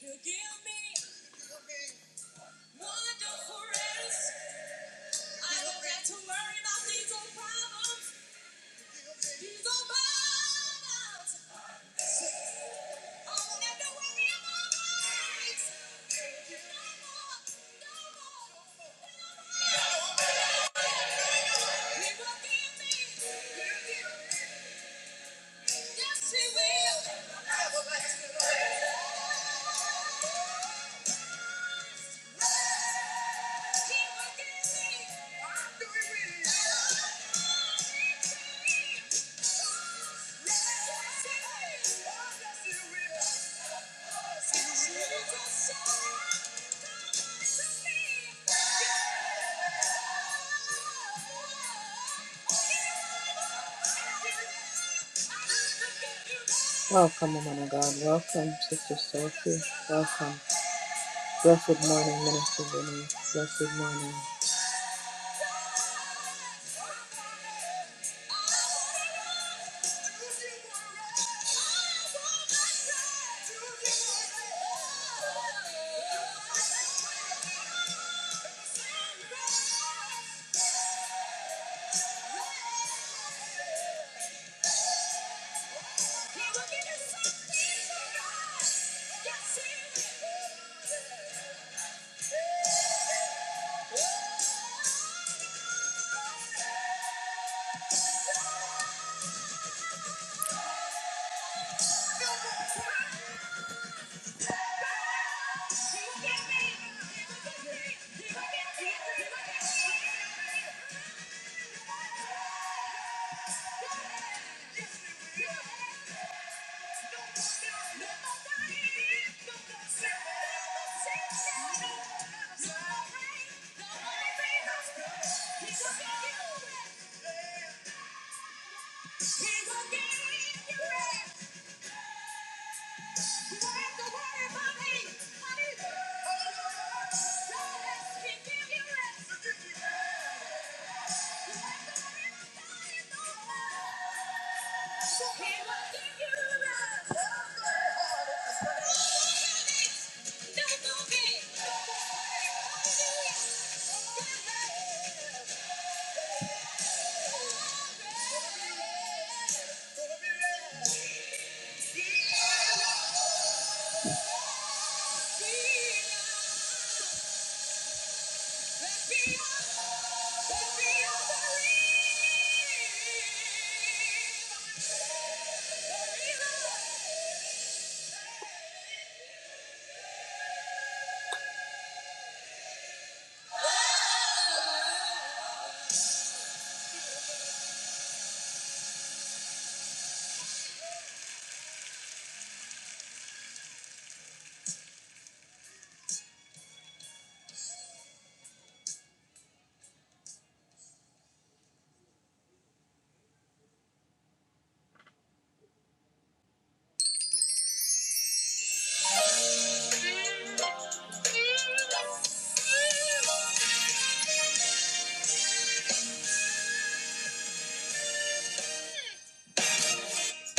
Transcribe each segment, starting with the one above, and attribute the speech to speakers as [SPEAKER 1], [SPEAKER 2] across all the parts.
[SPEAKER 1] To give me wonderful rest, to learn about these old problems. Welcome, woman of God. Welcome, Sister Soul. Welcome. Blessed morning, Minister Vinny. Blessed morning.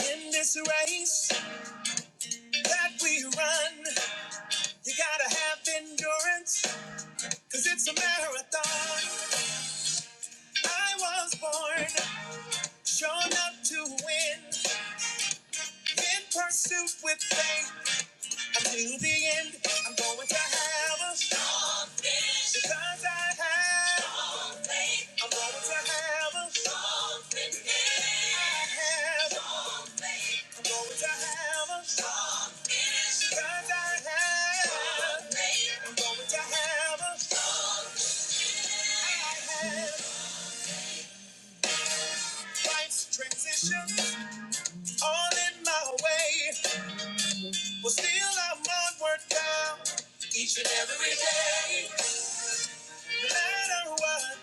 [SPEAKER 1] In this race that we run, you gotta have endurance, cause it's a marathon. I was born, shown up to win, in pursuit with faith. Until the end, I'm going to have a because I have. I'm going to heaven, heaven. I'm going to heaven, because I have. I'm going to heaven, heaven. Life's transition, all in my way. But still, I'm onward bound. Each and every no matter what,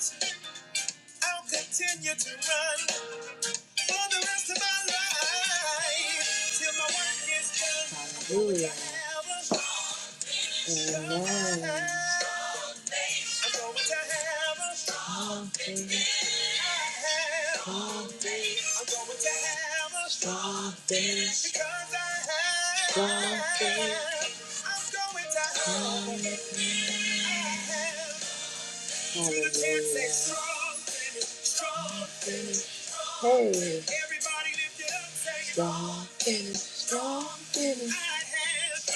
[SPEAKER 1] I'll continue to run for the rest of my life till my work is done. Hallelujah. Amen. I'm going to have a strong day. I'm going to have a strong day. Because I have. Strong I'm going to have a Hey. Everybody lift it up, say it. Strong finish, strong finish. I have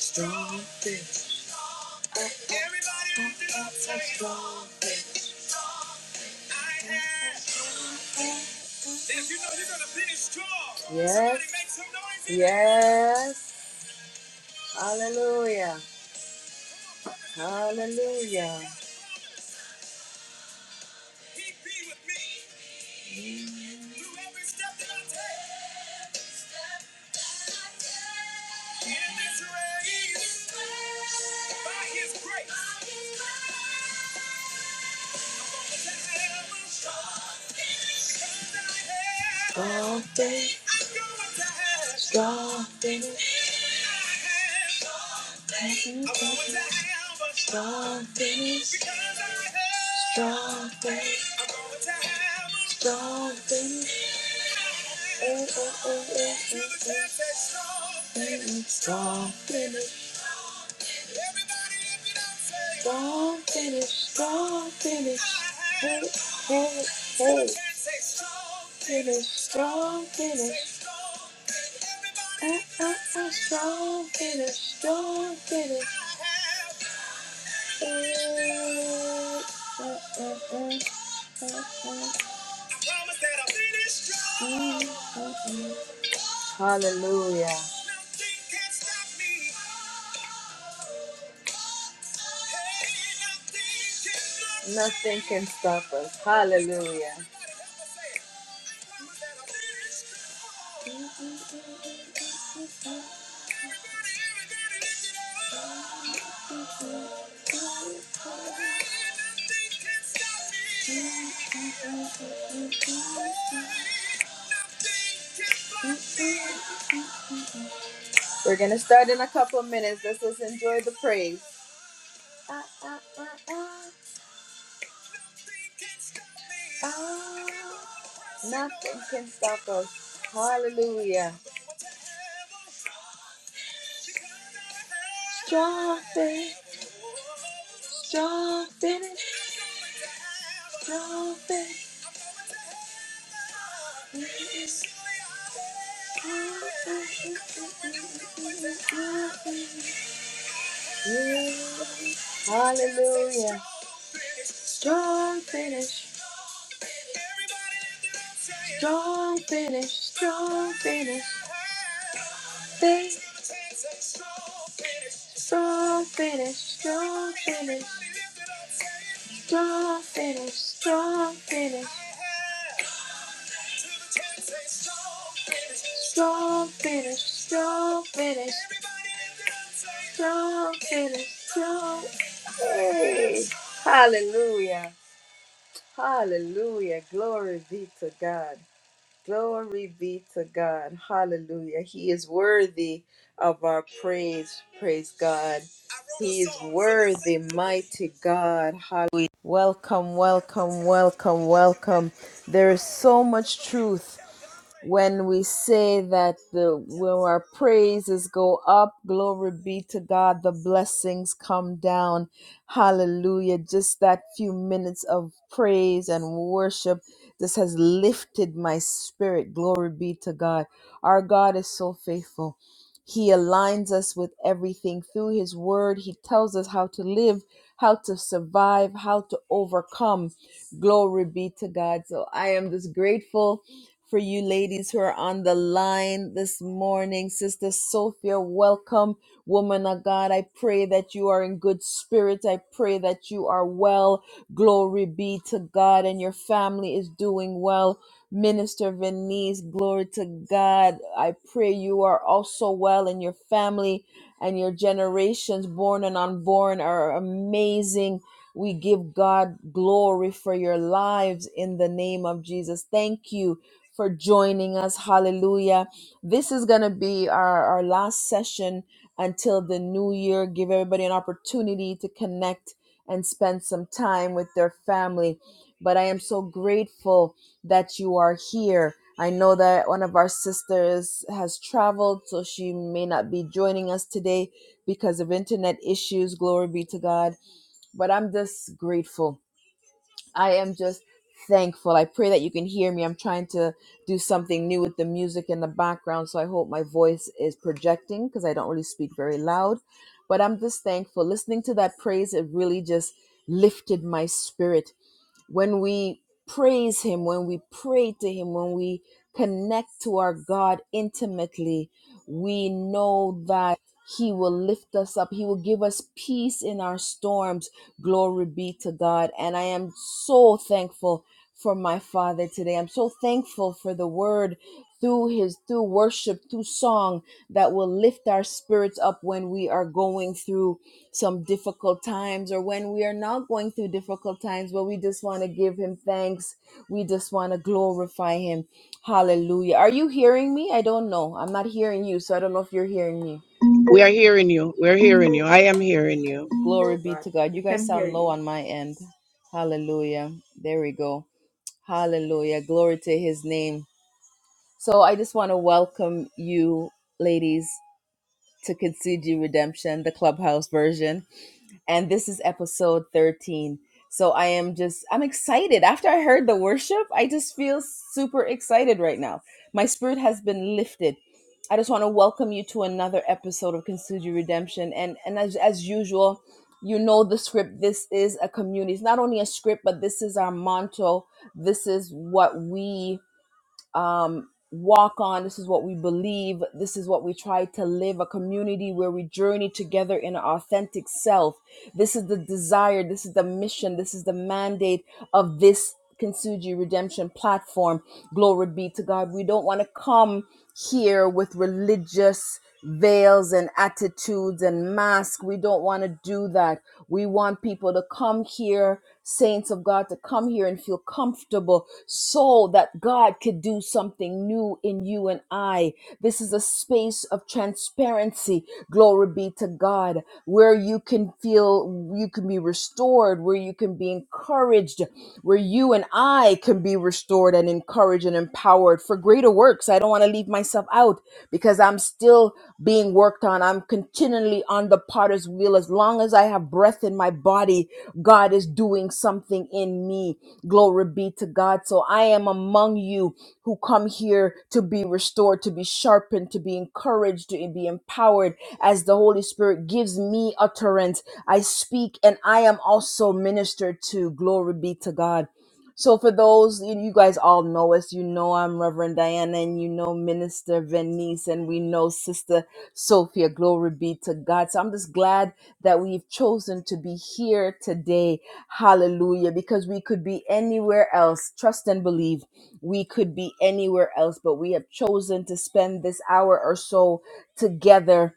[SPEAKER 1] strong finish. Everybody lift it up, say it. Strong. If you know you're gonna finish strong, yes. somebody make some noise in Yes. here. Hallelujah. Hallelujah. He be with me through every step that I take. great to have a friend I have. Strong thing. I'm going to have. Strong thing. I'm going to have a strong thing. Because I have. Strong thing. I'm going to have a strong thing. Finish strong, finish strong, finish strong, finish. Hey, hey, hey. Finish strong, finish strong, finish strong, finish. Hey. Uh, uh, uh, uh, uh, uh, uh. Hallelujah. stop us. Hallelujah. We're gonna start in a couple of minutes. Let's just enjoy the praise. Uh, uh, uh, uh, can stop us. Hallelujah. Jumping, jumping, jumping. yeah. Strong finish, strong finish, strong finish, big strong finish, strong, strong finish, strong finish. Strong finish, strong finish, strong finish, strong finish. Hallelujah. Hallelujah. Glory be to God. Glory be to God. Hallelujah. He is worthy of our praise. Praise God. He is worthy, mighty God. Hallelujah. Welcome, welcome, welcome, welcome. There is so much truth when we say that the when our praises go up glory be to god the blessings come down hallelujah just that few minutes of praise and worship this has lifted my spirit glory be to god our god is so faithful he aligns us with everything through his word he tells us how to live how to survive how to overcome glory be to god so i am just grateful for you ladies who are on the line this morning. Sister Sophia, welcome. Woman of God, I pray that you are in good spirit. I pray that you are well. Glory be to God and your family is doing well. Minister Venice, glory to God. I pray you are also well and your family and your generations, born and unborn, are amazing. We give God glory for your lives in the name of Jesus. Thank you for joining us. Hallelujah. This is going to be our, our last session until the new year. Give everybody an opportunity to connect and spend some time with their family. But I am so grateful that you are here. I know that one of our sisters has traveled, so she may not be joining us today because of internet issues. Glory be to God. But I'm just grateful I am just thankful. I pray that you can hear me. I'm trying to do something new with the music in the background, so I hope my voice is projecting because I don't really speak very loud. But I'm just thankful. Listening to that praise, it really just lifted my spirit when we praise him when we pray to him when we connect to our god intimately we know that he will lift us up he will give us peace in our storms glory be to god and i am so thankful for my father today i'm so thankful for the word through his through worship through song that will lift our spirits up when we are going through some difficult times or when we are not going through difficult times but we just want to give him thanks we just want to glorify him hallelujah are you hearing me i don't know i'm not hearing you so i don't know if you're hearing me
[SPEAKER 2] We are hearing you. We're
[SPEAKER 3] hear
[SPEAKER 2] hearing you. I am hearing you.
[SPEAKER 1] glory
[SPEAKER 3] us,
[SPEAKER 1] be
[SPEAKER 3] God.
[SPEAKER 1] to god you
[SPEAKER 3] We
[SPEAKER 1] guys
[SPEAKER 3] can
[SPEAKER 1] sound
[SPEAKER 3] hear
[SPEAKER 1] low
[SPEAKER 3] you.
[SPEAKER 1] on my end hallelujah there we go hallelujah glory to his name so i just want to welcome you ladies to concede You redemption the clubhouse version and this is episode 13. So I am just, I'm excited. After I heard the worship, I just feel super excited right now. My spirit has been lifted. I just want to welcome you to another episode of Consider Redemption. And, and as, as usual, you know the script. This is a community. It's not only a script, but this is our motto. This is what we um, walk on. This is what we believe. This is what we try to live a community where we journey together in our authentic self. This is the desire. This is the mission. This is the mandate of this Kintsugi Redemption platform. Glory be to God. We don't want to come here with religious veils and attitudes and masks. We don't want to do that. We want people to come here saints of God to come here and feel comfortable so that God could do something new in you and I. This is a space of transparency. Glory be to God, where you can feel you can be restored, where you can be encouraged, where you and I can be restored and encouraged and empowered for greater works. I don't want to leave myself out because I'm still being worked on. I'm continually on the potter's wheel as long as I have breath in my body God is doing something in me. Glory be to God. So I am among you who come here to be restored, to be sharpened, to be encouraged, to be empowered as the Holy Spirit gives me utterance. I speak and I am also ministered to. Glory be to God. So for those you you guys all know us, you know I'm Reverend Diana and you know Minister Venice and we know Sister Sophia. Glory be to God. So I'm just glad that we've chosen to be here today. Hallelujah. Because we could be anywhere else. Trust and believe we could be anywhere else, but we have chosen to spend this hour or so together.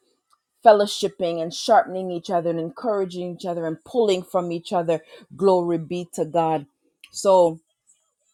[SPEAKER 1] Fellowshipping and sharpening each other and encouraging each other and pulling from each other. Glory be to God. So,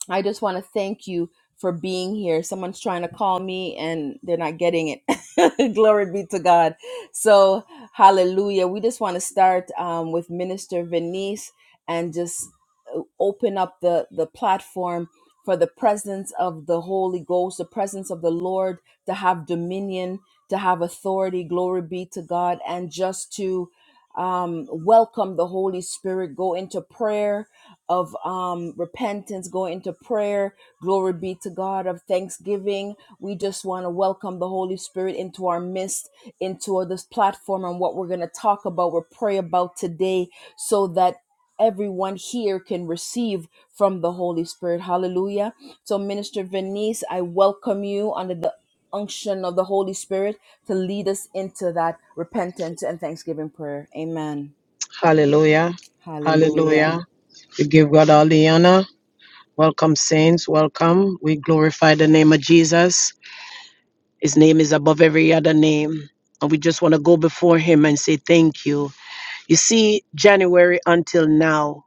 [SPEAKER 1] I just want to thank you for being here. Someone's trying to call me and they're not getting it. Glory be to God. So, hallelujah. We just want to start um, with Minister Venice and just uh, open up the, the platform for the presence of the Holy Ghost, the presence of the Lord to have dominion, to have authority. Glory be to God. And just to um, welcome the Holy Spirit, go into prayer of um, repentance, going into prayer. Glory be to God of thanksgiving. We just want to welcome the Holy Spirit into our midst, into this platform, and what we're going to talk about, or pray about today, so that everyone here can receive from the Holy Spirit. Hallelujah. So, Minister Venice, I welcome you under the unction of the Holy Spirit to lead us into that repentance and thanksgiving prayer. Amen.
[SPEAKER 2] Hallelujah.
[SPEAKER 1] Hallelujah.
[SPEAKER 2] Hallelujah. We give God all the honor. Welcome, saints. Welcome. We glorify the name of Jesus. His name is above every other name. And we just want to go before him and say thank you. You see, January until now,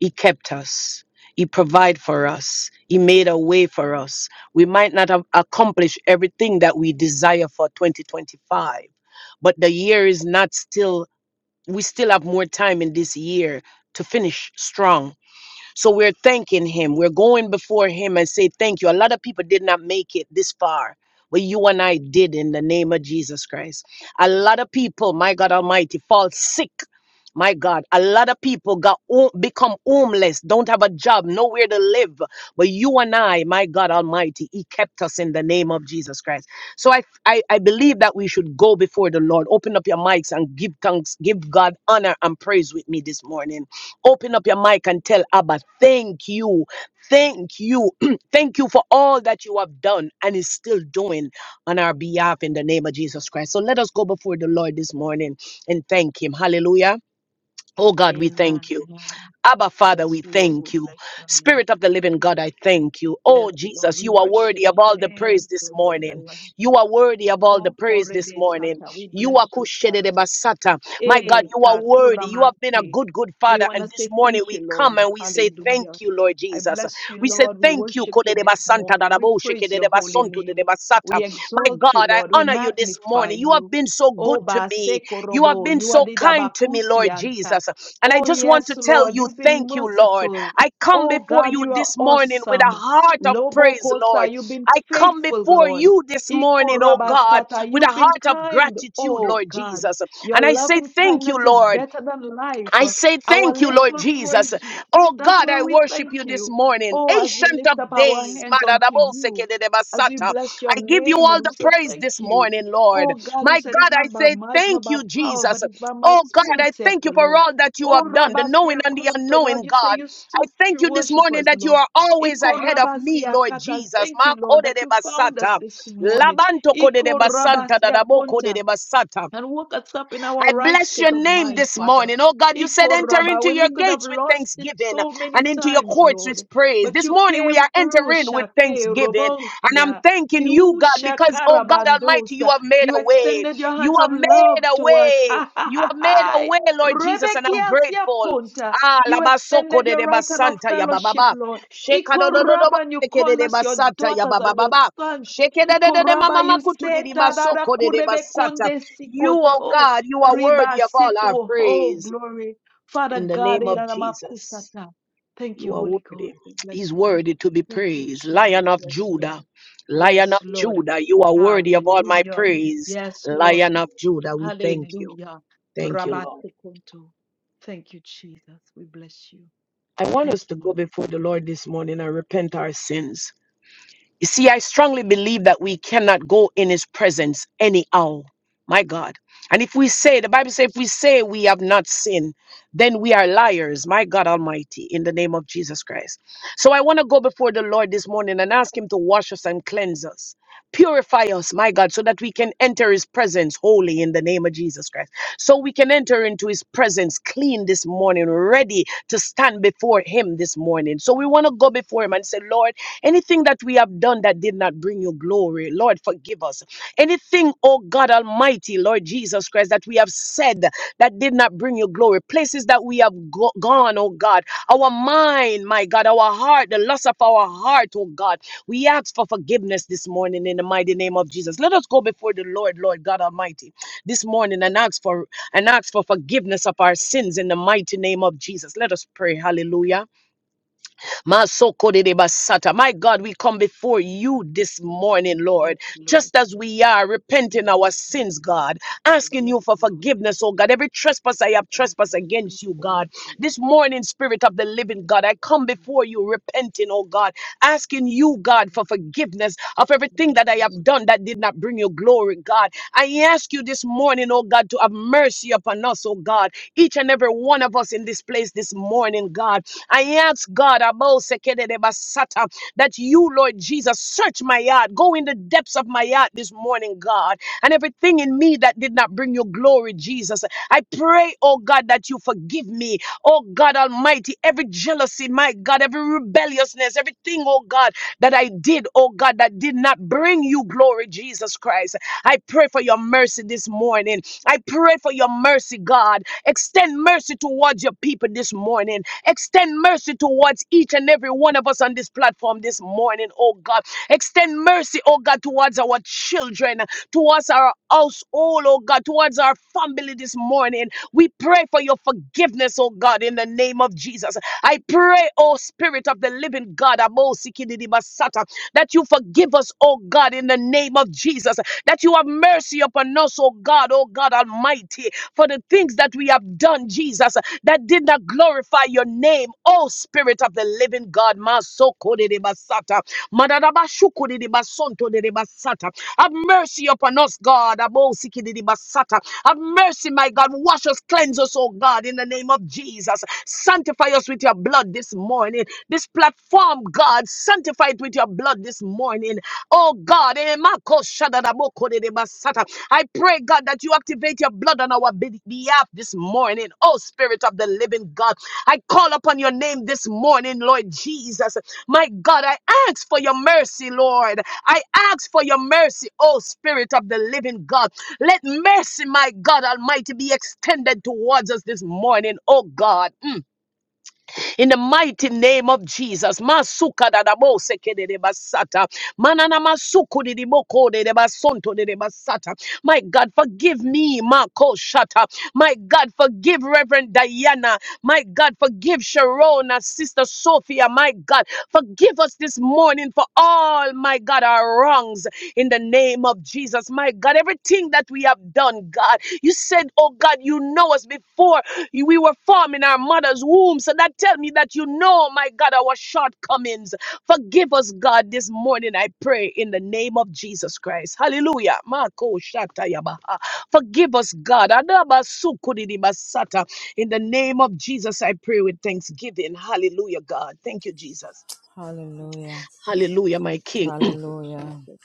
[SPEAKER 2] he kept us. He provided for us. He made a way for us. We might not have accomplished everything that we desire for 2025, but the year is not still. we still have more time in this year to finish strong so we're thanking him. We're going before him and say thank you. A lot of people did not make it this far. But you and I did in the name of Jesus Christ. A lot of people, my God Almighty, fall sick. My God, a lot of people got ho- become homeless, don't have a job, nowhere to live. But you and I, my God Almighty, He kept us in the name of Jesus Christ. So I, I, I believe that we should go before the Lord. Open up your mics and give thanks, give God honor and praise with me this morning. Open up your mic and tell Abba, thank you. Thank you. thank you for all that you have done and is still doing on our behalf in the name of Jesus Christ. So let us go before the Lord this morning and thank Him. Hallelujah. Oh God, we
[SPEAKER 3] Amen.
[SPEAKER 2] thank you.
[SPEAKER 3] Amen.
[SPEAKER 2] Abba, Father,
[SPEAKER 3] Yes,
[SPEAKER 2] we
[SPEAKER 3] Lord, we
[SPEAKER 2] thank you.
[SPEAKER 3] bless your name.
[SPEAKER 2] Spirit of the living God, I thank you.
[SPEAKER 3] Yes,
[SPEAKER 2] Oh,
[SPEAKER 3] Lord,
[SPEAKER 2] Jesus,
[SPEAKER 3] we
[SPEAKER 2] you are
[SPEAKER 3] worship
[SPEAKER 2] worthy of
[SPEAKER 3] you.
[SPEAKER 2] all the
[SPEAKER 3] Hey,
[SPEAKER 2] praise this
[SPEAKER 3] glory to the
[SPEAKER 2] morning.
[SPEAKER 3] Lamb.
[SPEAKER 2] You are worthy of all the
[SPEAKER 3] Oh,
[SPEAKER 2] praise this
[SPEAKER 3] Korebe
[SPEAKER 2] morning.
[SPEAKER 3] Sata, we
[SPEAKER 2] You are
[SPEAKER 3] bless you, Father.
[SPEAKER 2] Kushedede Basata. My God,
[SPEAKER 3] Eh,
[SPEAKER 2] you are worthy. You have been a
[SPEAKER 3] katuramasi.
[SPEAKER 2] good, good
[SPEAKER 3] We
[SPEAKER 2] Father.
[SPEAKER 3] want to
[SPEAKER 2] And this
[SPEAKER 3] say
[SPEAKER 2] morning
[SPEAKER 3] thank
[SPEAKER 2] we
[SPEAKER 3] you,
[SPEAKER 2] come
[SPEAKER 3] Lord.
[SPEAKER 2] and we say, Thank
[SPEAKER 3] Hallelujah.
[SPEAKER 2] you, Lord
[SPEAKER 3] I
[SPEAKER 2] Jesus.
[SPEAKER 3] bless you,
[SPEAKER 2] We say,
[SPEAKER 3] Lord. We
[SPEAKER 2] Thank you.
[SPEAKER 3] worship you
[SPEAKER 2] Kodede
[SPEAKER 3] this
[SPEAKER 2] Basanta
[SPEAKER 3] morning. We
[SPEAKER 2] Dadabo
[SPEAKER 3] praise
[SPEAKER 2] Shekedede
[SPEAKER 3] your holy
[SPEAKER 2] Basonto Dede
[SPEAKER 3] name.
[SPEAKER 2] Basata.
[SPEAKER 3] We
[SPEAKER 2] My God,
[SPEAKER 3] exalt you,
[SPEAKER 2] I
[SPEAKER 3] Lord. We
[SPEAKER 2] honor you this
[SPEAKER 3] magnify
[SPEAKER 2] morning. You have
[SPEAKER 3] you.
[SPEAKER 2] been so
[SPEAKER 3] Oh,
[SPEAKER 2] good to me. You have
[SPEAKER 3] Basekorobo,
[SPEAKER 2] been
[SPEAKER 3] you are
[SPEAKER 2] so
[SPEAKER 3] the
[SPEAKER 2] kind to me, Lord
[SPEAKER 3] Dabakusianta.
[SPEAKER 2] Jesus. And I
[SPEAKER 3] Oh,
[SPEAKER 2] just want to
[SPEAKER 3] yes,
[SPEAKER 2] tell
[SPEAKER 3] Lord,
[SPEAKER 2] you,
[SPEAKER 3] you've been
[SPEAKER 2] thank you, Lord.
[SPEAKER 3] merciful.
[SPEAKER 2] I come
[SPEAKER 3] Oh,
[SPEAKER 2] before
[SPEAKER 3] God,
[SPEAKER 2] you
[SPEAKER 3] you are
[SPEAKER 2] this morning with a
[SPEAKER 3] awesome.
[SPEAKER 2] heart of
[SPEAKER 3] Lobo
[SPEAKER 2] praise, Lord.
[SPEAKER 3] Kosa, you've been
[SPEAKER 2] I come
[SPEAKER 3] faithful,
[SPEAKER 2] before
[SPEAKER 3] Lord.
[SPEAKER 2] you this morning, oh God,
[SPEAKER 3] Ikorabasata,
[SPEAKER 2] with a
[SPEAKER 3] you've been
[SPEAKER 2] heart of
[SPEAKER 3] kind.
[SPEAKER 2] gratitude,
[SPEAKER 3] Oh,
[SPEAKER 2] Lord
[SPEAKER 3] God.
[SPEAKER 2] Jesus. And
[SPEAKER 3] Your
[SPEAKER 2] I say,
[SPEAKER 3] loving
[SPEAKER 2] thank you,
[SPEAKER 3] kindness is
[SPEAKER 2] Lord.
[SPEAKER 3] better than life.
[SPEAKER 2] I say
[SPEAKER 3] Our
[SPEAKER 2] thank you,
[SPEAKER 3] lips
[SPEAKER 2] Lord
[SPEAKER 3] will
[SPEAKER 2] Jesus.
[SPEAKER 3] praise you.
[SPEAKER 2] Oh
[SPEAKER 3] That's
[SPEAKER 2] God,
[SPEAKER 3] why
[SPEAKER 2] I
[SPEAKER 3] we
[SPEAKER 2] worship you
[SPEAKER 3] thank
[SPEAKER 2] this
[SPEAKER 3] you.
[SPEAKER 2] morning.
[SPEAKER 3] Oh, as we
[SPEAKER 2] Ancient
[SPEAKER 3] lift up
[SPEAKER 2] of
[SPEAKER 3] our
[SPEAKER 2] days.
[SPEAKER 3] hands unto you, as we
[SPEAKER 2] Madadabosekedebasata.
[SPEAKER 3] bless your
[SPEAKER 2] I give you
[SPEAKER 3] name
[SPEAKER 2] all
[SPEAKER 3] and we
[SPEAKER 2] the
[SPEAKER 3] say
[SPEAKER 2] praise
[SPEAKER 3] thank
[SPEAKER 2] this
[SPEAKER 3] you.
[SPEAKER 2] morning, Lord.
[SPEAKER 3] Oh God, you
[SPEAKER 2] My
[SPEAKER 3] said
[SPEAKER 2] God,
[SPEAKER 3] it's
[SPEAKER 2] I
[SPEAKER 3] not by
[SPEAKER 2] say
[SPEAKER 3] might, not
[SPEAKER 2] thank
[SPEAKER 3] by
[SPEAKER 2] you,
[SPEAKER 3] power,
[SPEAKER 2] Jesus.
[SPEAKER 3] but it's by my
[SPEAKER 2] Oh God, I
[SPEAKER 3] spirit, saith
[SPEAKER 2] thank you
[SPEAKER 3] the
[SPEAKER 2] for
[SPEAKER 3] Lord.
[SPEAKER 2] all that you
[SPEAKER 3] Oh
[SPEAKER 2] have done, the knowing
[SPEAKER 3] Rabastia
[SPEAKER 2] and the
[SPEAKER 3] Kronto, Lord,
[SPEAKER 2] unknowing,
[SPEAKER 3] you say
[SPEAKER 2] God.
[SPEAKER 3] you
[SPEAKER 2] I
[SPEAKER 3] soak
[SPEAKER 2] thank
[SPEAKER 3] true
[SPEAKER 2] you this morning
[SPEAKER 3] worshipers,
[SPEAKER 2] that you
[SPEAKER 3] Lord.
[SPEAKER 2] are always
[SPEAKER 3] Iko
[SPEAKER 2] ahead of me,
[SPEAKER 3] Rabasia
[SPEAKER 2] Lord
[SPEAKER 3] Kata,
[SPEAKER 2] Jesus.
[SPEAKER 3] thank you, Lord, that you found us
[SPEAKER 2] Makodedebasata.
[SPEAKER 3] this morning. Iko
[SPEAKER 2] Labantokodedebasanta
[SPEAKER 3] Rabasia Konta
[SPEAKER 2] dadabokodedebasata.
[SPEAKER 3] and woke us up in our
[SPEAKER 2] I
[SPEAKER 3] right
[SPEAKER 2] bless your
[SPEAKER 3] state of
[SPEAKER 2] name
[SPEAKER 3] mind,
[SPEAKER 2] this
[SPEAKER 3] Father.
[SPEAKER 2] morning. Oh God, you said
[SPEAKER 3] Iko
[SPEAKER 2] enter
[SPEAKER 3] Rabba,
[SPEAKER 2] into
[SPEAKER 3] When
[SPEAKER 2] your
[SPEAKER 3] we could have
[SPEAKER 2] gates with
[SPEAKER 3] lost it
[SPEAKER 2] thanksgiving
[SPEAKER 3] so many
[SPEAKER 2] and into your
[SPEAKER 3] times,
[SPEAKER 2] courts
[SPEAKER 3] Lord,
[SPEAKER 2] with praise.
[SPEAKER 3] but
[SPEAKER 2] This
[SPEAKER 3] you
[SPEAKER 2] morning we
[SPEAKER 3] came
[SPEAKER 2] are
[SPEAKER 3] through,
[SPEAKER 2] entering with
[SPEAKER 3] Shake
[SPEAKER 2] thanksgiving. And I'm
[SPEAKER 3] Robosia.
[SPEAKER 2] thanking you,
[SPEAKER 3] You
[SPEAKER 2] God, because, oh God Almighty, you
[SPEAKER 3] shakarabandosa.
[SPEAKER 2] have made
[SPEAKER 3] You
[SPEAKER 2] a way.
[SPEAKER 3] extended your
[SPEAKER 2] You
[SPEAKER 3] hands
[SPEAKER 2] have
[SPEAKER 3] of
[SPEAKER 2] made
[SPEAKER 3] love
[SPEAKER 2] a
[SPEAKER 3] to us.
[SPEAKER 2] way.
[SPEAKER 3] Ha ha
[SPEAKER 2] You
[SPEAKER 3] ha
[SPEAKER 2] have made a
[SPEAKER 3] ha.
[SPEAKER 2] way, Lord Jesus, and I'm
[SPEAKER 3] Rebekiasia
[SPEAKER 2] grateful.
[SPEAKER 3] Conta.
[SPEAKER 2] Ah,
[SPEAKER 3] You
[SPEAKER 2] labasoko
[SPEAKER 3] extended
[SPEAKER 2] de
[SPEAKER 3] your
[SPEAKER 2] de
[SPEAKER 3] right hand of
[SPEAKER 2] basanta ya
[SPEAKER 3] fellowship,
[SPEAKER 2] bababa.
[SPEAKER 3] Lord.
[SPEAKER 2] Sheka do
[SPEAKER 3] Iko
[SPEAKER 2] do do do
[SPEAKER 3] Rabba,
[SPEAKER 2] bo-
[SPEAKER 3] and you
[SPEAKER 2] seke de
[SPEAKER 3] called
[SPEAKER 2] de
[SPEAKER 3] us your
[SPEAKER 2] basata ya
[SPEAKER 3] daughters and your
[SPEAKER 2] bababa.
[SPEAKER 3] sons.
[SPEAKER 2] Sheke de de de de
[SPEAKER 3] Ikoraba
[SPEAKER 2] mama kutu de de
[SPEAKER 3] yuseta dada
[SPEAKER 2] basoko de de
[SPEAKER 3] kurebe
[SPEAKER 2] basata.
[SPEAKER 3] konde
[SPEAKER 2] You, oh
[SPEAKER 3] sikoto
[SPEAKER 2] God, you are
[SPEAKER 3] riba
[SPEAKER 2] worthy of all our
[SPEAKER 3] seto. Oh,
[SPEAKER 2] praise.
[SPEAKER 3] glory. Father
[SPEAKER 2] In the
[SPEAKER 3] God,
[SPEAKER 2] name of Jesus,
[SPEAKER 3] iraramakusata. Thank
[SPEAKER 2] you
[SPEAKER 3] you,
[SPEAKER 2] are
[SPEAKER 3] Holy
[SPEAKER 2] worthy.
[SPEAKER 3] Ghost. We bless
[SPEAKER 2] He's
[SPEAKER 3] you.
[SPEAKER 2] worthy to be
[SPEAKER 3] Thank you,
[SPEAKER 2] praised. Lion
[SPEAKER 3] Jesus.
[SPEAKER 2] of
[SPEAKER 3] Yes, Lord.
[SPEAKER 2] Judah, Lion
[SPEAKER 3] Yes,
[SPEAKER 2] of
[SPEAKER 3] Lord.
[SPEAKER 2] Judah, you are worthy of all my
[SPEAKER 3] Hallelujah.
[SPEAKER 2] praise.
[SPEAKER 3] Yes, Lord.
[SPEAKER 2] Lion of Judah, we thank you.
[SPEAKER 3] Hallelujah.
[SPEAKER 2] Thank you, Lord.
[SPEAKER 3] Rabatekunto. Thank you, Jesus. We bless you.
[SPEAKER 2] I want us
[SPEAKER 3] Thank
[SPEAKER 2] to
[SPEAKER 3] you,
[SPEAKER 2] go
[SPEAKER 3] Lord.
[SPEAKER 2] before the Lord this morning and repent our sins. You see, I strongly believe that we cannot go in his presence anyhow. My God. And if we say, the Bible says, if we say we have not sinned, then we are liars. My God Almighty, in the name of Jesus Christ. So I want to go before the Lord this morning and ask him to wash us and cleanse us. Purify us, my God, so that we can enter his presence holy in the name of Jesus Christ. So we can enter into his presence clean this morning, ready to stand before him this morning. So we want to go before him and say, Lord, anything that we have done that did not bring you glory, Lord, forgive us. Anything, oh God Almighty, Lord Jesus Christ, that we have said that did not bring you glory, places that we have go- gone, oh God, our mind, my God, our heart, the loss of our heart, oh God. We ask for forgiveness this morning in the mighty name of Jesus. Let us go before the Lord, Lord God Almighty, this morning and ask for and ask for forgiveness of our sins in the mighty name of Jesus. Let us pray. Hallelujah. Masokoredebasata. My God, we come before you this
[SPEAKER 3] Rabatekunto.
[SPEAKER 2] morning, Lord,
[SPEAKER 3] Yes, Lord.
[SPEAKER 2] just as we are repenting
[SPEAKER 3] My
[SPEAKER 2] our sins,
[SPEAKER 3] God.
[SPEAKER 2] God, asking
[SPEAKER 3] Yes,
[SPEAKER 2] you for
[SPEAKER 3] Lord.
[SPEAKER 2] forgiveness, oh God. Every
[SPEAKER 3] of
[SPEAKER 2] trespass I
[SPEAKER 3] Jesus,
[SPEAKER 2] have
[SPEAKER 3] and I've been
[SPEAKER 2] trespassed
[SPEAKER 3] listening
[SPEAKER 2] against you,
[SPEAKER 3] for
[SPEAKER 2] God.
[SPEAKER 3] next Lord.
[SPEAKER 2] This morning, Spirit of the Living
[SPEAKER 3] Yes,
[SPEAKER 2] God, I come
[SPEAKER 3] Jesus,
[SPEAKER 2] before you repenting, oh God asking you, God,
[SPEAKER 3] yes,
[SPEAKER 2] for
[SPEAKER 3] Lord.
[SPEAKER 2] forgiveness of everything
[SPEAKER 3] Next
[SPEAKER 2] that I have
[SPEAKER 3] Lord,
[SPEAKER 2] done that did not bring you glory, God. I ask you this morning, oh God, to have mercy upon us, oh God, each and every one of us in this place this morning, God. I ask God, Abou Sekedede Basata, that you, Lord Jesus, search my heart, go in the depths of my heart this morning, God, and everything in me that did not bring you glory, Jesus. I pray, oh God, that you forgive me Oh God Almighty, every jealousy, my God, every rebelliousness, everything, oh God, that I did, oh God, that did not bring you glory, Jesus Christ. I pray for your mercy this morning. I pray for your mercy, God. Extend mercy towards your people this morning. Extend mercy towards each and every one of us on this platform this morning, oh God. Extend mercy, oh God, towards our children, towards our household, oh God, towards our family this morning. We pray for your forgiveness, oh God, in the name of Jesus. I pray, oh Spirit of the living God, Amo Sikididi Basata, that you forgive us, oh God, in the name of Jesus, that you have mercy upon us, oh God, oh God Almighty, for the things that we have done, Jesus, that did not glorify your name, oh Spirit of the living God. Masoko de de Basata, Madadabashuku de de Basonto de de Basata. Have mercy upon us, God. Abosikidiribasata. Have mercy, my God. Wash us, cleanse us, oh God, in the name of Jesus. Sanctify us with your blood this morning. This platform, God, sanctify it with your blood this morning. Oh God, eh, Mako Shadadaboko de de Basata. I pray, God, that you activate your blood on our be- behalf this morning. Oh Spirit of the Living God, I call upon your name this morning, Lord Jesus. My God, I ask for your mercy, Lord. I ask for your mercy, oh Spirit of the Living God. Let mercy, my God Almighty, be extended towards us this morning, oh God in the mighty name of Jesus. Masuka da da bo seke de de basata. Manana masuku de de boko de de basonto de de basata. My God, forgive me, Marco Shata. My God, forgive Reverend Diana. My God, forgive Sharona, Sister Sophia. My God, forgive us this morning for all, my God, our wrongs in the name of Jesus. My God, everything that we have done, God, you said, Oh God, you know us before we were formed in our mother's womb. So that tell me that you know, my God, our shortcomings. Forgive us, God, this morning, I pray, in the name of Jesus Christ. Hallelujah. Mako shatayabaha. Forgive us, God. Adaba sukudidibasata. In the name of Jesus, I pray with thanksgiving. Hallelujah, God. Thank you, Jesus.
[SPEAKER 3] yes, Jesus,
[SPEAKER 1] Hallelujah.
[SPEAKER 2] Hallelujah, my King.
[SPEAKER 3] next
[SPEAKER 1] Hallelujah.
[SPEAKER 3] Jesus,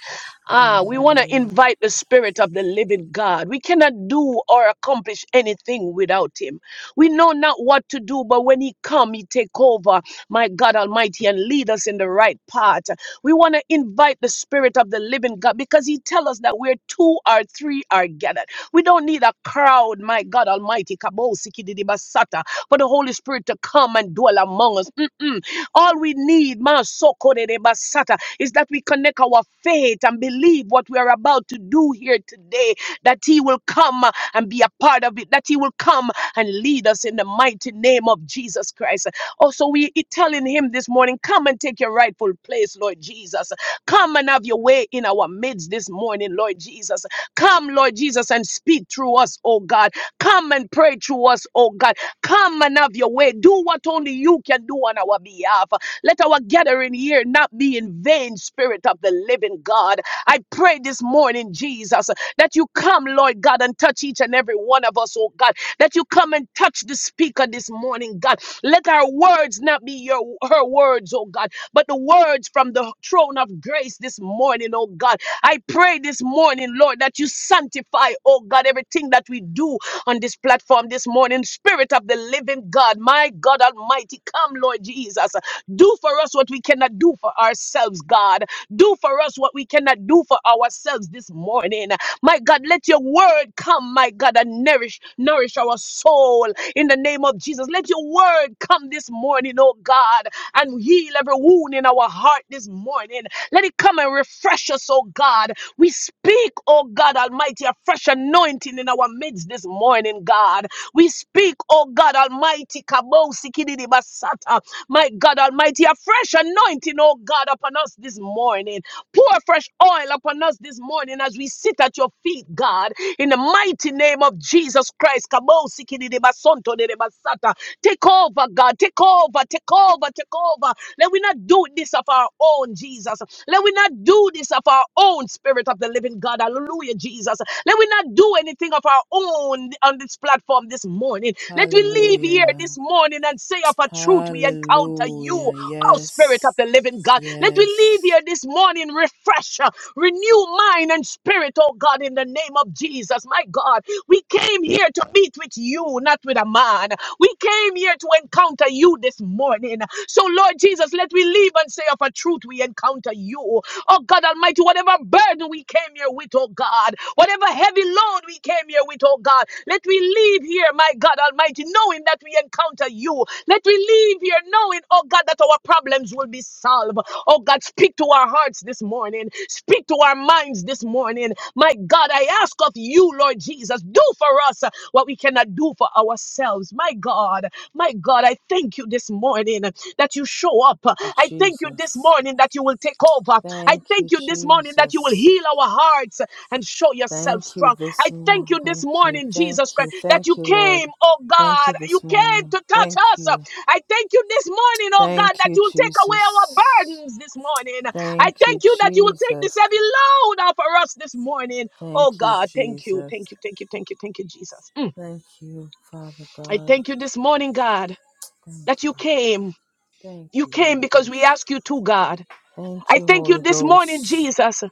[SPEAKER 2] Ah, we
[SPEAKER 3] Amen.
[SPEAKER 2] want to
[SPEAKER 1] Hallelujah.
[SPEAKER 2] invite the Spirit of the living God. We cannot do or accomplish anything without Him. We know not what to do, but when He come, He take over, my God Almighty, and lead us in the right path. We want to invite the Spirit of the living God because He tell us that where two or three are gathered. We don't need a crowd, my God Almighty, Kabo Sikididi Basata, for the Holy Spirit to come and dwell among us. Mm-mm. All we need, Masokorebasata, is that we connect our faith and believe what we are about to do here today, that He will come uh, and be a part of it, that He will come and lead us in the mighty name of Jesus Christ. Also, we i- telling Him this morning, come and take your rightful place, Lord Jesus. Come and have your way in our midst this morning, Lord Jesus. Come, Lord Jesus, and speak through us, oh God oh God. Come and pray through us, oh God. Come and have your way. Do what only you can do on our behalf. Let our gathering here not be in vain, Spirit of the living God. I pray this morning, Jesus, that you come, Lord God, and touch each and every one of us, oh God. That you come and touch the speaker this morning, God. Let our words not be your her words, oh God, but the words from the throne of grace this morning, oh God. I pray this morning, Lord, that you sanctify, oh God, everything that we do on this platform this morning. Spirit of the living God, my God Almighty, come, Lord Jesus. Do for us what we cannot do for ourselves, God. Do for us what we cannot do for ourselves this morning. My God, let your word come, my God, and nourish, nourish our soul in the name of Jesus. Jesus. Let your word come this morning, oh God, and heal every wound in our heart this morning. Let it come and refresh us, oh God. We speak, oh God Almighty, a fresh anointing in our midst this morning, God. We speak, oh God Almighty, Kabosi Kididi Basata, my God Almighty, a fresh anointing, oh God, upon us this morning. Pour fresh oil upon us this morning as we sit sit at your feet, God, in the mighty name of Jesus Christ. Kabosikididibasontonidibasata. Take over, God. Take over, take over, take over. Let we not do this of our own, Jesus. Let we not do this of our own, Spirit of the living God. Hallelujah, Jesus. Let we not do anything of our own on this platform this morning. Let we leave here this
[SPEAKER 1] Hallelujah.
[SPEAKER 2] morning and say of a truth we encounter you.
[SPEAKER 1] Hallelujah.
[SPEAKER 2] Oh, Spirit of
[SPEAKER 1] Yes.
[SPEAKER 2] the living God, let we leave
[SPEAKER 1] Yes.
[SPEAKER 2] here this morning refresher, renew mind and spirit, oh God, in the name of Jesus. My God, we came here to meet with you, not with a man. We came here to encounter you this morning. So, Lord Jesus, let we leave and say of a truth we encounter you. Oh God Almighty, whatever burden we came here with, oh God. Whatever heavy load we came here with, oh God, let we leave here, my God Almighty, knowing that we encounter you. Let we leave here knowing, oh God, that our problems will be solved. Oh God, speak to our hearts this morning. Speak to our minds this morning. My God, I ask of you, Lord Jesus, do for us what we cannot do for ourselves. My God. God. My God, I thank you this morning that you show up.
[SPEAKER 1] Thank you,
[SPEAKER 2] I thank you this
[SPEAKER 1] Jesus.
[SPEAKER 2] morning that you will take over. I
[SPEAKER 1] Thank
[SPEAKER 2] thank
[SPEAKER 1] you,
[SPEAKER 2] you this morning that you will
[SPEAKER 1] Jesus.
[SPEAKER 2] heal our hearts and show yourself
[SPEAKER 1] Thank you
[SPEAKER 2] strong. I
[SPEAKER 1] this
[SPEAKER 2] thank
[SPEAKER 1] morning.
[SPEAKER 2] you this
[SPEAKER 1] Thank you.
[SPEAKER 2] morning,
[SPEAKER 1] Thank
[SPEAKER 2] Jesus Christ,
[SPEAKER 1] you.
[SPEAKER 2] that you
[SPEAKER 1] Thank you, Lord.
[SPEAKER 2] came, oh
[SPEAKER 1] Thank
[SPEAKER 2] God.
[SPEAKER 1] you
[SPEAKER 2] You
[SPEAKER 1] this
[SPEAKER 2] came
[SPEAKER 1] morning.
[SPEAKER 2] to touch
[SPEAKER 1] Thank
[SPEAKER 2] us.
[SPEAKER 1] you.
[SPEAKER 2] I thank you this morning, oh God,
[SPEAKER 1] Thank
[SPEAKER 2] that
[SPEAKER 1] you,
[SPEAKER 2] you will take away
[SPEAKER 1] Jesus.
[SPEAKER 2] our burdens this morning. I
[SPEAKER 1] Thank you,
[SPEAKER 2] thank you that you will take this
[SPEAKER 1] Jesus.
[SPEAKER 2] heavy load off of us this morning. Oh
[SPEAKER 1] Thank you,
[SPEAKER 2] God, thank you,
[SPEAKER 1] Jesus.
[SPEAKER 2] thank you, thank you, thank you, thank you, Jesus. Mm.
[SPEAKER 1] Thank you, Father
[SPEAKER 2] I
[SPEAKER 1] God.
[SPEAKER 2] thank you this morning, God
[SPEAKER 1] Thank
[SPEAKER 2] that you
[SPEAKER 1] you.
[SPEAKER 2] came.
[SPEAKER 1] Thank
[SPEAKER 2] You
[SPEAKER 1] you,
[SPEAKER 2] came
[SPEAKER 1] Holy
[SPEAKER 2] because we
[SPEAKER 1] Ghost.
[SPEAKER 2] ask you to, God.
[SPEAKER 1] Thank
[SPEAKER 2] I
[SPEAKER 1] you,
[SPEAKER 2] thank you
[SPEAKER 1] Holy
[SPEAKER 2] this morning,
[SPEAKER 1] Ghost.
[SPEAKER 2] Jesus,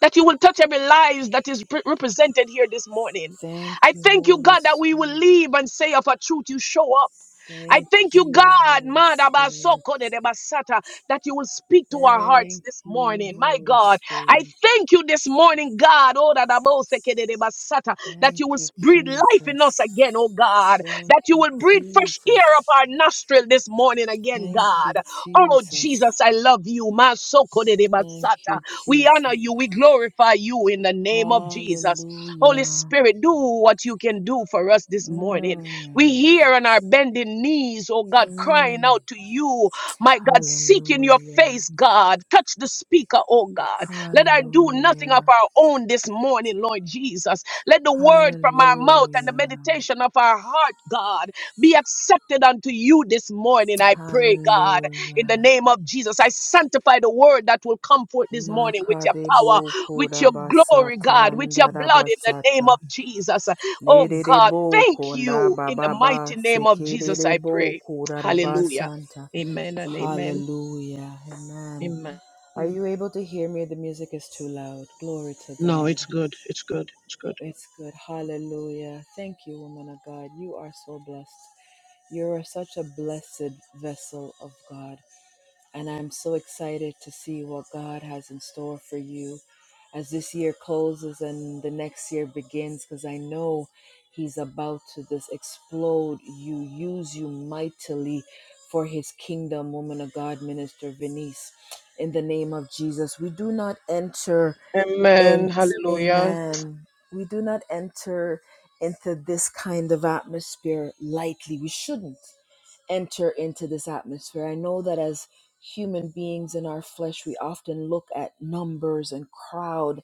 [SPEAKER 2] that you will touch every lives that is pre- represented here this morning.
[SPEAKER 1] Thank
[SPEAKER 2] I
[SPEAKER 1] you,
[SPEAKER 2] thank you,
[SPEAKER 1] Holy
[SPEAKER 2] God, that we will
[SPEAKER 1] Spirit.
[SPEAKER 2] leave and say of a truth you show up. I
[SPEAKER 1] Thank
[SPEAKER 2] thank you,
[SPEAKER 1] you,
[SPEAKER 2] God,
[SPEAKER 1] Holy Spirit.
[SPEAKER 2] Madabasokodedebasata, that you will speak to our hearts
[SPEAKER 1] Thank
[SPEAKER 2] this
[SPEAKER 1] you,
[SPEAKER 2] morning. My
[SPEAKER 1] Holy
[SPEAKER 2] God, I
[SPEAKER 1] Spirit.
[SPEAKER 2] thank you this morning, God, oh, Dadabosekededebasata, that
[SPEAKER 1] Thank
[SPEAKER 2] you will s-
[SPEAKER 1] you,
[SPEAKER 2] breathe life in
[SPEAKER 1] Jesus.
[SPEAKER 2] us again, oh God,
[SPEAKER 1] Thank
[SPEAKER 2] that you
[SPEAKER 1] you,
[SPEAKER 2] will breathe fresh air
[SPEAKER 1] Jesus.
[SPEAKER 2] up our nostril this morning again,
[SPEAKER 1] Thank
[SPEAKER 2] God.
[SPEAKER 1] you,
[SPEAKER 2] Oh,
[SPEAKER 1] Jesus.
[SPEAKER 2] Jesus, I love you.
[SPEAKER 1] Thank
[SPEAKER 2] Masokoderebasata.
[SPEAKER 1] you,
[SPEAKER 2] We honor
[SPEAKER 1] Jesus.
[SPEAKER 2] you. We glorify you in the name of Jesus. Holy
[SPEAKER 1] Hallelujah.
[SPEAKER 2] Spirit, do what you can do for us this morning.
[SPEAKER 1] Mm,
[SPEAKER 2] We here on our bending knees, oh God, crying
[SPEAKER 1] mm.
[SPEAKER 2] out to you, my God, seeking your
[SPEAKER 1] Hallelujah.
[SPEAKER 2] face, God. Touch the speaker, oh God. Let her do nothing of
[SPEAKER 1] Hallelujah.
[SPEAKER 2] our own this morning, Lord Jesus. Let the word from our mouth and the
[SPEAKER 1] Hallelujah.
[SPEAKER 2] meditation of our heart, God, be accepted unto you this morning, I pray, God. In the
[SPEAKER 1] Hallelujah.
[SPEAKER 2] name of Jesus, I sanctify the word that will come forth this morning with your power,
[SPEAKER 1] Makadebo
[SPEAKER 2] with your glory,
[SPEAKER 1] Kodabasata
[SPEAKER 2] God, with your blood in the name of
[SPEAKER 1] Ndarabasata
[SPEAKER 2] Jesus. Oh God,
[SPEAKER 1] Nerebo
[SPEAKER 2] thank
[SPEAKER 1] Konda
[SPEAKER 2] you. In the mighty
[SPEAKER 1] Bababa
[SPEAKER 2] name of Jesus, I
[SPEAKER 1] Sekerebo
[SPEAKER 2] pray. Hallelujah.
[SPEAKER 1] Kodarabasanta.
[SPEAKER 2] Amen and amen.
[SPEAKER 1] Hallelujah. Amen.
[SPEAKER 2] Amen.
[SPEAKER 1] Are
[SPEAKER 3] Jesus.
[SPEAKER 1] you able to hear me? The music is too loud. Glory to
[SPEAKER 2] No,
[SPEAKER 1] God.
[SPEAKER 2] it's good. It's good. It's good.
[SPEAKER 1] It's good. Hallelujah. Thank you, woman of God. You are so blessed. You are such a blessed vessel of God and I'm so excited to see what God has in store for you as this year closes and the next year begins because I know He's about to just explode you, use you mightily for His kingdom, woman of God, Minister Venice. In the name of Jesus, we do not enter. And
[SPEAKER 2] Amen. Hallelujah.
[SPEAKER 1] amen. We do not enter into this kind of atmosphere lightly. We shouldn't enter into this atmosphere. I know that as human beings in our flesh, we often look at numbers and crowd.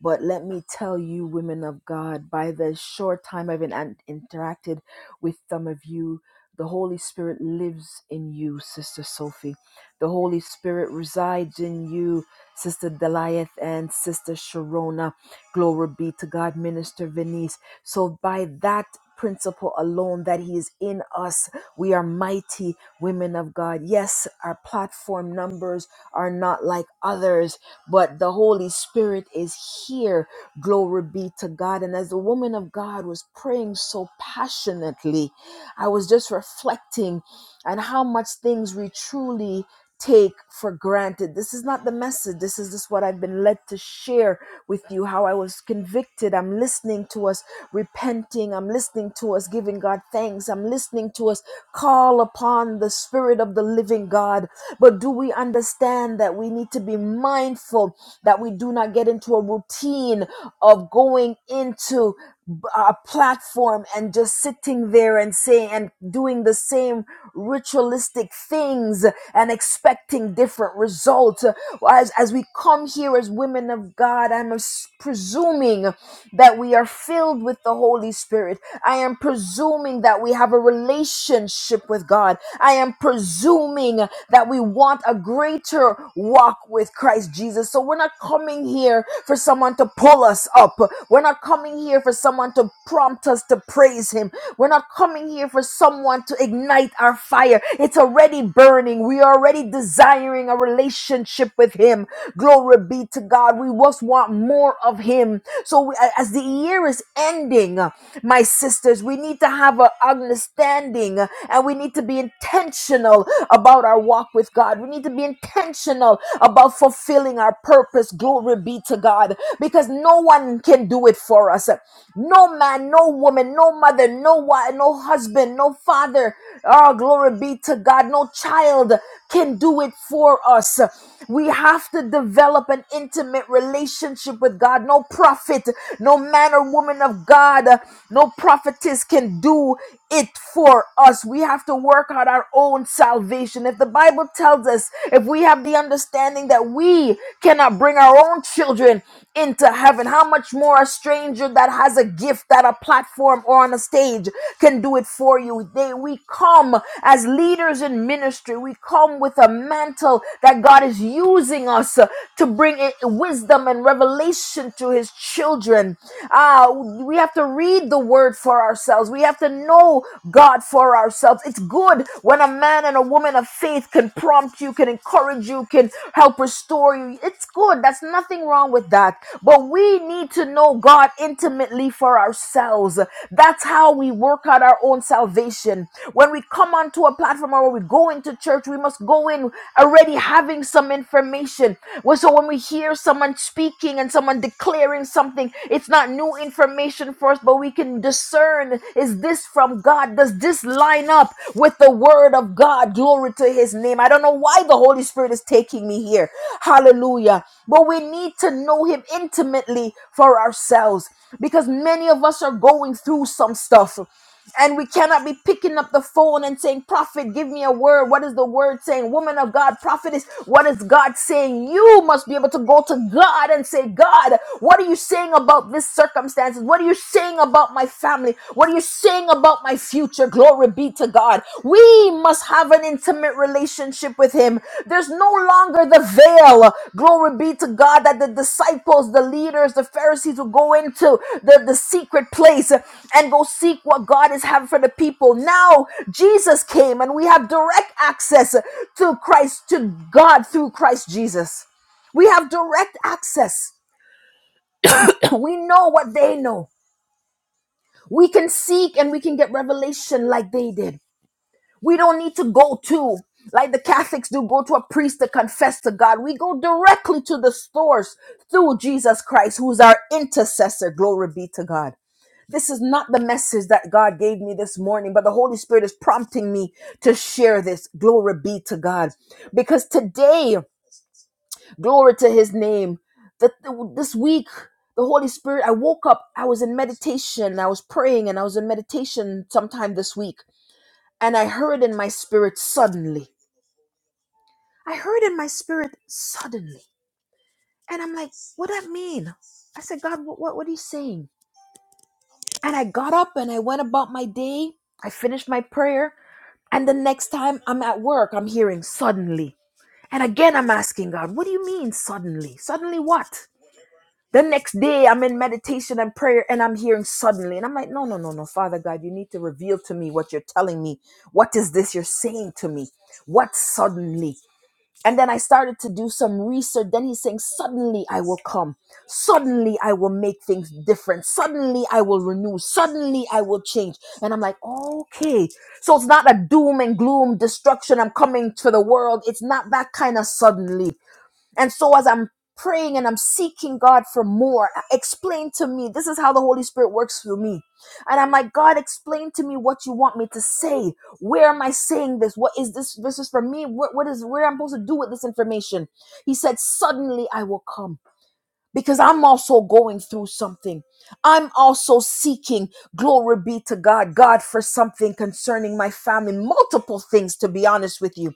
[SPEAKER 1] But let me tell you, women of God, by the short time I've been an- interacted with some of you, the Holy Spirit lives in you, Sister Sophie. The Holy Spirit resides in you Sister Deliath and Sister Sharona. Glory be to God, Minister Venice. So by that principle alone that he is in us we are mighty women of god yes our platform numbers are not like others but the holy spirit is here glory be to god and as the woman of god was praying so passionately i was just reflecting and how much things we truly take for granted. This is not the message. This is just what I've been led to share with you how I was convicted. I'm listening to us repenting. I'm listening to us giving God thanks. I'm listening to us call upon the spirit of the living God. But do we understand that we need to to be mindful that we do not get into a routine of going into a platform and just sitting there and saying and doing the same ritualistic things and expecting different results. As, as we come here as women of God, I'm presuming that we are filled with the Holy Spirit. I am presuming that we have a relationship with God. I am presuming that we want a greater walk with Christ Jesus. So we're not coming here for someone to pull us up. We're not coming here for someone to prompt us to praise Him. We're not coming here for someone to ignite our fire. It's already burning. We are already desiring a relationship with Him. Glory be to God. We just want more of Him. So we- a- as the year is ending, uh, my sisters, we need to have an understanding uh, and we need to be intentional about our walk with God. We need to be intentional about fulfilling our purpose. Glory be to God because no one can do it for us. No man, no woman, no mother, no wife, no husband, no father. Oh, glory be to God. No child can do it for us. We have to develop an intimate relationship with God God, no prophet, no man or woman of God, uh, no prophetess can do it for us. We have to work out our own salvation. If the Bible tells us, if we have the understanding that we cannot bring our own children into heaven, how much more a stranger that has a gift, that a platform or on a stage can do it for you. They, we come as leaders in ministry. We come with a mantle that God is using us uh, to bring in wisdom and revelation revelation to his children. Ah, we have to read the word for ourselves. We have to know God for ourselves. It's good when a man and a woman of faith can prompt you, can encourage you, can help restore you. It's good. That's nothing wrong with that. But we need to know God intimately for ourselves. That's how we work out our own salvation. When we come onto a platform or when we go into church, we must go in already having some information. Well, So when we hear someone someone speaking and someone declaring something. It's not new information for us, but we can discern is this from God? Does this line up with the word of God? Glory to his name. I don't know why the Holy Spirit is taking me here. Hallelujah. But we need to know him intimately for ourselves because many of us are going through some stuff. And we cannot be picking up the phone and saying, Prophet, give me a word. What is the word saying? Woman of God, prophetess, what is God saying? You must be able to go to God and say, God, what are you saying about this circumstances? What are you saying about my family? What are you saying about my future? Glory be to God. We must have an intimate relationship with him. There's no longer the veil. Glory be to God that the disciples, the leaders, the Pharisees will go into the, the secret place and go seek what God is having for the people. Now Jesus came and we have direct access to Christ, to God through Christ Jesus. We have direct access. We know what they know. We can seek and we can get revelation like they did. We don't need to go to, like the Catholics do, go to a priest to confess to God. We go directly to the source through Jesus Christ, who's our intercessor. Glory be to God. This is not the message that God gave me this morning, but the Holy Spirit is prompting me to share this. Glory be to God. Because today, glory to his name, that this week, the Holy Spirit, I woke up, I was in meditation, I was praying, and I was in meditation sometime this week and I heard in my spirit suddenly. I heard in my spirit suddenly. And I'm like, what do that mean? I said, God, what, what, what are you saying? And I got up and I went about my day. I finished my prayer. And the next time I'm at work, I'm hearing suddenly. And again, I'm asking God, what do you mean suddenly? Suddenly what? The next day, I'm in meditation and prayer and I'm hearing suddenly. And I'm like, no, no, no, no, Father God, you need to reveal to me what you're telling me. What is this you're saying to me? What suddenly? And then I started to do some research. Then he's saying, Suddenly I will come. Suddenly I will make things different. Suddenly I will renew. Suddenly I will change. And I'm like, Okay. So it's not a doom and gloom destruction. I'm coming to the world. It's not that kind of suddenly. And so as I'm praying and I'm seeking God for more, explain to me. This is how the Holy Spirit works through me. And I'm like, God, explain to me what you want me to say. Where am I saying this? What is this? This is for me. What, what is where I'm supposed to do with this information? He said, Suddenly I will come. Because I'm also going through something. I'm also seeking glory be to God, God for something concerning my family, multiple things, to be honest with you.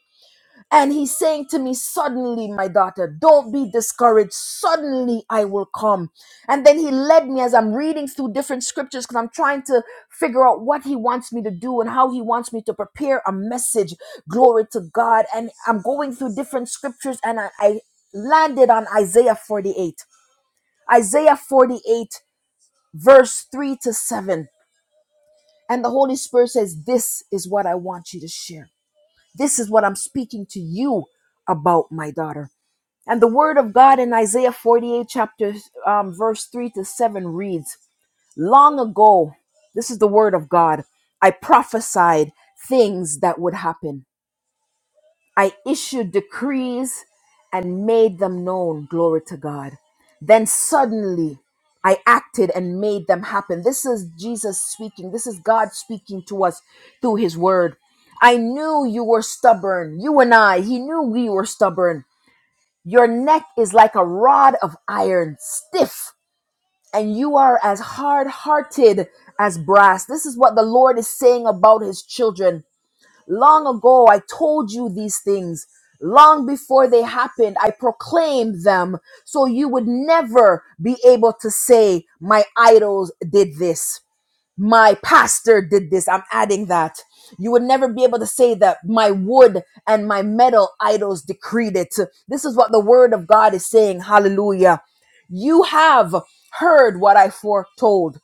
[SPEAKER 1] And he's saying to me, Suddenly, my daughter, don't be discouraged. Suddenly, I will come. And then he led me as I'm reading through different scriptures because I'm trying to figure out what he wants me to do and how he wants me to prepare a message. Glory to God. And I'm going through different scriptures and I, I landed on Isaiah 48. Isaiah 48, verse 3 to 7. And the Holy Spirit says, This is what I want you to share. This is what I'm speaking to you about, my daughter. And the word of God in Isaiah 48, chapter um, verse 3 to 7 reads, Long ago, this is the word of God, I prophesied things that would happen. I issued decrees and made them known. Glory to God. Then suddenly I acted and made them happen. This is Jesus speaking. This is God speaking to us through his word. I knew you were stubborn. You and I, he knew we were stubborn. Your neck is like a rod of iron, stiff, and you are as hard hearted as brass. This is what the Lord is saying about his children. Long ago, I told you these things. Long before they happened, I proclaimed them so you would never be able to say, My idols did this my pastor did this. I'm adding that. You would never be able to say that my wood and my metal idols decreed it. This is what the word of God is saying. Hallelujah. You have heard what I foretold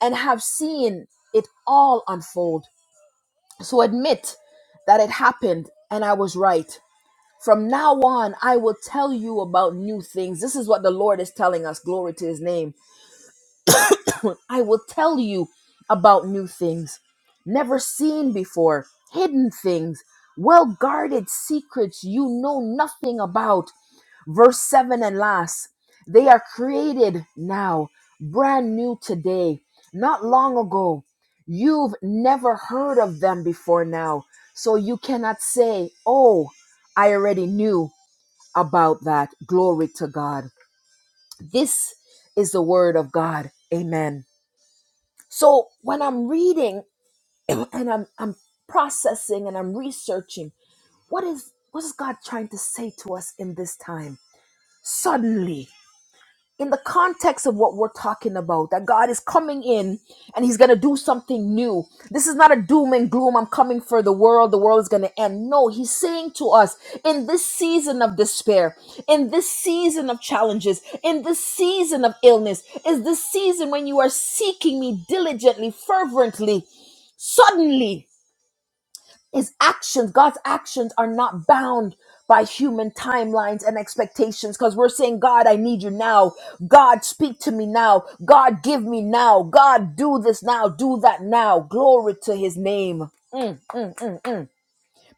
[SPEAKER 1] and have seen it all unfold. So admit that it happened and I was right. From now on, I will tell you about new things. This is what the Lord is telling us. Glory to his name I will tell you about new things never seen before, hidden things, well guarded secrets you know nothing about. Verse 7 and last, they are created now, brand new today, not long ago. You've never heard of them before now, so you cannot say, Oh, I already knew about that. Glory to God. This is the word of God. Amen. So when I'm reading and I'm I'm processing and I'm researching, what is what is God trying to say to us in this time? Suddenly, in the context of what we're talking about, that God is coming in and He's going to do something new. This is not a doom and gloom. I'm coming for the world. The world is going to end. No, He's saying to us in this season of despair, in this season of challenges, in this season of illness, is this season when you are seeking me diligently, fervently, suddenly. His actions, God's actions are not bound by human timelines and expectations because we're saying, God, I need you now. God, speak to me now. God, give me now. God, do this now. Do that now. Glory to his name. Mm, mm, mm, mm.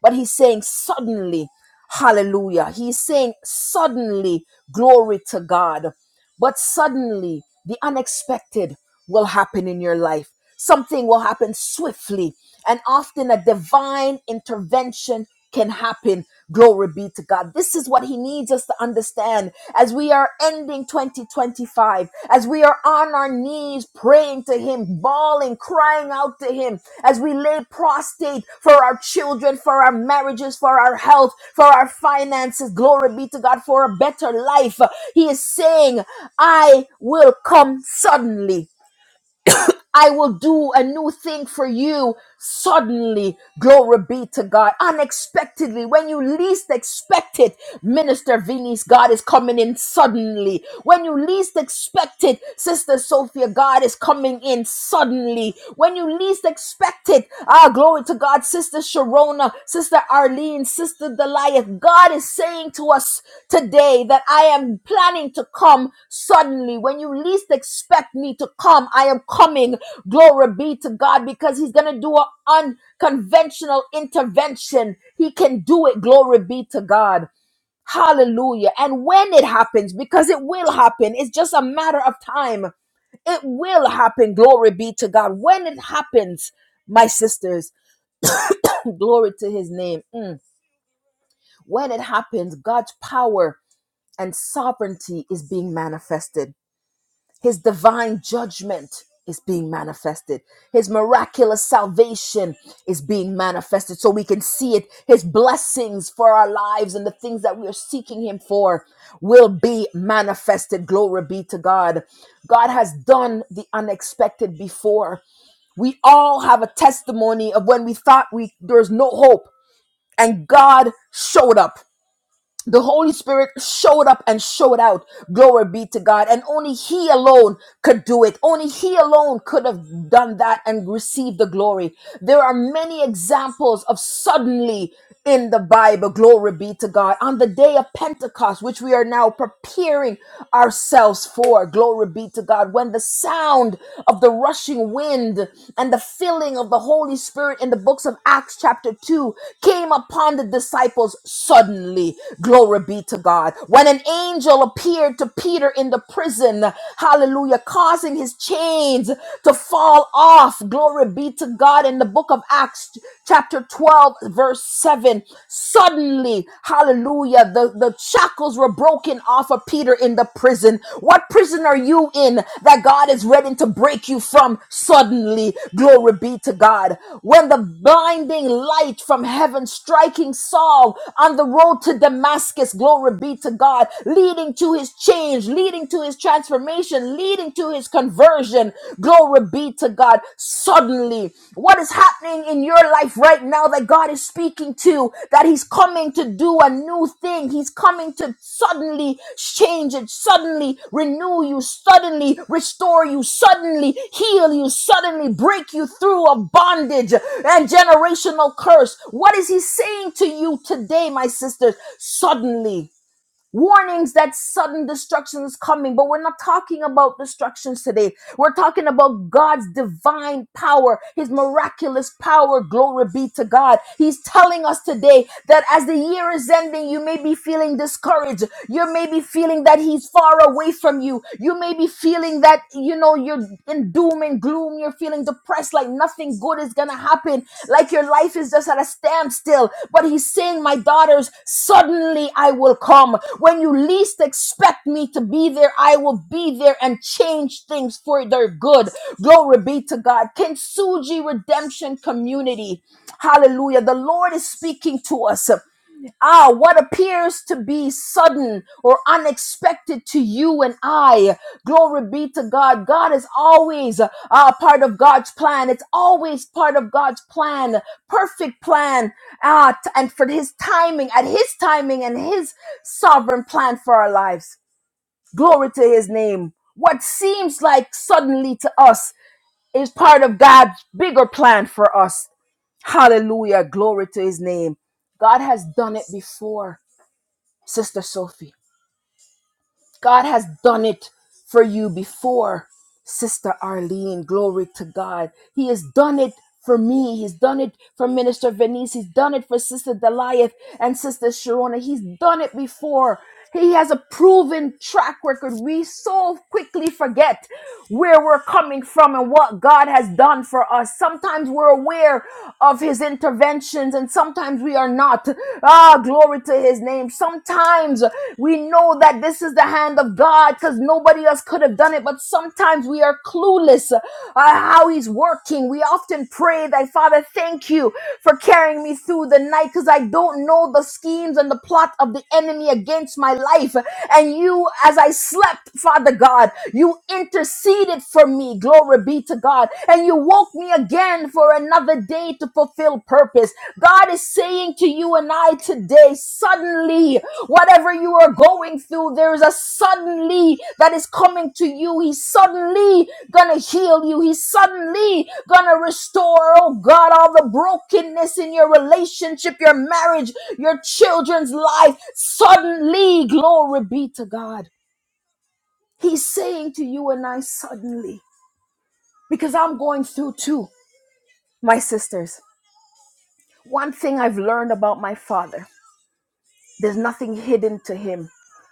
[SPEAKER 1] But he's saying, suddenly, hallelujah. He's saying, suddenly, glory to God. But suddenly, the unexpected will happen in your life. Something will happen swiftly, and often a divine intervention can happen. Glory be to God. This is what He needs us to understand as we are ending 2025, as we are on our knees praying to Him, bawling, crying out to Him, as we lay prostrate for our children, for our marriages, for our health, for our finances. Glory be to God for a better life. He is saying, I will come suddenly. I will do a new thing for you suddenly. Glory be to God. Unexpectedly, when you least expect it, Minister Vinny's God is coming in suddenly. When you least expect it, Sister Sophia, God is coming in suddenly. When you least expect it, ah, glory to God, Sister Sharona, Sister Arlene, Sister Goliath, God is saying to us today that I am planning to come suddenly. When you least expect me to come, I am coming. Glory be to God because He's going to do an unconventional intervention. He can do it. Glory be to God. Hallelujah. And when it happens, because it will happen, it's just a matter of time. It will happen. Glory be to God. When it happens, my sisters. Glory to his name. Mm. When it happens, God's power and sovereignty is being manifested. His divine judgment is being manifested. His miraculous salvation is being manifested so we can see it. His blessings for our lives and the things that we are seeking him for will be manifested. Glory be to God. God has done the unexpected before. We all have a testimony of when we thought we there's no hope and God showed up. The Holy Spirit showed up and showed out. Glory be to God. And only He alone could do it. Only He alone could have done that and received the glory. There are many examples of suddenly in the Bible. Glory be to God. On the day of Pentecost, which we are now preparing ourselves for. Glory be to God. When the sound of the rushing wind wind and the filling of the Holy Spirit in the books of Acts, chapter 2, came upon the disciples suddenly. Glory be to God. When an angel appeared to Peter in the prison, hallelujah, causing his chains to fall off. Glory be to God in the book of Acts, chapter 12, verse 7. Suddenly, hallelujah, the, the, the shackles were broken off of Peter in the prison. What prison are you in that God is ready to break you from suddenly? Glory be to God. When the blinding light from heaven striking Saul on the road to Damascus, glory be to God, leading to his change, leading to his transformation, leading to his conversion, glory be to God suddenly. What is happening in your life right now that God is speaking to, that He's coming to do a new thing? He's coming to suddenly change it, suddenly renew you, suddenly restore you, suddenly heal you, suddenly break you through a bondage and generational curse. What is He saying to you today, my sisters? Suddenly warnings that sudden destruction is coming. But we're not talking about destructions today. We're talking about God's divine power, His miraculous power. Glory be to God. He's telling us today that as the year is ending, you may be feeling discouraged. You may be feeling that He's far away from you. You may be feeling that, you know, you're in doom and gloom gloom, you're feeling depressed, like nothing good is gonna happen, like your life is just at a standstill. But he's saying, My daughters, suddenly I will come. When you least expect me to be there, I will be there and change things for their good. Glory be to God. Kintsugi Redemption Community. Hallelujah. The Lord is speaking to us. Ah, what appears to be sudden or unexpected to you and I. Glory be to God. God is always uh, part of God's plan. It's always part of God's plan, perfect plan. Uh, t- and for his timing, at his timing and his sovereign plan for our lives. Glory to his name. What seems like suddenly to us is part of God's bigger plan for us. Hallelujah. Glory to his name. God has done it before. Sister Sophie. God has done it for you before, Sister Arlene. Glory to God. He has done it for me. He's done it for Minister Venice. He's done it for Sister Deliath and Sister Sharona. He's done it before. He has a proven track record. We so quickly forget where we're coming from and what God has done for us. Sometimes we're aware of His interventions and sometimes we are not. Ah, glory to His name. Sometimes we know that this is the hand of God because nobody else could have done it, but sometimes we are clueless uh, how He's working. We often pray that, Father, thank you for carrying me through the night because I don't know the schemes and the plot of the enemy against my life. And you, as I slept, Father God, you interceded for me. Glory be to God. And you woke me again for another day to fulfill purpose. God is saying to you and I today, suddenly. Whatever you are going through, there is a suddenly that is coming to you. He's suddenly gonna heal you. He's suddenly gonna restore, oh God, all the brokenness in your relationship, your marriage, your children's life. Suddenly, glory be to God. He's saying to you and I, suddenly, because I'm going through too, my sisters. One thing I've learned about my father There's nothing hidden to him.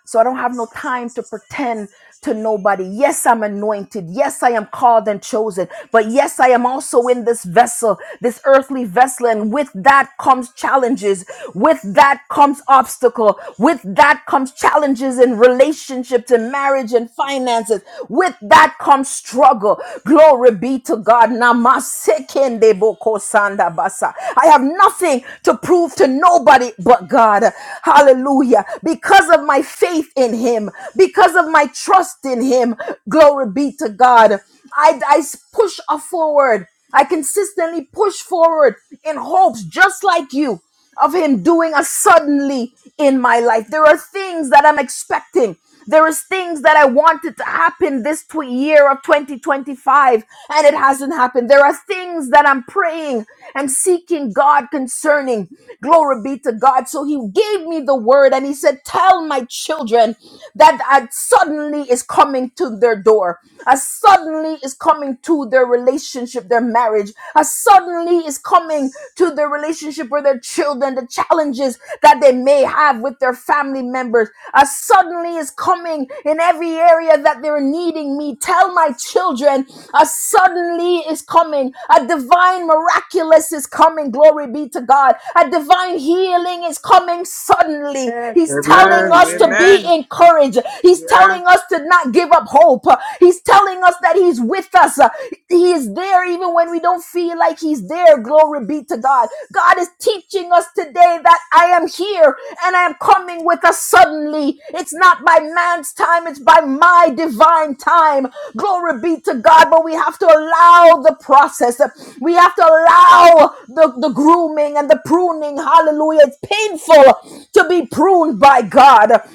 [SPEAKER 1] So I don't have no time to pretend to nobody. Yes, I'm anointed. Yes, I am called and chosen. But yes, I am also in this vessel, this earthly vessel. And with that comes challenges. With that comes obstacle. With that comes challenges in relationships and marriage and finances. With that comes struggle. Glory. Glory be to God. Namasekende boko sanda basa. I have nothing to prove to nobody but God. Hallelujah. Because of my faith in Him, because of my trust in Him, glory be to God. I, I push forward. I consistently push forward in hopes just like you of him doing a suddenly in my life. There are things that I'm expecting. There is things that I wanted to happen this tw- year of 2025 and it hasn't happened. There are things that I'm praying and seeking God concerning. Glory be to God. So he gave me the word and he said, tell my children that a suddenly is coming to their door. A suddenly is coming to their relationship, their marriage marriage uh, suddenly is coming to their relationship with their children, the challenges that they may have with their family members A suddenly is coming in every area that they're needing me. Tell my children a suddenly is coming. A divine miraculous is coming. Glory be to God. A divine healing is coming suddenly.
[SPEAKER 3] Yes,
[SPEAKER 1] He's telling
[SPEAKER 3] Lord.
[SPEAKER 4] Amen.
[SPEAKER 1] us to
[SPEAKER 3] Yes.
[SPEAKER 1] be
[SPEAKER 4] Amen.
[SPEAKER 1] encouraged. He's
[SPEAKER 4] Yeah.
[SPEAKER 1] telling us to not give up hope. He's telling us that He's with us. Uh, He is there even when we don't feel like He's there. Glory be to God. God is teaching us today that I am here and I am coming with us suddenly. It's not by man's time, it's by my divine time. Glory be to God. But we have to allow the process, we have to allow the, the grooming and the pruning. Hallelujah. It's painful to be pruned by God.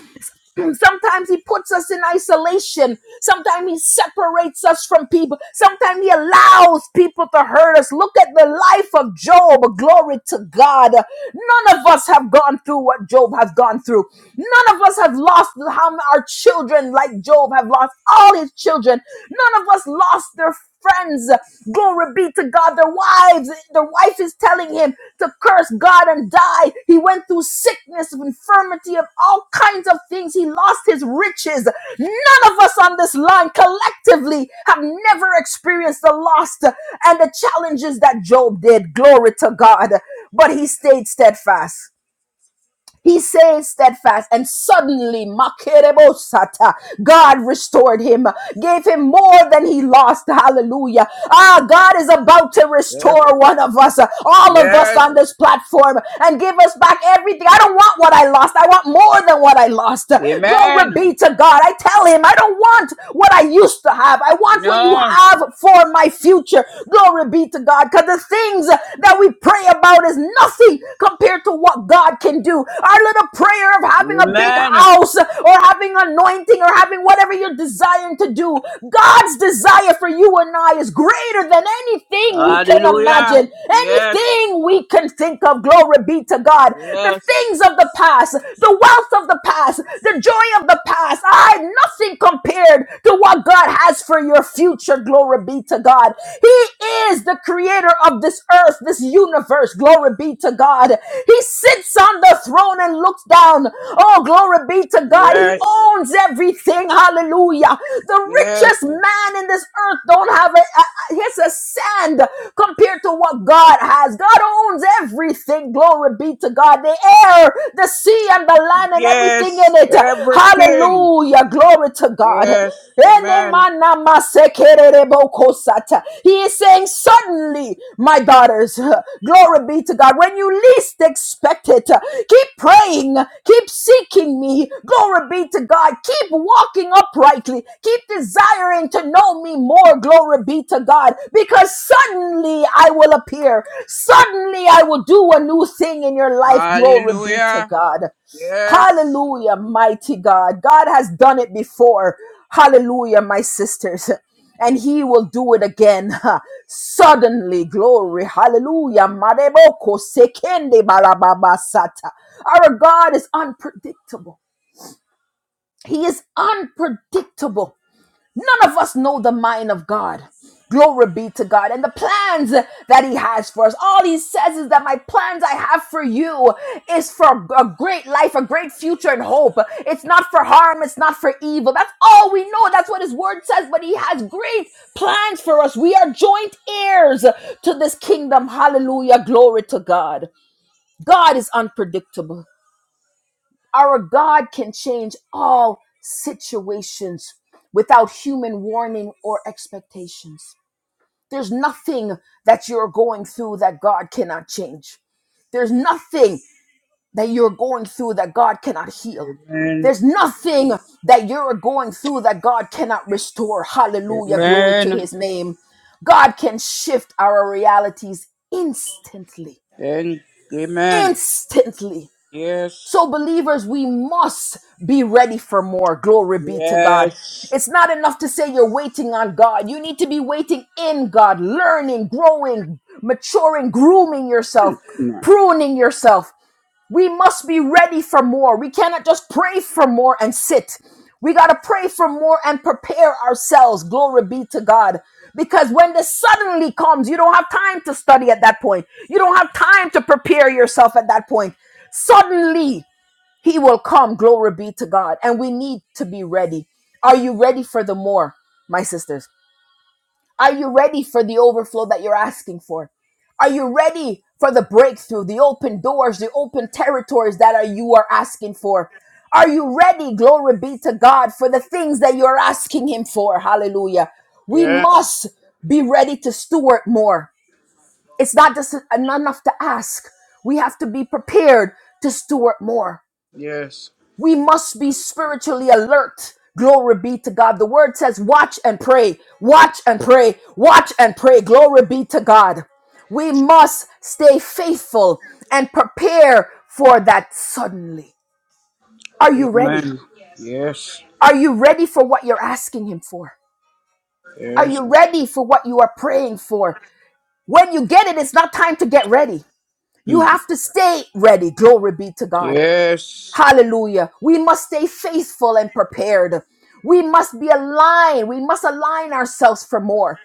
[SPEAKER 1] Sometimes he puts us in isolation. Sometimes he separates us from people. Sometimes he allows people to hurt us. Look at the life of Job. Glory to God. None of us have gone through what Job has gone through. None of us have lost how our children, like Job, have lost all his children. None of us lost their friends. Glory be to God. Their wives, their wife is telling him to curse God and die. He went through sickness, infirmity, of all kinds of things. He lost his riches. None of us on this line collectively have never experienced the loss and the challenges that Job did. Glory to God. But he stayed steadfast. He says steadfast, and suddenly Makerebosata, God restored him, gave him more than he lost. Hallelujah. Ah, God is about to
[SPEAKER 4] Yes.
[SPEAKER 1] restore one of us, uh, all of us
[SPEAKER 4] Yes.
[SPEAKER 1] on this platform, and give us back everything. I don't want what I lost. I want more than what I lost. Glory
[SPEAKER 4] Amen.
[SPEAKER 1] be to God. I tell him, I don't want what I used to have. I want what you
[SPEAKER 4] No.
[SPEAKER 1] have for my future. Glory be to God. Because the things that we pray about is nothing compared to what God can do. Our little prayer of having a big
[SPEAKER 4] Amen.
[SPEAKER 1] house or having anointing or having whatever you're desiring to do, God's desire for you and I is greater than anything we can
[SPEAKER 4] Hallelujah.
[SPEAKER 1] imagine,
[SPEAKER 4] Yes.
[SPEAKER 1] anything we can think of. Glory be to God. The
[SPEAKER 4] Yes.
[SPEAKER 1] things of the past past, the wealth of the past, the joy of the past. I nothing compared to what God has for your future. Glory be to God. He is the creator of this earth, this universe. Glory be to God. He sits on the throne and looks down. Oh, glory be to God. He
[SPEAKER 4] Yes.
[SPEAKER 1] owns everything. Hallelujah. The richest
[SPEAKER 4] Yes.
[SPEAKER 1] man in this earth don't have it here's a sand compared to what God has. God owns everything. Glory be to God. The air, the sea, and the land, and everything in
[SPEAKER 4] Yes.
[SPEAKER 1] it.
[SPEAKER 4] Everything.
[SPEAKER 1] Hallelujah. Glory to God.
[SPEAKER 4] Yes. Amen.
[SPEAKER 1] He is saying, Suddenly, my daughters, glory Glory be to God. When you least expect it, keep praying, keep seeking me. Glory be to God. Keep walking uprightly. Keep desiring to know me more. Glory be to God. Because suddenly I will appear. Suddenly I will do a new thing in your life. Glory be to
[SPEAKER 4] Hallelujah.
[SPEAKER 1] God.
[SPEAKER 4] Yes.
[SPEAKER 1] Hallelujah, mighty God. God has done it before. Hallelujah, my sisters. And he will do it again. Suddenly, glory. Hallelujah. Mareboko sekende barababasata. Our God is unpredictable. He is unpredictable. None of us know the mind of God. Glory be to God and the plans that He has for us. All He says is that my plans I have for you is for a great life, a great future, and hope. It's not for harm, it's not for evil. That's all we know. That's what His Word says. But He has great plans for us. We are joint heirs to this kingdom. Hallelujah. Glory to God. God is unpredictable. Our God can change all situations without human warning or expectations. There's nothing that you're going through that God cannot change. There's nothing that you're going through that God cannot heal.
[SPEAKER 4] Amen.
[SPEAKER 1] There's nothing that you're going through that God cannot restore. Hallelujah. Glory to
[SPEAKER 4] Amen.
[SPEAKER 1] his name. God can shift our realities instantly.
[SPEAKER 4] And amen.
[SPEAKER 1] Instantly.
[SPEAKER 4] Yes.
[SPEAKER 1] So, believers, we must be ready for more. Glory be to God.
[SPEAKER 4] Yes.
[SPEAKER 1] It's not enough to say you're waiting on God. You need to be waiting in God, learning, growing, maturing, grooming yourself, pruning yourself. We must be ready for more. We cannot just pray for more and sit. We got to pray for more and prepare ourselves. Glory be to God. Because when this suddenly comes, you don't have time to study at that point. You don't have time to prepare yourself at that point. Suddenly. He will come. Glory be to God. And we need to be ready. Are you ready for the more, my sisters? Are you ready for the overflow that you're asking for? Are you ready for the breakthrough, the open doors, the open territories that are you are asking for? Are you ready? Glory be to God for the things that you're asking him for. Hallelujah. We
[SPEAKER 4] Yes.
[SPEAKER 1] must be ready to steward more. It's not just enough to ask. We have to be prepared to steward more.
[SPEAKER 4] Yes.
[SPEAKER 1] We must be spiritually alert. Glory be to God. The word says, watch and pray, watch and pray, watch and pray. Glory be to God. We must stay faithful and prepare for that suddenly. Are you ready?
[SPEAKER 4] Amen. Yes.
[SPEAKER 1] Are you ready for what you're asking Him for? Are
[SPEAKER 4] Yes.
[SPEAKER 1] you ready for what you are praying for? When you get it, it's not time to get ready. You
[SPEAKER 4] Hmm.
[SPEAKER 1] have to stay ready. Glory be to God.
[SPEAKER 4] Yes.
[SPEAKER 1] Hallelujah. We must stay faithful and prepared. We must be aligned. We must align ourselves for more.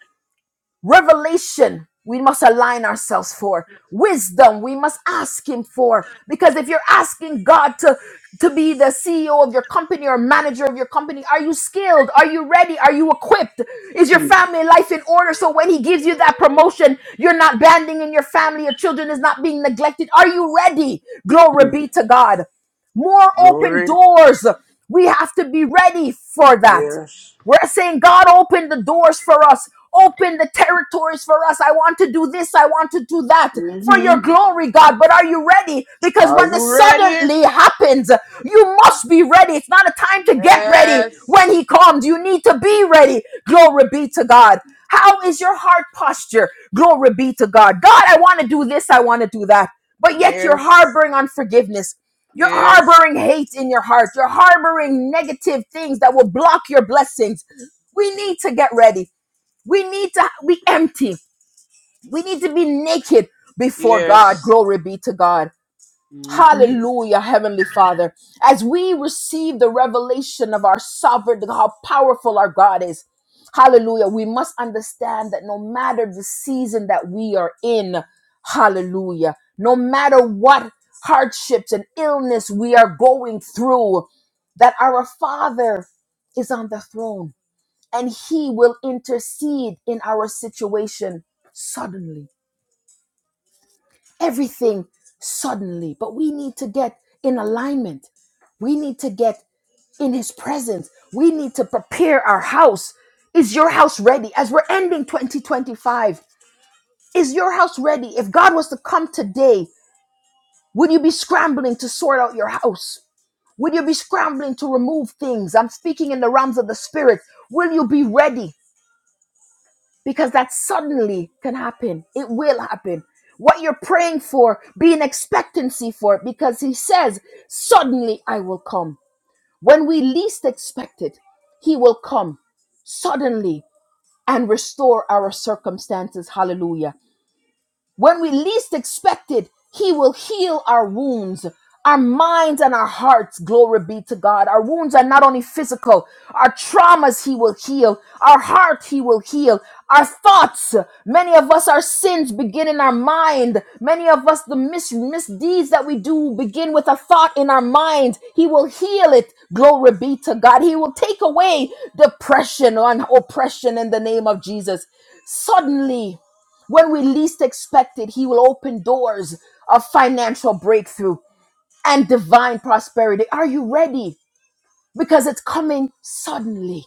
[SPEAKER 1] Revelation, we must align ourselves for. Wisdom, we must ask Him for. Because if you're asking God to, to be the CEO of your company or manager of your company, are you skilled? Are you ready? Are you equipped? Is your
[SPEAKER 4] Hmm.
[SPEAKER 1] family life in order so when He gives you that promotion, you're not banding in your family, your children is not being neglected? Are you ready? Glory
[SPEAKER 4] Hmm.
[SPEAKER 1] be to God. More open
[SPEAKER 4] Glory.
[SPEAKER 1] doors. We have to be ready for that.
[SPEAKER 4] Yes.
[SPEAKER 1] We're saying, God, open the doors for us. Open the territories for us. I want to do this. I want to do that for
[SPEAKER 4] hmm
[SPEAKER 1] your glory, God. But are you ready? Because
[SPEAKER 4] Are
[SPEAKER 1] when the
[SPEAKER 4] you ready?
[SPEAKER 1] suddenly happens, you must be ready. It's not a time to get ready when
[SPEAKER 4] Yes.
[SPEAKER 1] He comes. You need to be ready. Glory be to God. How is your heart posture? Glory be to God. God, I want to do this. I want to do that. But yet you're
[SPEAKER 4] Yes.
[SPEAKER 1] harboring unforgiveness. You're
[SPEAKER 4] Yes.
[SPEAKER 1] harboring hate in your heart. You're harboring negative things that will block your blessings. We need to get ready. We need to be empty. We need to be naked before God.
[SPEAKER 4] Yes.
[SPEAKER 1] Glory be to God.
[SPEAKER 4] hmm
[SPEAKER 1] Hallelujah, Heavenly Father. As we receive the revelation of our sovereign, how powerful our God is. Hallelujah. We must understand that no matter the season that we are in, hallelujah, no matter what hardships and illness we are going through, that our Father is on the throne and He will intercede in our situation suddenly everything suddenly. But we need to get in alignment. We need to get in his presence. We need to prepare our house. Is your house ready? As we're ending 2025, is your house ready? If God was to come today, would you be scrambling to sort out your house? Would you be scrambling to remove things? I'm speaking in the realms of the spirit. Will you be ready? because that suddenly can happen. It will happen. What you're praying for, be in expectancy for it because he says, Suddenly I will come. When we least expect it, he will come suddenly and restore our circumstances. Hallelujah when we least expect it, He will heal our wounds, our minds, and our hearts. Glory be to God. Our wounds are not only physical, our traumas He will heal, our heart He will heal. Our thoughts, many of us, our sins begin in our mind. Many of us, the mis- misdeeds that we do begin with a thought in our mind. He will heal it. Glory be to God. He will take away depression and oppression in the name of Jesus. Suddenly, when we least expect it, He will open doors of financial breakthrough and divine prosperity. Are you ready? Because it's coming suddenly.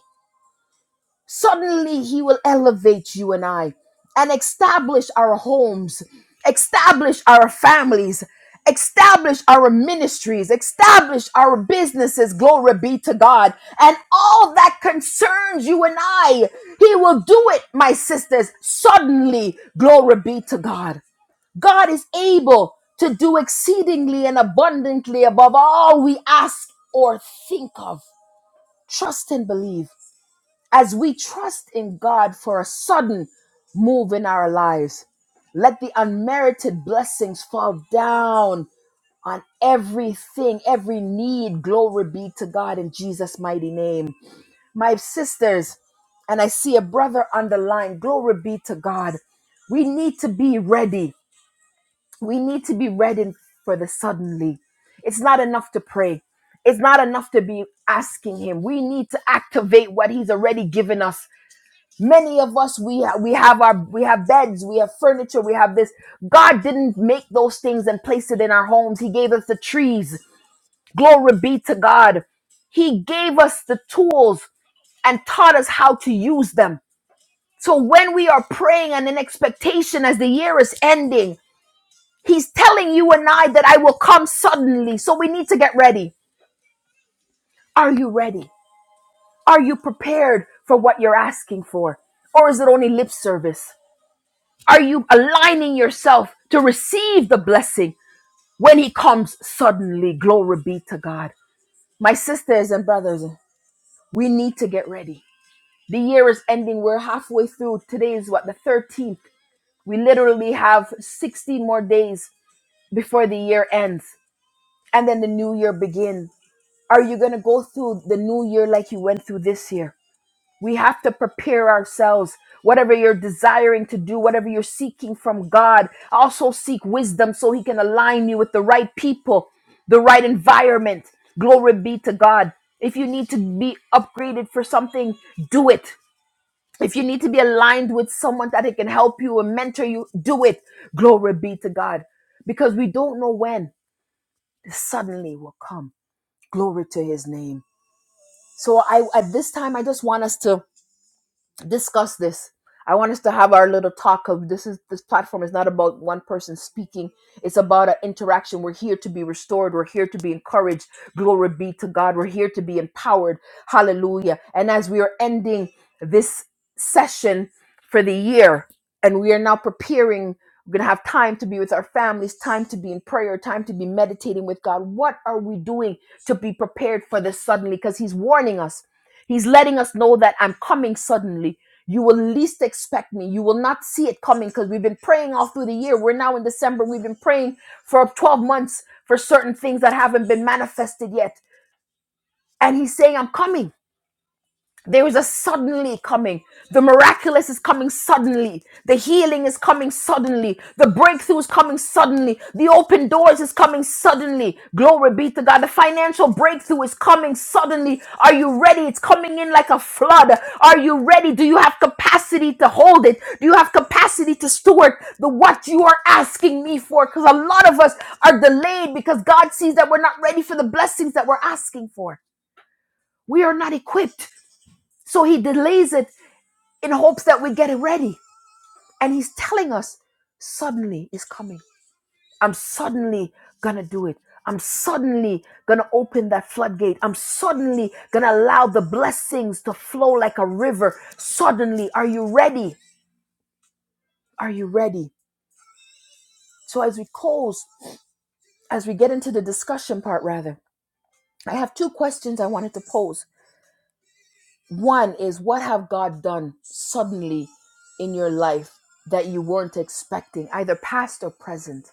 [SPEAKER 1] Suddenly, He will elevate you and I and establish our homes, establish our families, establish our ministries, establish our businesses. Glory be to God. And all that concerns you and I, He will do it, my sisters, suddenly. Glory be to God. God is able to do exceedingly and abundantly above all we ask or think of. Trust and believe as we trust in God for a sudden move in our lives. Let the unmerited blessings fall down on everything, every need. Glory be to God in Jesus' mighty name. My sisters, and I see a brother underlined. Glory be to God. We need to be ready. We need to be ready for the suddenly. It's not enough to pray. It's not enough to be asking him. We need to activate what he's already given us. Many of us we ha- we have our we have beds, we have furniture, we have this. God didn't make those things and place it in our homes. He gave us the trees. Glory be to God. He gave us the tools and taught us how to use them. So when we are praying and in expectation as the year is ending, He's telling you and I that I will come suddenly. So we need to get ready. Are you ready? Are you prepared for what you're asking for? Or is it only lip service? Are you aligning yourself to receive the blessing when he comes suddenly? Glory be to God. My sisters and brothers, we need to get ready. The year is ending. We're halfway through. Today is what, the 13th? We literally have 16 more days before the year ends. And then the new year begins. Are you going to go through the new year like you went through this year? We have to prepare ourselves. Whatever you're desiring to do, whatever you're seeking from God, also seek wisdom so He can align you with the right people, the right environment. Glory be to God. If you need to be upgraded for something, do it. If you need to be aligned with someone that it can help you and mentor you, do it. Glory be to God. Because we don't know when suddenly will come. Glory to His name. So I at this time I just want us to discuss this. I want us to have our little talk of this is this platform is not about one person speaking. It's about an interaction. We're here to be restored. We're here to be encouraged. Glory be to God. We're here to be empowered. Hallelujah. And as we are ending this session for the year, and we are now preparing, we're gonna have time to be with our families, time to be in prayer, time to be meditating with God. What are we doing to be prepared for this suddenly? Because He's warning us. He's letting us know that I'm coming suddenly you will least expect me. You will not see it coming because we've been praying all through the year. We're now in December. We've been praying for 12 months for certain things that haven't been manifested yet. And he's saying, I'm coming. There is a suddenly coming. The miraculous is coming suddenly. The healing is coming suddenly. The breakthrough is coming suddenly. The open doors is coming suddenly. Glory be to God. The financial breakthrough is coming suddenly. Are you ready? It's coming in like a flood. Are you ready? Do you have capacity to hold it? Do you have capacity to steward the what you are asking me for? Because a lot of us are delayed because God sees that we're not ready for the blessings that we're asking for. We are not equipped. So he delays it in hopes that we get it ready. And he's telling us, suddenly is coming. I'm suddenly gonna do it. I'm suddenly gonna open that floodgate. I'm suddenly gonna allow the blessings to flow like a river. Suddenly, are you ready? Are you ready? So as we close, as we get into the discussion part rather, I have two questions I wanted to pose. One is what have God done suddenly in your life that you weren't expecting, either past or present,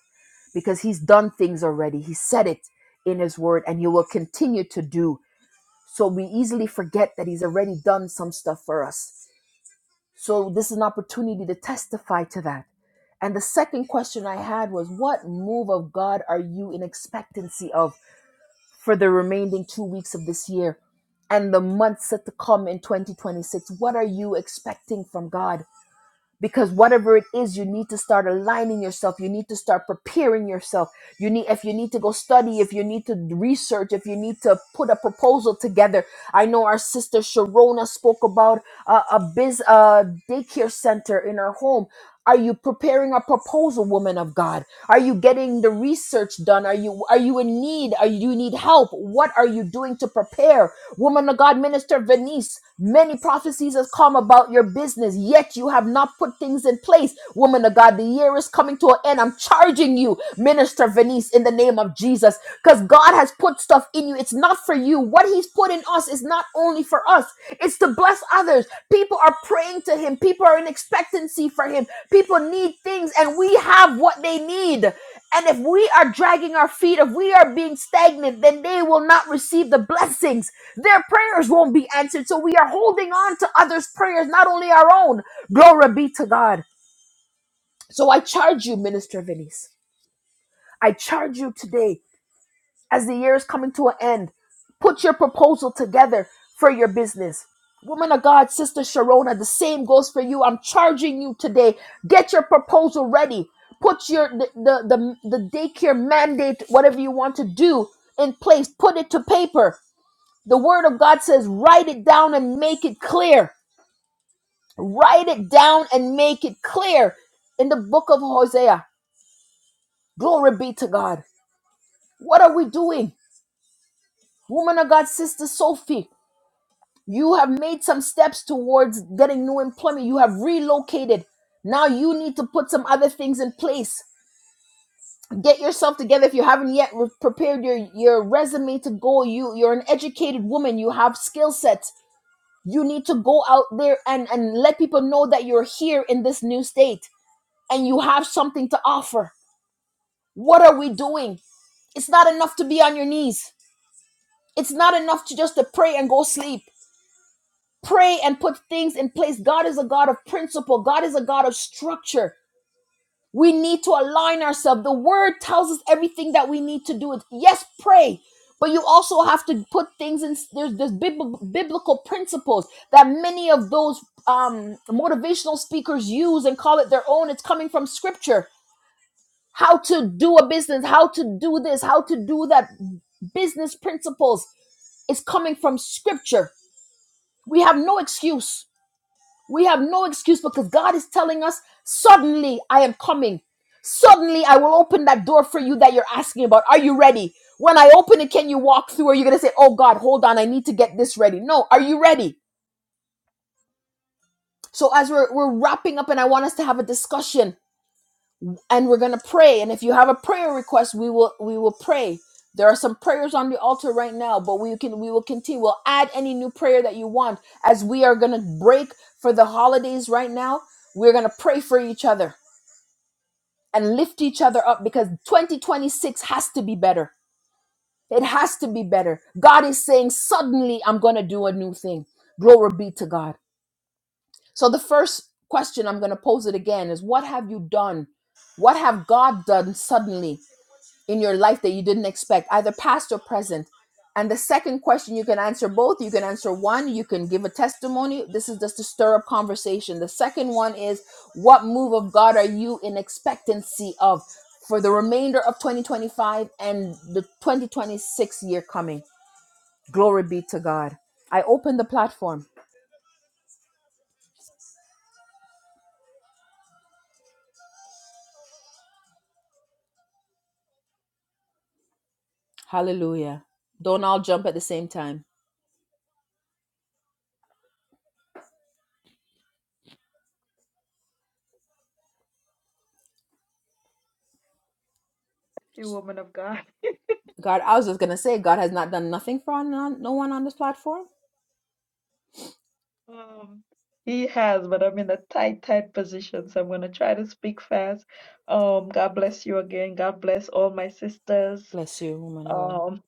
[SPEAKER 1] because He's done things already. He said it in His Word and He will continue to do. So we easily forget that He's already done some stuff for us. So this is an opportunity to testify to that. And the second question I had was, what move of God are you in expectancy of? for the remaining two weeks of this year and the months set to come in 2026. What are you expecting from God? because whatever it is you need to start aligning yourself you need to start preparing yourself you need if you need to go study if you need to research if you need to put a proposal together i know our sister sharona spoke about uh, a biz uh, daycare center in her home are you preparing a proposal woman of god are you getting the research done are you are you in need are you, do you need help what are you doing to prepare Woman of God, Minister Venice, many prophecies has come about your business, yet you have not put things in place. Woman of God, the year is coming to an end. I'm charging you, Minister Venice, in the name of Jesus, because God has put stuff in you. It's not for you. What He's put in us is not only for us, it's to bless others. People are praying to Him, people are in expectancy for Him, people need things, and we have what they need. And if we are dragging our feet, if we are being stagnant, then they will not receive the blessings. Their prayers won't be answered. So we are holding on to others' prayers, not only our own. Glory be to God. So I charge you, Minister Venice. I charge you today as the year is coming to an end, put your proposal together for your business. Woman of God, Sister Sharona, the same goes for you. I'm charging you today. Get your proposal ready. Put your the the the, the daycare mandate, whatever you want to do, in place. Put it to paper. The Word of God says, write it down and make it clear. Write it down and make it clear. In the book of Hosea, glory be to God. What are we doing, woman of God, Sister Sophie? You have made some steps towards getting new employment. You have relocated. Now you need to put some other things in place. Get yourself together if you haven't yet re- prepared your, your resume to go. You you're an educated woman. You have skill sets. You need to go out there and, and let people know that you're here in this new state and you have something to offer. What are we doing? It's not enough to be on your knees. It's not enough to just to pray and go sleep pray and put things in place. God is a God of principle, God is a God of structure. We need to align ourselves. The word tells us everything that we need to do. It yes, pray, but you also have to put things in. There's, there's bib- biblical principles that many of those um, motivational speakers use and call it their own. It's coming from scripture. How to do a business, how to do this, how to do that. Business principles is coming from scripture. We have no excuse We have no excuse because God is telling us, suddenly I am coming. Suddenly I will open that door for you that you're asking about. Are you ready? When I open it, can you walk through? Are you going to say, oh God, hold on, I need to get this ready? No, are you ready? So as we're, we're wrapping up and I want us to have a discussion and we're gonna pray. And if you have a prayer request, we will we will pray. There are some prayers on the altar right now, but we can we will continue. We'll add any new prayer that you want as we are gonna break for the holidays right now. We're gonna pray for each other and lift each other up because 2026 has to be better. It has to be better. God is saying, suddenly I'm gonna do a new thing. Glory be to God. So the first question I'm gonna pose it again is what have you done? What have God done suddenly in your life that you didn't expect, either past or present. And the second question, you can answer both. You can answer one, you can give a testimony. This is just to stir up conversation. The second one is, what move of God are you in expectancy of for the remainder of 2025 and the 2026 year coming? Glory be to God. I open the platform. Hallelujah. Don't all jump at the same time.
[SPEAKER 3] You woman of God.
[SPEAKER 1] God, I was just going to say, God has not done nothing for no no one on this platform.
[SPEAKER 3] Um, he has, but I'm in a tight, tight position, so I'm going to try to speak fast. Um, God bless you again. God bless all my sisters.
[SPEAKER 1] Bless you, woman of God.
[SPEAKER 3] Um,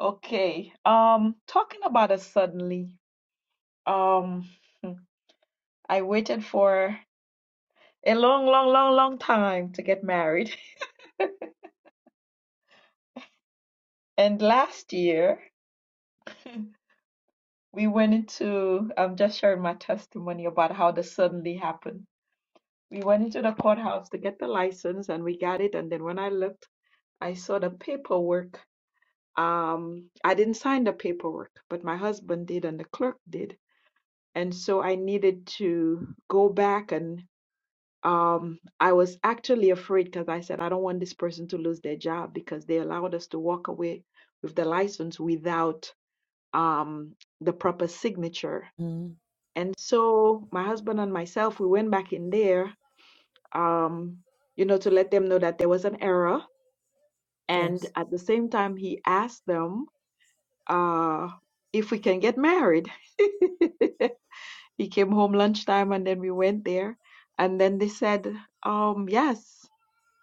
[SPEAKER 3] okay. Um, talking about it suddenly. Um, I waited for. a long, long, long, long time to get married. And last year, we went into, I'm just sharing my testimony about how this suddenly happened. We went into the courthouse to get the license and we got it. And then when I looked, I saw the paperwork. Um, I didn't sign the paperwork, but my husband did and the clerk did. And so I needed to go back and um, I was actually afraid because I said, I don't want this person to lose their job because they allowed us to walk away with the license without um, the proper signature.
[SPEAKER 1] Hmm.
[SPEAKER 3] And so my husband and myself, we went back in there, um, you know, to let them know that there was an error. And
[SPEAKER 1] yes.
[SPEAKER 3] at the same time, he asked them uh, if we can get married. he came home lunchtime and then we went there. And then they said, um, yes.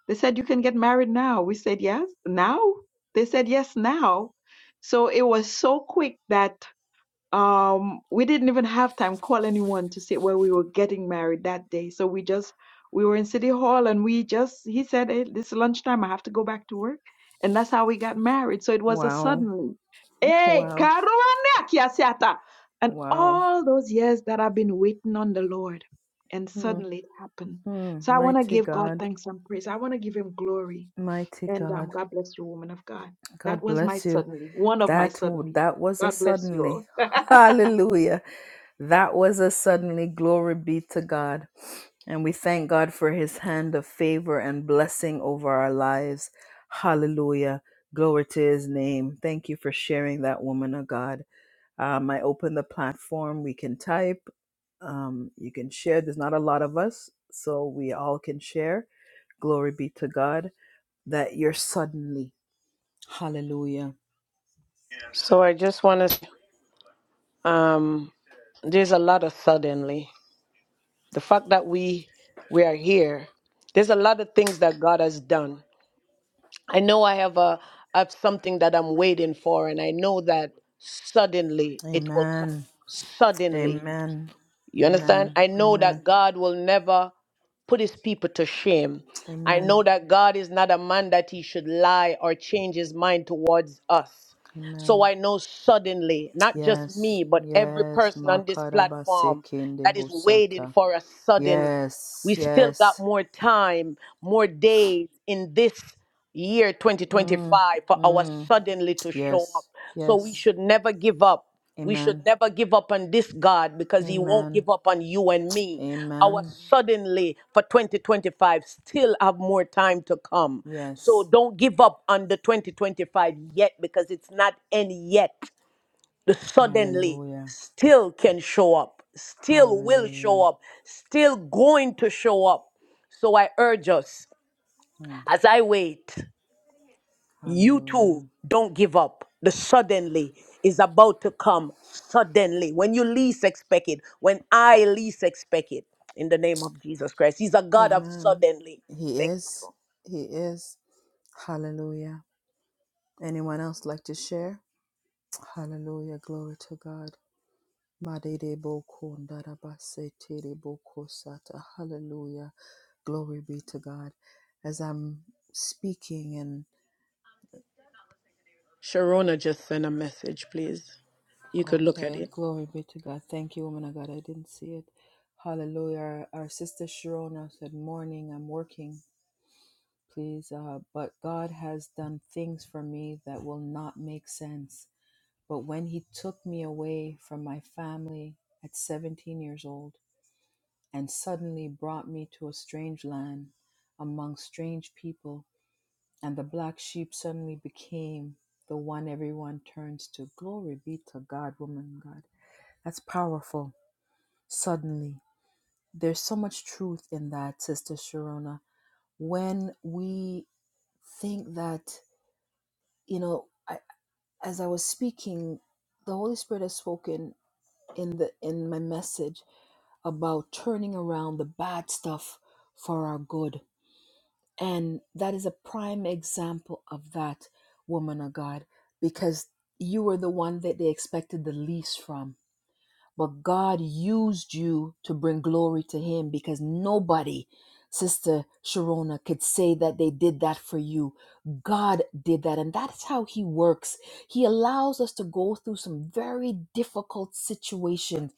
[SPEAKER 3] They said, You can get married now. We said, Yes, now? They said, Yes, now. So it was so quick that um we didn't even have time call anyone to say where we were getting married that day so we just we were in city hall and we just he said hey, this is lunchtime i have to go back to work and that's how we got married so it was a
[SPEAKER 1] Wow.
[SPEAKER 3] suddenly hey
[SPEAKER 1] Wow.
[SPEAKER 3] karuana kiasiata and
[SPEAKER 1] Wow.
[SPEAKER 3] all those years that i've been waiting on the lord and
[SPEAKER 1] Hmm.
[SPEAKER 3] suddenly it happened
[SPEAKER 1] Mm,
[SPEAKER 3] so i want to
[SPEAKER 1] mighty
[SPEAKER 3] give god
[SPEAKER 1] God,
[SPEAKER 3] thanks and praise i want to give him glory
[SPEAKER 1] mighty
[SPEAKER 3] and um,
[SPEAKER 1] God,
[SPEAKER 3] god bless you woman of god that
[SPEAKER 1] God
[SPEAKER 3] was my
[SPEAKER 1] bless you.
[SPEAKER 3] suddenly one of my
[SPEAKER 1] That w-
[SPEAKER 3] suddenly
[SPEAKER 1] that was a
[SPEAKER 3] god bless you
[SPEAKER 1] suddenly,
[SPEAKER 3] all
[SPEAKER 1] hallelujah. That was a suddenly. Glory be to God, and we thank God for His hand of favor and blessing over our lives. Hallelujah, glory to His name. Thank you for sharing that, woman of God. Um, I open the platform. We can type. Um, you can share. There's not a lot of us, so we all can share. Glory be to God. that you're suddenly. Hallelujah.
[SPEAKER 2] So I just want to. Um, there's a lot of suddenly. The fact that we we are here. There's a lot of things that God has done. I know I have a have something that I'm waiting for, and I know that suddenly it will come.
[SPEAKER 1] Amen.
[SPEAKER 2] Suddenly,
[SPEAKER 1] Amen.
[SPEAKER 2] you understand?
[SPEAKER 1] Amen.
[SPEAKER 2] I know
[SPEAKER 1] Amen.
[SPEAKER 2] that God will never put His people to shame. I know
[SPEAKER 1] Amen.
[SPEAKER 2] that God is not a man that He should lie or change His mind towards us. So
[SPEAKER 1] Amen.
[SPEAKER 2] I know suddenly, not just
[SPEAKER 1] Yes.
[SPEAKER 2] me, but every
[SPEAKER 1] Yes.
[SPEAKER 2] person on this
[SPEAKER 1] Makaraba
[SPEAKER 2] platform that is waiting
[SPEAKER 1] bosata.
[SPEAKER 2] for us suddenly.
[SPEAKER 1] Yes.
[SPEAKER 2] We still got
[SPEAKER 1] Yes.
[SPEAKER 2] more time, more days in this year 2025
[SPEAKER 1] Mm,
[SPEAKER 2] for our
[SPEAKER 1] mm.
[SPEAKER 2] suddenly to show up.
[SPEAKER 1] Yes.
[SPEAKER 2] So we
[SPEAKER 1] Yes.
[SPEAKER 2] should never give up. We should
[SPEAKER 1] Amen.
[SPEAKER 2] never give up on this God because He won't
[SPEAKER 1] Amen.
[SPEAKER 2] give up on you and me. Our
[SPEAKER 1] Amen.
[SPEAKER 2] suddenly for 2025 still have more time to come. So
[SPEAKER 1] Yes.
[SPEAKER 2] don't give up on the 2025 yet because it's not end yet the suddenly
[SPEAKER 1] Hallelujah.
[SPEAKER 2] still can show up, still will
[SPEAKER 1] Hallelujah.
[SPEAKER 2] show up, still going to show up. So I urge us,
[SPEAKER 1] Mm,
[SPEAKER 2] as I wait, you
[SPEAKER 1] Hallelujah.
[SPEAKER 2] too don't give up. The suddenly is about to come suddenly when you least expect it, when I least expect it. In the name of Jesus Christ, He's a God of
[SPEAKER 1] Amen.
[SPEAKER 2] suddenly.
[SPEAKER 1] He
[SPEAKER 2] Thank you.
[SPEAKER 1] is. He is. Hallelujah. Anyone else like to share? Hallelujah. Glory to God. Madede boko ndarabase tere boko sata. Hallelujah. Glory be to God. As I'm speaking and
[SPEAKER 2] Sharona just sent a message, please. You could look at
[SPEAKER 1] okay,
[SPEAKER 2] it.
[SPEAKER 1] glory be to God. Thank you, woman of God. I didn't see it. Hallelujah. Our, our sister Sharona said, Morning, I'm working, please. Uh, but God has done things for me that will not make sense. But when he took me away from my family at 17 years old and suddenly brought me to a strange land among strange people, and the black sheep suddenly became the one everyone turns to. Glory be to God, woman, God. That's powerful. Suddenly. There's so much truth in that, Sister Sharona. When we think that, you know, I, as I was speaking, the Holy Spirit has spoken in the in my message about turning around the bad stuff for our good. And that is a prime example of that, woman of God, because you were the one that they expected the least from but God used you to bring glory to Him because nobody, Sister Sharona, could say that they did that for you. God did that, and that's how He works. He allows us to go through some very difficult situations,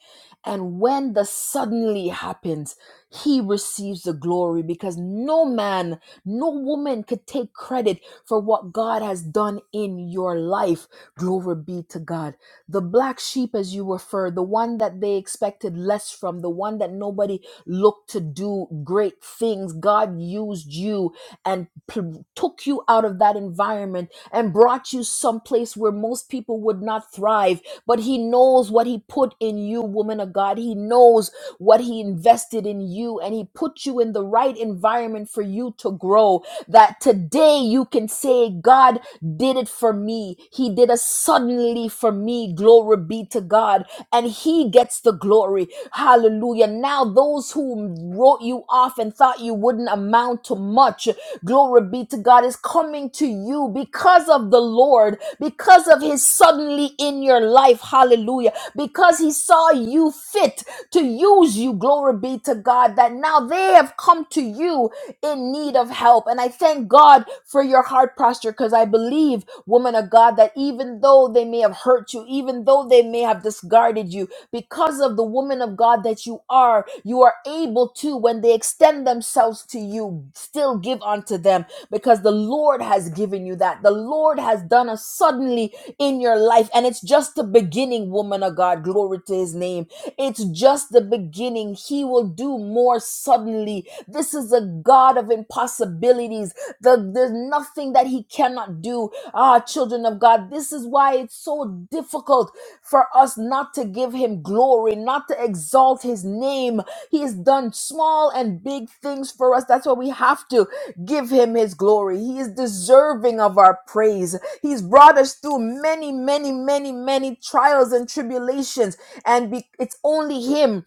[SPEAKER 1] and when the suddenly happens, He receives the glory because no man, no woman could take credit for what God has done in your life. Glory be to God the black sheep as you refer the one that they expected less from the one that nobody looked to do great things god used you and p- took you out of that environment and brought you someplace where most people would not thrive but he knows what he put in you woman of god he knows what he invested in you and he put you in the right environment for you to grow that today you can say god did it for me. He did it suddenly for me. Glory be to God. And He gets the glory. Hallelujah. Now, those who wrote you off and thought you wouldn't amount to much, glory be to God, is coming to you because of the Lord, because of His suddenly in your life. Hallelujah. Because He saw you fit to use you. Glory be to God. That now they have come to you in need of help. And I thank God for your heart posture because I believe, woman of God, that even though they may have hurt you, even though they may have discarded you, because of the woman of God that you are, you are able to, when they extend themselves to you, still give unto them because the Lord has given you that. The Lord has done a suddenly in your life. And it's just the beginning, woman of God. Glory to his name. It's just the beginning. He will do more suddenly this is a God of impossibilities. The- there's nothing that He cannot do. Ah, children of God, this is why it's so difficult for us not to give Him glory, not to exalt His name. He has done small and big things for us. That's why we have to give Him His glory. He is deserving of our praise. He's brought us through many, many, many, many trials and tribulations, and be- it's only Him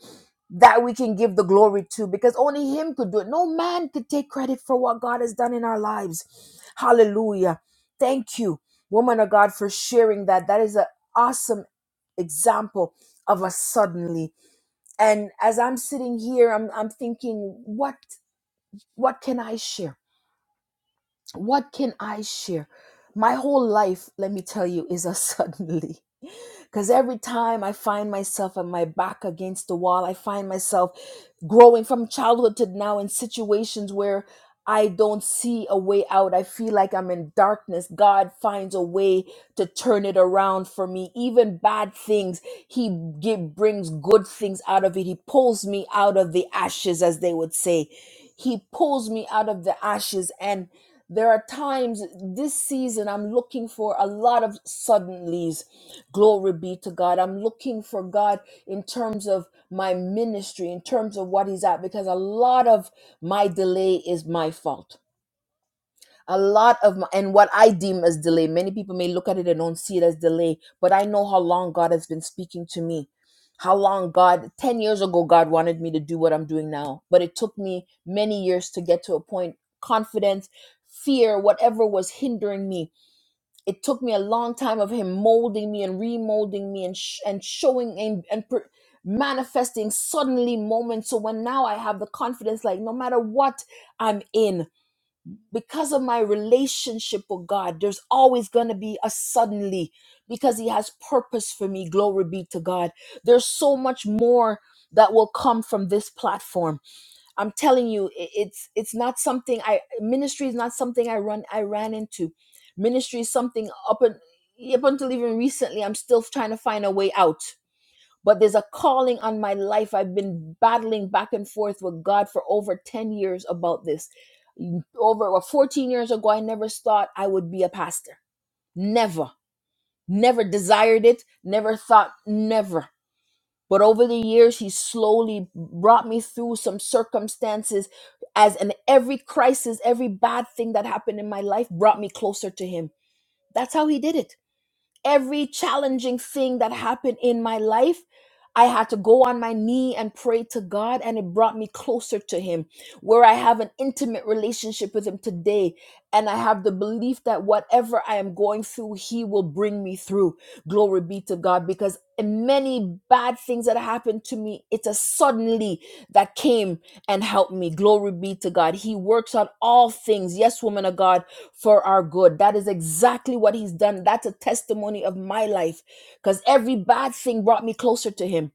[SPEAKER 1] that we can give the glory to because only Him could do it. No man could take credit for what God has done in our lives. Hallelujah. Thank you, woman of God, for sharing that. That is an awesome example of a suddenly. And as I'm sitting here, I'm, I'm thinking, what, what can I share? What can I share? My whole life, let me tell you, is a suddenly. Because every time I find myself on my back against the wall, I find myself growing from childhood to now in situations where I don't see a way out. I feel like I'm in darkness. God finds a way to turn it around for me. Even bad things, He give, brings good things out of it. He pulls me out of the ashes, as they would say. He pulls me out of the ashes. And there are times this season I'm looking for a lot of suddenlies. Glory be to God. I'm looking for God in terms of my ministry, in terms of what He's at, because a lot of my delay is my fault a lot of my, and what I deem as delay. Many people may look at it and don't see it as delay, but I know how long God has been speaking to me. How long God, 10 years ago, God wanted me to do what I'm doing now, but it took me many years to get to a point, confidence, fear, whatever was hindering me. It took me a long time of Him molding me and remolding me and, sh- and showing and, and per- manifesting suddenly moments. So when now I have the confidence, like no matter what I'm in because of my relationship with God, there's always going to be a suddenly because He has purpose for me. Glory be to God. There's so much more that will come from this platform. I'm telling you, i- it's it's not something I ministry is not something I run I ran into. Ministry is something up and up until even recently, I'm still trying to find a way out but there's a calling on my life. I've been battling back and forth with God for over 10 years about this. Over well, 14 years ago, I never thought I would be a pastor. Never. Never desired it. Never thought, never. But over the years, He slowly brought me through some circumstances as in every crisis, every bad thing that happened in my life brought me closer to Him. That's how He did it every challenging thing that happened in my life, I had to go on my knee and pray to God, and it brought me closer to Him, where I have an intimate relationship with Him today. And I have the belief that whatever I am going through, He will bring me through. Glory be to God, because many bad things that happened to me, it's a suddenly that came and helped me. Glory be to God. He works on all things. Yes, woman of God for our good. That is exactly what he's done. That's a testimony of my life because every bad thing brought me closer to him.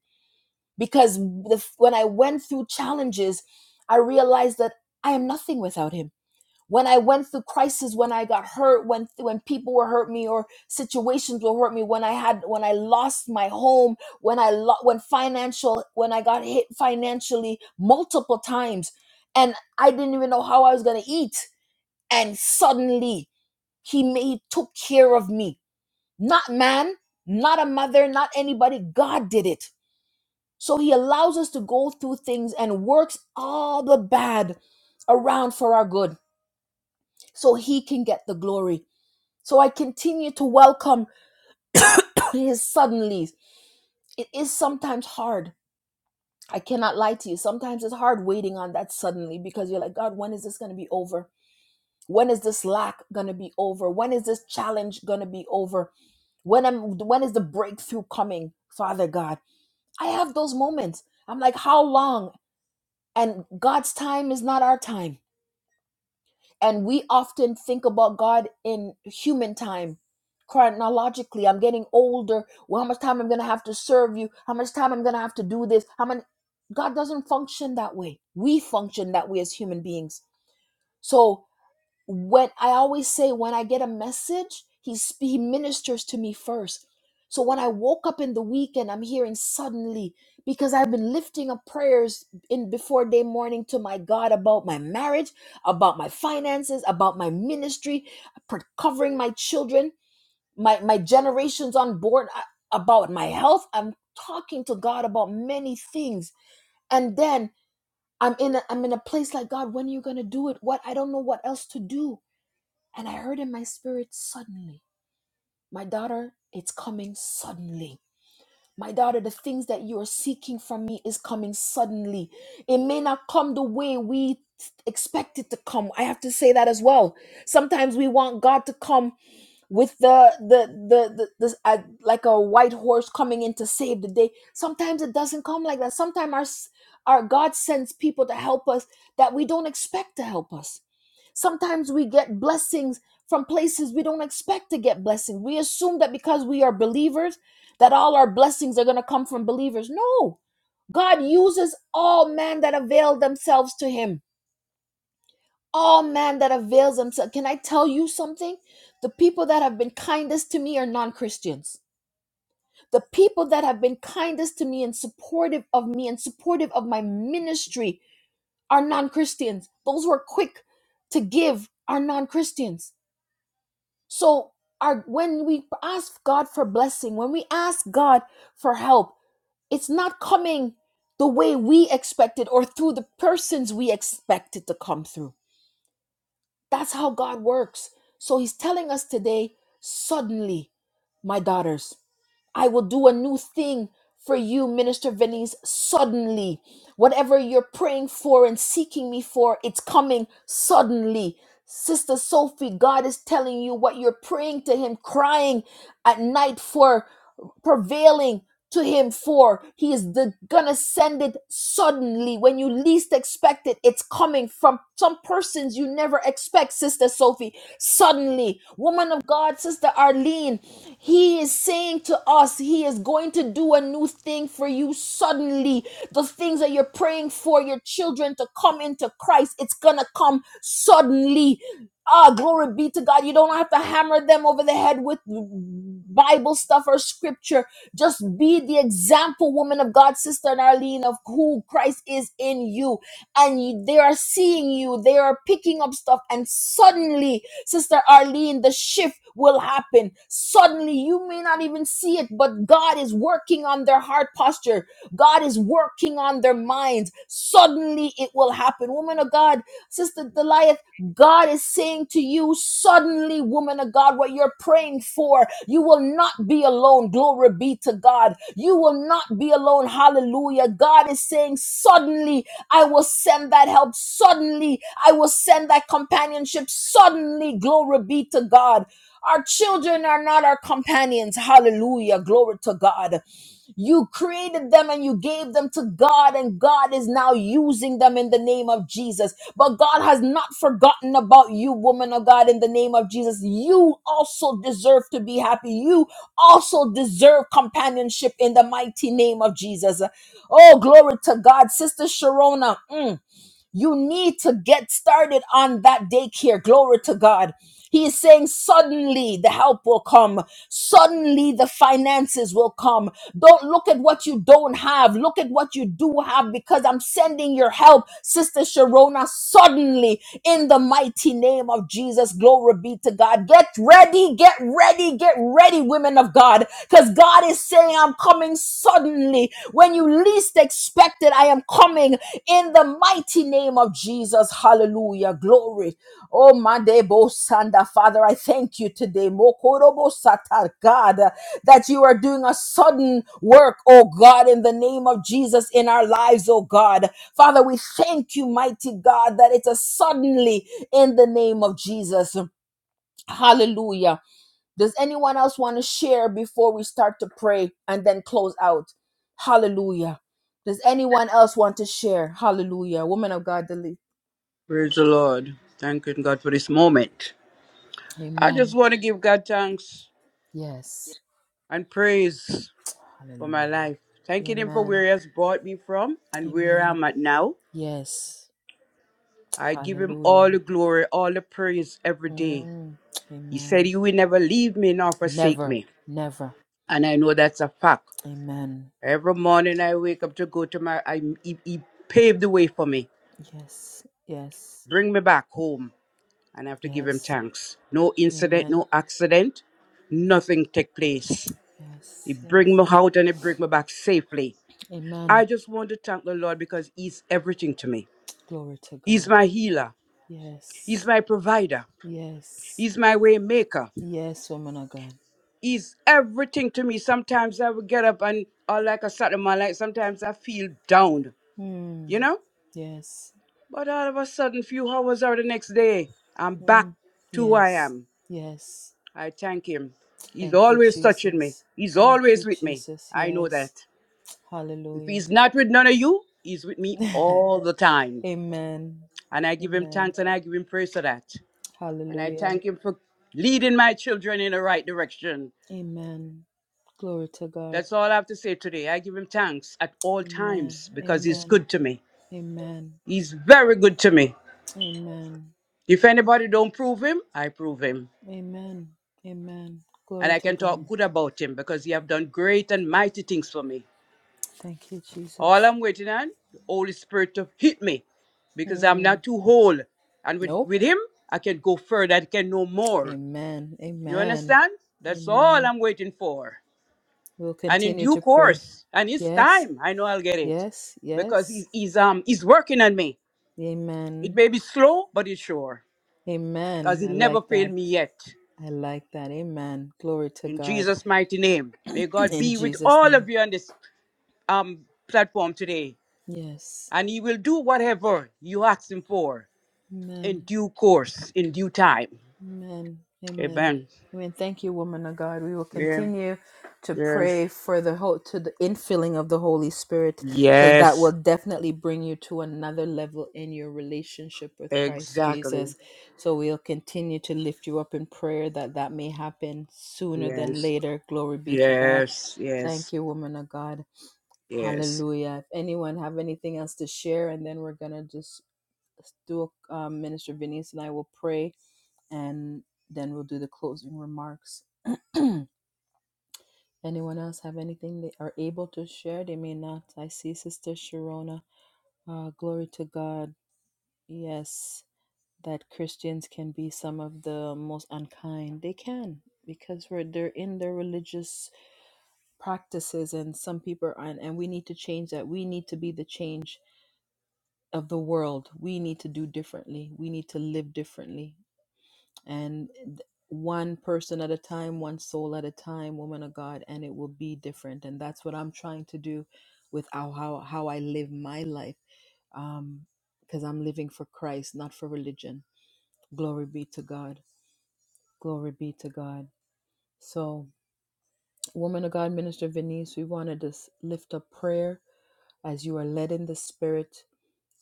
[SPEAKER 1] Because the, when I went through challenges, I realized that I am nothing without him. When I went through crisis, when I got hurt, when when people were hurt me or situations were hurt me, when I had when I lost my home, when I lo- when financial when I got hit financially multiple times, and I didn't even know how I was going to eat, and suddenly he, ma- he took care of me. Not man, not a mother, not anybody. God did it. So he allows us to go through things and works all the bad around for our good so he can get the glory. So I continue to welcome his suddenlies. It is sometimes hard. I cannot lie to you. Sometimes it's hard waiting on that suddenly because you're like, God, when is this going to be over? When is this lack going to be over? When is this challenge going to be over? when am when is the breakthrough coming father god i have those moments i'm like how long and god's time is not our time and we often think about god in human time chronologically i'm getting older well how much time i'm gonna have to serve you how much time i'm gonna have to do this how many god doesn't function that way we function that way as human beings so when I always say when I get a message, he sp- he ministers to me first. So when I woke up in the weekend, I'm hearing suddenly because I've been lifting up prayers in before day morning to my God about my marriage, about my finances, about my ministry, pro- covering my children, my my generations on board, uh, about my health. I'm talking to God about many things, and then I'm in a, I'm in a place like God. When are you gonna do it? What I don't know what else to do and I heard in my spirit suddenly, my daughter, it's coming suddenly. My daughter, the things that you are seeking from me is coming suddenly. It may not come the way we expect it to come. I have to say that as well. Sometimes we want God to come with the the the the, the uh, like a white horse coming in to save the day. Sometimes it doesn't come like that. Sometimes our s- our God sends people to help us that we don't expect to help us. Sometimes we get blessings from places we don't expect to get blessings. We assume that because we are believers that all our blessings are going to come from believers. No, God uses all men that avail themselves to him. All man that avails themselves. Can I tell you something? The people that have been kindest to me are non-Christians. The people that have been kindest to me and supportive of me and supportive of my ministry are non-Christians. Those who are quick to give are non-Christians. So our when we ask God for blessing, when we ask God for help, it's not coming the way we expected or through the persons we expected to come through. That's how God works. So he's telling us today, suddenly, my daughters, I will do a new thing for you, Minister Venice, suddenly. Whatever you're praying for and seeking me for, it's coming suddenly. Sister Sophie, God is telling you what you're praying to him, crying at night for prevailing to him for he is the, gonna send it suddenly when you least expect it it's coming from some persons you never expect sister sophie suddenly woman of god sister arlene he is saying to us he is going to do a new thing for you suddenly the things that you're praying for your children to come into christ it's gonna come suddenly Ah, glory be to God. You don't have to hammer them over the head with Bible stuff or scripture just be the example, woman of God, Sister Narlene, of who Christ is in you. And you- they are seeing you, they are picking up stuff, and suddenly, Sister Arlene, the shift will happen. Suddenly, you may not even see it, but God is working on their heart posture. God is working on their minds. Suddenly, it will happen. Woman of God, Sister Delia. God is saying to you, suddenly, woman of God, what you're praying for, you will not be alone. Glory be to God. You will not be alone. Hallelujah. God is saying, suddenly, I will send that help. Suddenly, I will send that companionship. Suddenly, glory be to God. Our children are not our companions. Hallelujah. Glory to God. You created them and you gave them to God, and God is now using them in the name of Jesus. But God has not forgotten about you, woman of God, in the name of Jesus. You also deserve to be happy. You also deserve companionship in the mighty name of Jesus. Oh, glory to God. Sister Sharona. mm, you need to get started on that daycare. Glory to God. He is saying, suddenly the help will come. Suddenly the finances will come. Don't look at what you don't have. Look at what you do have because I'm sending your help, Sister Sharona, suddenly in the mighty name of Jesus. Glory be to God. Get ready, get ready, get ready, women of God, because God is saying, I'm coming suddenly. When you least expect it, I am coming in the mighty name of Jesus. Hallelujah. Glory. Oh, Madebo Sanda. Father, I thank you today. Mokorobo Satar, God, uh, that you are doing a sudden work, oh God, in the name of Jesus in our lives, oh God. Father, we thank you, mighty God, that it's a suddenly in the name of Jesus. Hallelujah. Does anyone else want to share before we start to pray and then close out? Hallelujah. Does anyone else want to share? Hallelujah. Woman of God, delete.
[SPEAKER 4] Praise the Lord. Thanking God for this moment. I just
[SPEAKER 1] Amen.
[SPEAKER 4] want to give God thanks
[SPEAKER 1] Yes.
[SPEAKER 4] and praise for my
[SPEAKER 1] Hallelujah.
[SPEAKER 4] life. Thanking Him for where
[SPEAKER 1] Amen.
[SPEAKER 4] He has brought me from and where
[SPEAKER 1] Amen.
[SPEAKER 4] I'm at now.
[SPEAKER 1] Yes.
[SPEAKER 4] I give Him all the
[SPEAKER 1] Hallelujah.
[SPEAKER 4] glory, all the praise every day.
[SPEAKER 1] Mm.
[SPEAKER 4] He said,
[SPEAKER 1] Amen.
[SPEAKER 4] You will never leave me nor forsake
[SPEAKER 1] Never.
[SPEAKER 4] me.
[SPEAKER 1] Never.
[SPEAKER 4] And I know that's a fact.
[SPEAKER 1] Amen.
[SPEAKER 4] Every morning I wake up to go to my, I, he, he paved the way for me,
[SPEAKER 1] Yes. Yes.
[SPEAKER 4] bring me back home, and I have to give him
[SPEAKER 1] Yes.
[SPEAKER 4] thanks. No incident,
[SPEAKER 1] Amen.
[SPEAKER 4] no accident, nothing take place. He
[SPEAKER 1] Yes.
[SPEAKER 4] bring
[SPEAKER 1] Yes.
[SPEAKER 4] me out and he bring me back safely. I
[SPEAKER 1] Amen.
[SPEAKER 4] just want to thank the Lord because he's everything to me.
[SPEAKER 1] Glory to
[SPEAKER 4] He's
[SPEAKER 1] God.
[SPEAKER 4] my healer. He's
[SPEAKER 1] Yes.
[SPEAKER 4] my provider.
[SPEAKER 1] Yes.
[SPEAKER 4] He's my way maker.
[SPEAKER 1] Yes, woman of God.
[SPEAKER 4] He's everything to me. Sometimes I will get up and, or like a Saturday, my life, sometimes I feel down,
[SPEAKER 1] Mm.
[SPEAKER 4] you know?
[SPEAKER 1] Yes.
[SPEAKER 4] But all of a sudden, few hours or the next day, I'm back
[SPEAKER 1] Mm.
[SPEAKER 4] to who I
[SPEAKER 1] Yes.
[SPEAKER 4] am.
[SPEAKER 1] Yes.
[SPEAKER 4] I thank him. He's
[SPEAKER 1] Thank you,
[SPEAKER 4] always touching me.
[SPEAKER 1] Jesus.
[SPEAKER 4] He's
[SPEAKER 1] Thank you,
[SPEAKER 4] always with me.
[SPEAKER 1] Jesus.
[SPEAKER 4] I know that.
[SPEAKER 1] Yes.
[SPEAKER 4] If
[SPEAKER 1] Hallelujah.
[SPEAKER 4] he's not with none of you, he's with me all the time.
[SPEAKER 1] Amen.
[SPEAKER 4] And I give him
[SPEAKER 1] Amen.
[SPEAKER 4] thanks and I give him praise for that. And I
[SPEAKER 1] Hallelujah.
[SPEAKER 4] thank him for leading my children in the right direction
[SPEAKER 1] Amen. Glory to God.
[SPEAKER 4] That's all I have to say today. I give him thanks at all
[SPEAKER 1] Amen.
[SPEAKER 4] times because he's
[SPEAKER 1] Amen.
[SPEAKER 4] good to me.
[SPEAKER 1] Amen.
[SPEAKER 4] He's very good to me.
[SPEAKER 1] Amen.
[SPEAKER 4] If anybody don't prove him, I prove him.
[SPEAKER 1] Amen. Amen.
[SPEAKER 4] And
[SPEAKER 1] Glory
[SPEAKER 4] I
[SPEAKER 1] to
[SPEAKER 4] can talk
[SPEAKER 1] God.
[SPEAKER 4] good about him because he have done great and mighty things for me.
[SPEAKER 1] Thank you,
[SPEAKER 4] All
[SPEAKER 1] Jesus.
[SPEAKER 4] I'm waiting on, the Holy Spirit to hit me because I'm
[SPEAKER 1] Mm.
[SPEAKER 4] not too whole. And with,
[SPEAKER 1] Nope.
[SPEAKER 4] with him, I can go further. I can know more.
[SPEAKER 1] Amen.
[SPEAKER 4] You
[SPEAKER 1] Amen.
[SPEAKER 4] understand? That's all
[SPEAKER 1] Amen.
[SPEAKER 4] I'm waiting for.
[SPEAKER 1] We'll
[SPEAKER 4] And in
[SPEAKER 1] continue
[SPEAKER 4] due
[SPEAKER 1] to pray.
[SPEAKER 4] course, and it's
[SPEAKER 1] Yes,
[SPEAKER 4] time, I know I'll get it
[SPEAKER 1] yes,
[SPEAKER 4] because
[SPEAKER 1] yes.
[SPEAKER 4] he's, he's, um, he's working on me. It
[SPEAKER 1] Amen.
[SPEAKER 4] may be slow, but it's sure, because
[SPEAKER 1] Amen.
[SPEAKER 4] it
[SPEAKER 1] I
[SPEAKER 4] never
[SPEAKER 1] like
[SPEAKER 4] failed
[SPEAKER 1] that.
[SPEAKER 4] me yet.
[SPEAKER 1] I like that. Amen. Glory to
[SPEAKER 4] In
[SPEAKER 1] God
[SPEAKER 4] Jesus' mighty name, may God
[SPEAKER 1] in
[SPEAKER 4] be with
[SPEAKER 1] Jesus'
[SPEAKER 4] all of
[SPEAKER 1] name.
[SPEAKER 4] you on this um, platform today,
[SPEAKER 1] Yes.
[SPEAKER 4] and He will do whatever you ask Him for in
[SPEAKER 1] Amen.
[SPEAKER 4] due course, in due time.
[SPEAKER 1] Amen. Amen.
[SPEAKER 4] Amen.
[SPEAKER 1] Amen. Thank you, woman of God. We will
[SPEAKER 4] Yeah.
[SPEAKER 1] continue to
[SPEAKER 4] Yes.
[SPEAKER 1] pray for the whole to the infilling of the Holy Spirit, because that will
[SPEAKER 4] Yes.
[SPEAKER 1] definitely bring you to another level in your relationship with Christ
[SPEAKER 4] Exactly.
[SPEAKER 1] Jesus. So we'll continue to lift you up in prayer that that may happen sooner than
[SPEAKER 4] Yes.
[SPEAKER 1] later. Glory be to God.
[SPEAKER 4] Yes. Yes.
[SPEAKER 1] Thank you, woman of God.
[SPEAKER 4] Yes.
[SPEAKER 1] Hallelujah. If anyone have anything else to share, and then we're gonna just do a, um, Minister Venice and I will pray and then we'll do the closing remarks. Anyone else have anything they are able to share? They may not. I see Sister Sharona. Uh, glory to God. Yes, that Christians can be some of the most unkind. They can because we're they're in their religious practices, and some people are. And, and we need to change that. We need to be the change of the world. We need to do differently. We need to live differently and th- one person at a time, one soul at a time, woman of God, and it will be different. And that's what I'm trying to do with how how, how I live my life, um, because I'm living for Christ, not for religion. Glory be to God. Glory be to God. So, woman of God, Minister Venice, we want to just lift up prayer as you are led in the Spirit.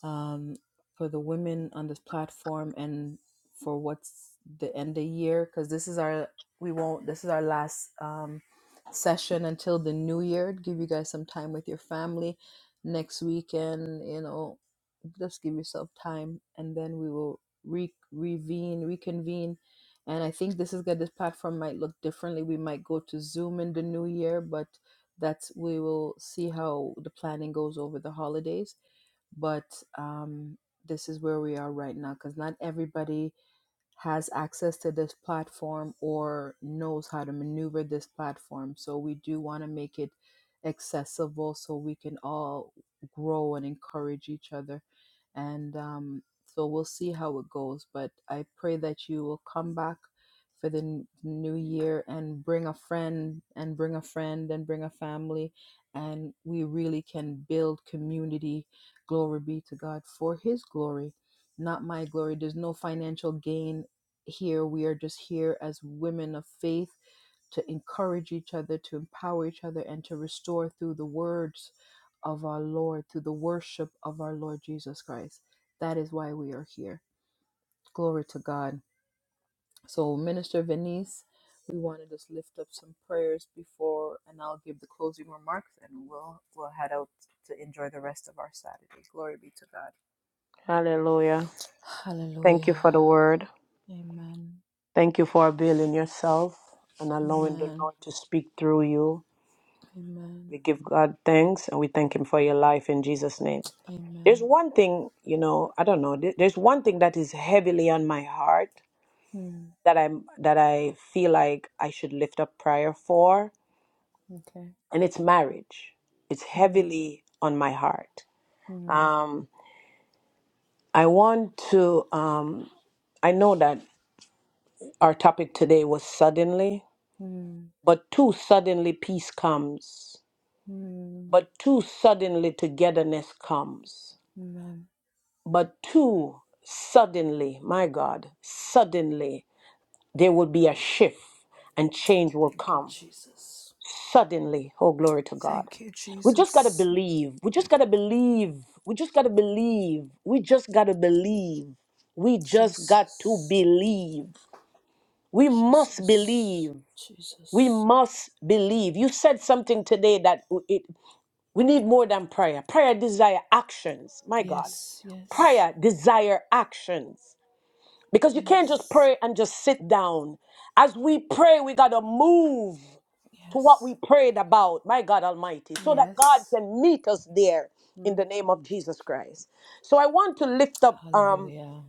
[SPEAKER 1] um, for the women on this platform and for what's the end of year because this is our we won't this is our last um, session until the new year give you guys some time with your family next weekend you know just give yourself time and then we will re- revene reconvene and i think this is good this platform might look differently we might go to zoom in the new year but that's we will see how the planning goes over the holidays but um, this is where we are right now because not everybody has access to this platform or knows how to maneuver this platform. So we do want to make it accessible so we can all grow and encourage each other. And um, so we'll see how it goes. But I pray that you will come back for the n- new year and bring a friend and bring a friend and bring a family. And we really can build community. Glory be to God for His glory not my glory. There's no financial gain here. We are just here as women of faith to encourage each other, to empower each other, and to restore through the words of our Lord, through the worship of our Lord Jesus Christ. That is why we are here. Glory to God. So, Minister Venice, we want to just lift up some prayers before, and I'll give the closing remarks, and we'll we'll head out to enjoy the rest of our Saturday. Glory be to God.
[SPEAKER 2] Hallelujah. Thank you
[SPEAKER 1] Hallelujah.
[SPEAKER 2] for the word.
[SPEAKER 1] Amen.
[SPEAKER 2] Thank you for availing yourself and allowing the
[SPEAKER 1] Amen.
[SPEAKER 2] Lord to speak through you.
[SPEAKER 1] Amen.
[SPEAKER 2] We give God thanks and we thank Him for your life in Jesus' name. There's
[SPEAKER 1] Amen.
[SPEAKER 2] one thing, you know, I don't know. there- There's one thing that is heavily on my heart
[SPEAKER 1] Mm,
[SPEAKER 2] that I'm that I feel like I should lift up prayer for,
[SPEAKER 1] okay.
[SPEAKER 2] and it's marriage. It's
[SPEAKER 1] Mm,
[SPEAKER 2] heavily on my heart.
[SPEAKER 1] mm,
[SPEAKER 2] Um, I want to. Um, I know that our topic today was suddenly, but too suddenly peace comes But too suddenly togetherness comes.
[SPEAKER 1] amen.
[SPEAKER 2] But too suddenly, my God, suddenly there will be a shift and change will
[SPEAKER 1] Thank you,
[SPEAKER 2] come.
[SPEAKER 1] Jesus.
[SPEAKER 2] Suddenly, oh, glory to God.
[SPEAKER 1] Thank you,
[SPEAKER 2] We just got to
[SPEAKER 1] Jesus.
[SPEAKER 2] believe. We just got to believe. We just got to believe. We just got to believe. We just got to
[SPEAKER 1] Jesus.
[SPEAKER 2] believe. We must
[SPEAKER 1] Jesus.
[SPEAKER 2] believe. We
[SPEAKER 1] Jesus.
[SPEAKER 2] must believe. You said something today that it, we need more than prayer. Prayer desire actions. My God.
[SPEAKER 1] Yes, yes,
[SPEAKER 2] prayer desire actions because you can't just
[SPEAKER 1] yes,
[SPEAKER 2] pray and just sit down as we pray we got to move to what
[SPEAKER 1] yes,
[SPEAKER 2] we prayed about my god almighty so that god
[SPEAKER 1] yes.
[SPEAKER 2] can meet us there in
[SPEAKER 1] Mm.
[SPEAKER 2] the name of jesus christ so i want to lift up um
[SPEAKER 1] Hallelujah.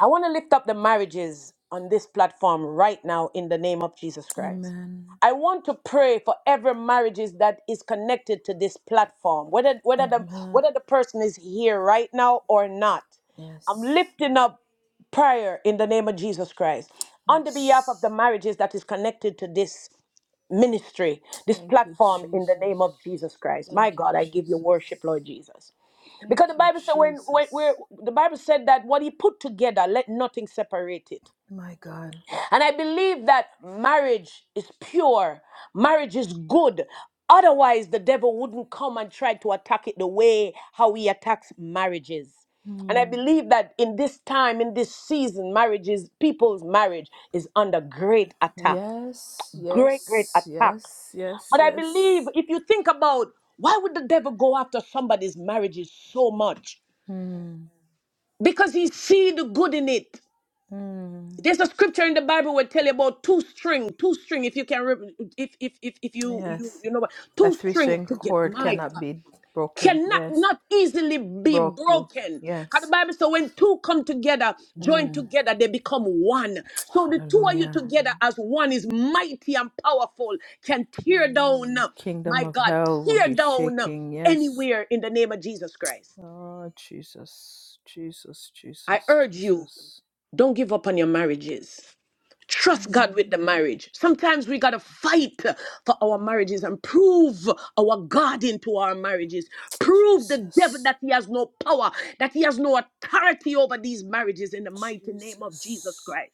[SPEAKER 2] i want to lift up the marriages on this platform right now in the name of jesus christ
[SPEAKER 1] Amen.
[SPEAKER 2] I want to pray for every marriages that is connected to this platform, whether whether the
[SPEAKER 1] Amen.
[SPEAKER 2] whether the person is here right now or not. I'm
[SPEAKER 1] Yes,
[SPEAKER 2] lifting up prayer in the name of Jesus Christ on the behalf of the
[SPEAKER 1] yes.
[SPEAKER 2] marriages that is connected to this ministry, this
[SPEAKER 1] Thank you,
[SPEAKER 2] platform in the
[SPEAKER 1] Jesus.
[SPEAKER 2] name of Jesus Christ. My
[SPEAKER 1] Thank you,
[SPEAKER 2] God, I give you
[SPEAKER 1] Jesus.
[SPEAKER 2] worship, Lord Jesus. Because the
[SPEAKER 1] Thank you,
[SPEAKER 2] Bible said when, when where
[SPEAKER 1] Jesus.
[SPEAKER 2] the Bible said that what he put together, let nothing separate it.
[SPEAKER 1] My God.
[SPEAKER 2] And I believe that marriage is pure, marriage is good. Otherwise, the devil wouldn't come and try to attack it the way how he attacks marriages. And I
[SPEAKER 1] Hmm.
[SPEAKER 2] believe that in this time, in this season, marriages, people's marriage is under great attack.
[SPEAKER 1] Yes,
[SPEAKER 2] Great, great
[SPEAKER 1] yes,
[SPEAKER 2] attack.
[SPEAKER 1] yes, yes,
[SPEAKER 2] But I believe
[SPEAKER 1] yes.
[SPEAKER 2] if you think about why would the devil go after somebody's marriages so much?
[SPEAKER 1] Mm,
[SPEAKER 2] Because he see the good in it.
[SPEAKER 1] mm,
[SPEAKER 2] There's a scripture in the Bible where tell you about two string, two string. If you can, re- if if if if you you
[SPEAKER 1] yes.
[SPEAKER 2] you know what,
[SPEAKER 1] A
[SPEAKER 2] two
[SPEAKER 1] three
[SPEAKER 2] string
[SPEAKER 1] string
[SPEAKER 2] together.
[SPEAKER 1] chord
[SPEAKER 2] My
[SPEAKER 1] cannot
[SPEAKER 2] God,
[SPEAKER 1] be broken.
[SPEAKER 2] cannot
[SPEAKER 1] Yes.
[SPEAKER 2] not easily be
[SPEAKER 1] Broke, broke.
[SPEAKER 2] broken. Cause the
[SPEAKER 1] Yes.
[SPEAKER 2] Bible says when two come together, joined
[SPEAKER 1] Mm,
[SPEAKER 2] together, they become one. So the two of you
[SPEAKER 1] hallelujah.
[SPEAKER 2] together as one is mighty and powerful. Can tear down,
[SPEAKER 1] Mm, kingdom
[SPEAKER 2] my
[SPEAKER 1] of
[SPEAKER 2] God,
[SPEAKER 1] hell will
[SPEAKER 2] tear
[SPEAKER 1] be
[SPEAKER 2] down
[SPEAKER 1] shaking. Yes.
[SPEAKER 2] anywhere in the name of Jesus Christ.
[SPEAKER 1] Oh, Jesus, Jesus,
[SPEAKER 2] I
[SPEAKER 1] Jesus,
[SPEAKER 2] urge you,
[SPEAKER 1] Jesus.
[SPEAKER 2] don't give up on your marriages. Trust God with the
[SPEAKER 1] Mm,
[SPEAKER 2] marriage. Sometimes we got to fight for our marriages and prove our God into our marriages. Prove the devil
[SPEAKER 1] Jesus,
[SPEAKER 2] that he has no power, that he has no authority over these marriages in the mighty name of Jesus
[SPEAKER 1] Jesus,
[SPEAKER 2] Christ.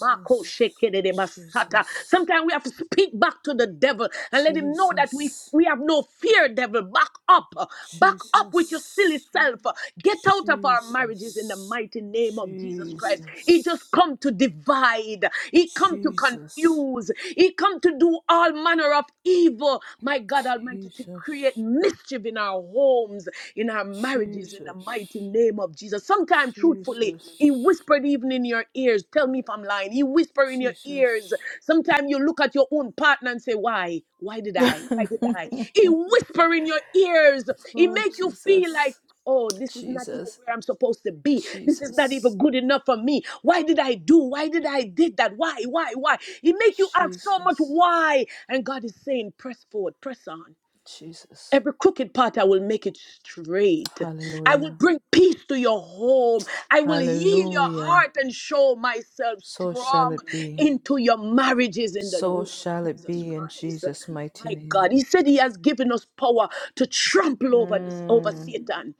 [SPEAKER 2] Mako shekerere basata.
[SPEAKER 1] Jesus,
[SPEAKER 2] Sometimes we have to speak back to the devil and let him know that we,
[SPEAKER 1] Jesus.
[SPEAKER 2] we have no fear, devil. Back up. Back up with your silly
[SPEAKER 1] Jesus,
[SPEAKER 2] self. Get out of our marriages in the
[SPEAKER 1] Jesus,
[SPEAKER 2] mighty name of Jesus Christ. He just
[SPEAKER 1] Jesus,
[SPEAKER 2] come to divide. He. He come to
[SPEAKER 1] Jesus,
[SPEAKER 2] confuse. He come to do all manner of evil. My God Almighty, to create
[SPEAKER 1] Jesus,
[SPEAKER 2] mischief in our homes, in our marriages, in the mighty
[SPEAKER 1] Jesus,
[SPEAKER 2] name of Jesus. Sometimes, truthfully,
[SPEAKER 1] Jesus,
[SPEAKER 2] He whispered even in your ears. Tell me if I'm lying. He whispered in your
[SPEAKER 1] Jesus,
[SPEAKER 2] ears Sometimes you look at your own partner and say, Why? Why did I? Why did I? He whisper in your ears. He
[SPEAKER 1] oh
[SPEAKER 2] make you feel like,
[SPEAKER 1] Jesus,
[SPEAKER 2] Oh, this is not even
[SPEAKER 1] Jesus,
[SPEAKER 2] where I'm supposed to be. This is not
[SPEAKER 1] Jesus,
[SPEAKER 2] even good enough for me. Why did I do? Why did I did that? Why? Why? Why? He make you ask so much
[SPEAKER 1] Jesus,
[SPEAKER 2] why. And God is saying, press forward, press on.
[SPEAKER 1] Jesus,
[SPEAKER 2] Every crooked path, I will make it straight. I will
[SPEAKER 1] Hallelujah,
[SPEAKER 2] bring peace to your home. I will heal your
[SPEAKER 1] Hallelujah.
[SPEAKER 2] heart and show myself
[SPEAKER 1] So shall
[SPEAKER 2] strong
[SPEAKER 1] it be.
[SPEAKER 2] into your marriages in the
[SPEAKER 1] So
[SPEAKER 2] name
[SPEAKER 1] shall
[SPEAKER 2] of
[SPEAKER 1] it
[SPEAKER 2] Jesus
[SPEAKER 1] be in
[SPEAKER 2] Christ.
[SPEAKER 1] Jesus' mighty
[SPEAKER 2] My God,
[SPEAKER 1] name.
[SPEAKER 2] He said He has given us power to trample over this, over
[SPEAKER 1] Mm.
[SPEAKER 2] Satan.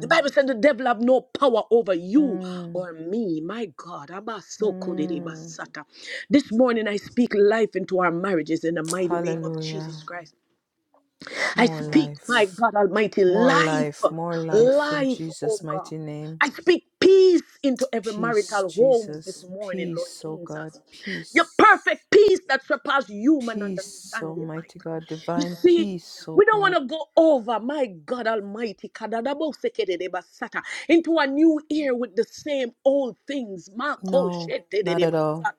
[SPEAKER 2] The Bible said the devil have no power over you
[SPEAKER 1] mm,
[SPEAKER 2] or me. My God, Abba, so could it be,
[SPEAKER 1] mm.
[SPEAKER 2] Basata. this morning I speak life into our marriages in the mighty name of Jesus
[SPEAKER 1] Hallelujah.
[SPEAKER 2] Christ. I
[SPEAKER 1] More
[SPEAKER 2] speak, my
[SPEAKER 1] life.
[SPEAKER 2] God Almighty,
[SPEAKER 1] More
[SPEAKER 2] life,
[SPEAKER 1] life. More life in
[SPEAKER 2] life, oh
[SPEAKER 1] Jesus'
[SPEAKER 2] God.
[SPEAKER 1] mighty name.
[SPEAKER 2] I speak peace into every
[SPEAKER 1] Peace,
[SPEAKER 2] marital homes this
[SPEAKER 1] Jesus.
[SPEAKER 2] morning, Lord
[SPEAKER 1] Peace, oh God.
[SPEAKER 2] Jesus. Your
[SPEAKER 1] Peace.
[SPEAKER 2] perfect peace that surpasses human
[SPEAKER 1] Peace,
[SPEAKER 2] understanding, my
[SPEAKER 1] Almighty
[SPEAKER 2] God.
[SPEAKER 1] God.
[SPEAKER 2] You
[SPEAKER 1] Divine
[SPEAKER 2] see,
[SPEAKER 1] peace, oh
[SPEAKER 2] we don't want
[SPEAKER 1] God.
[SPEAKER 2] to go over, my God Almighty, kadadabosekedebasata, into a new year with the same old things.
[SPEAKER 1] No, not at
[SPEAKER 2] Makoshetedebasata.
[SPEAKER 1] all.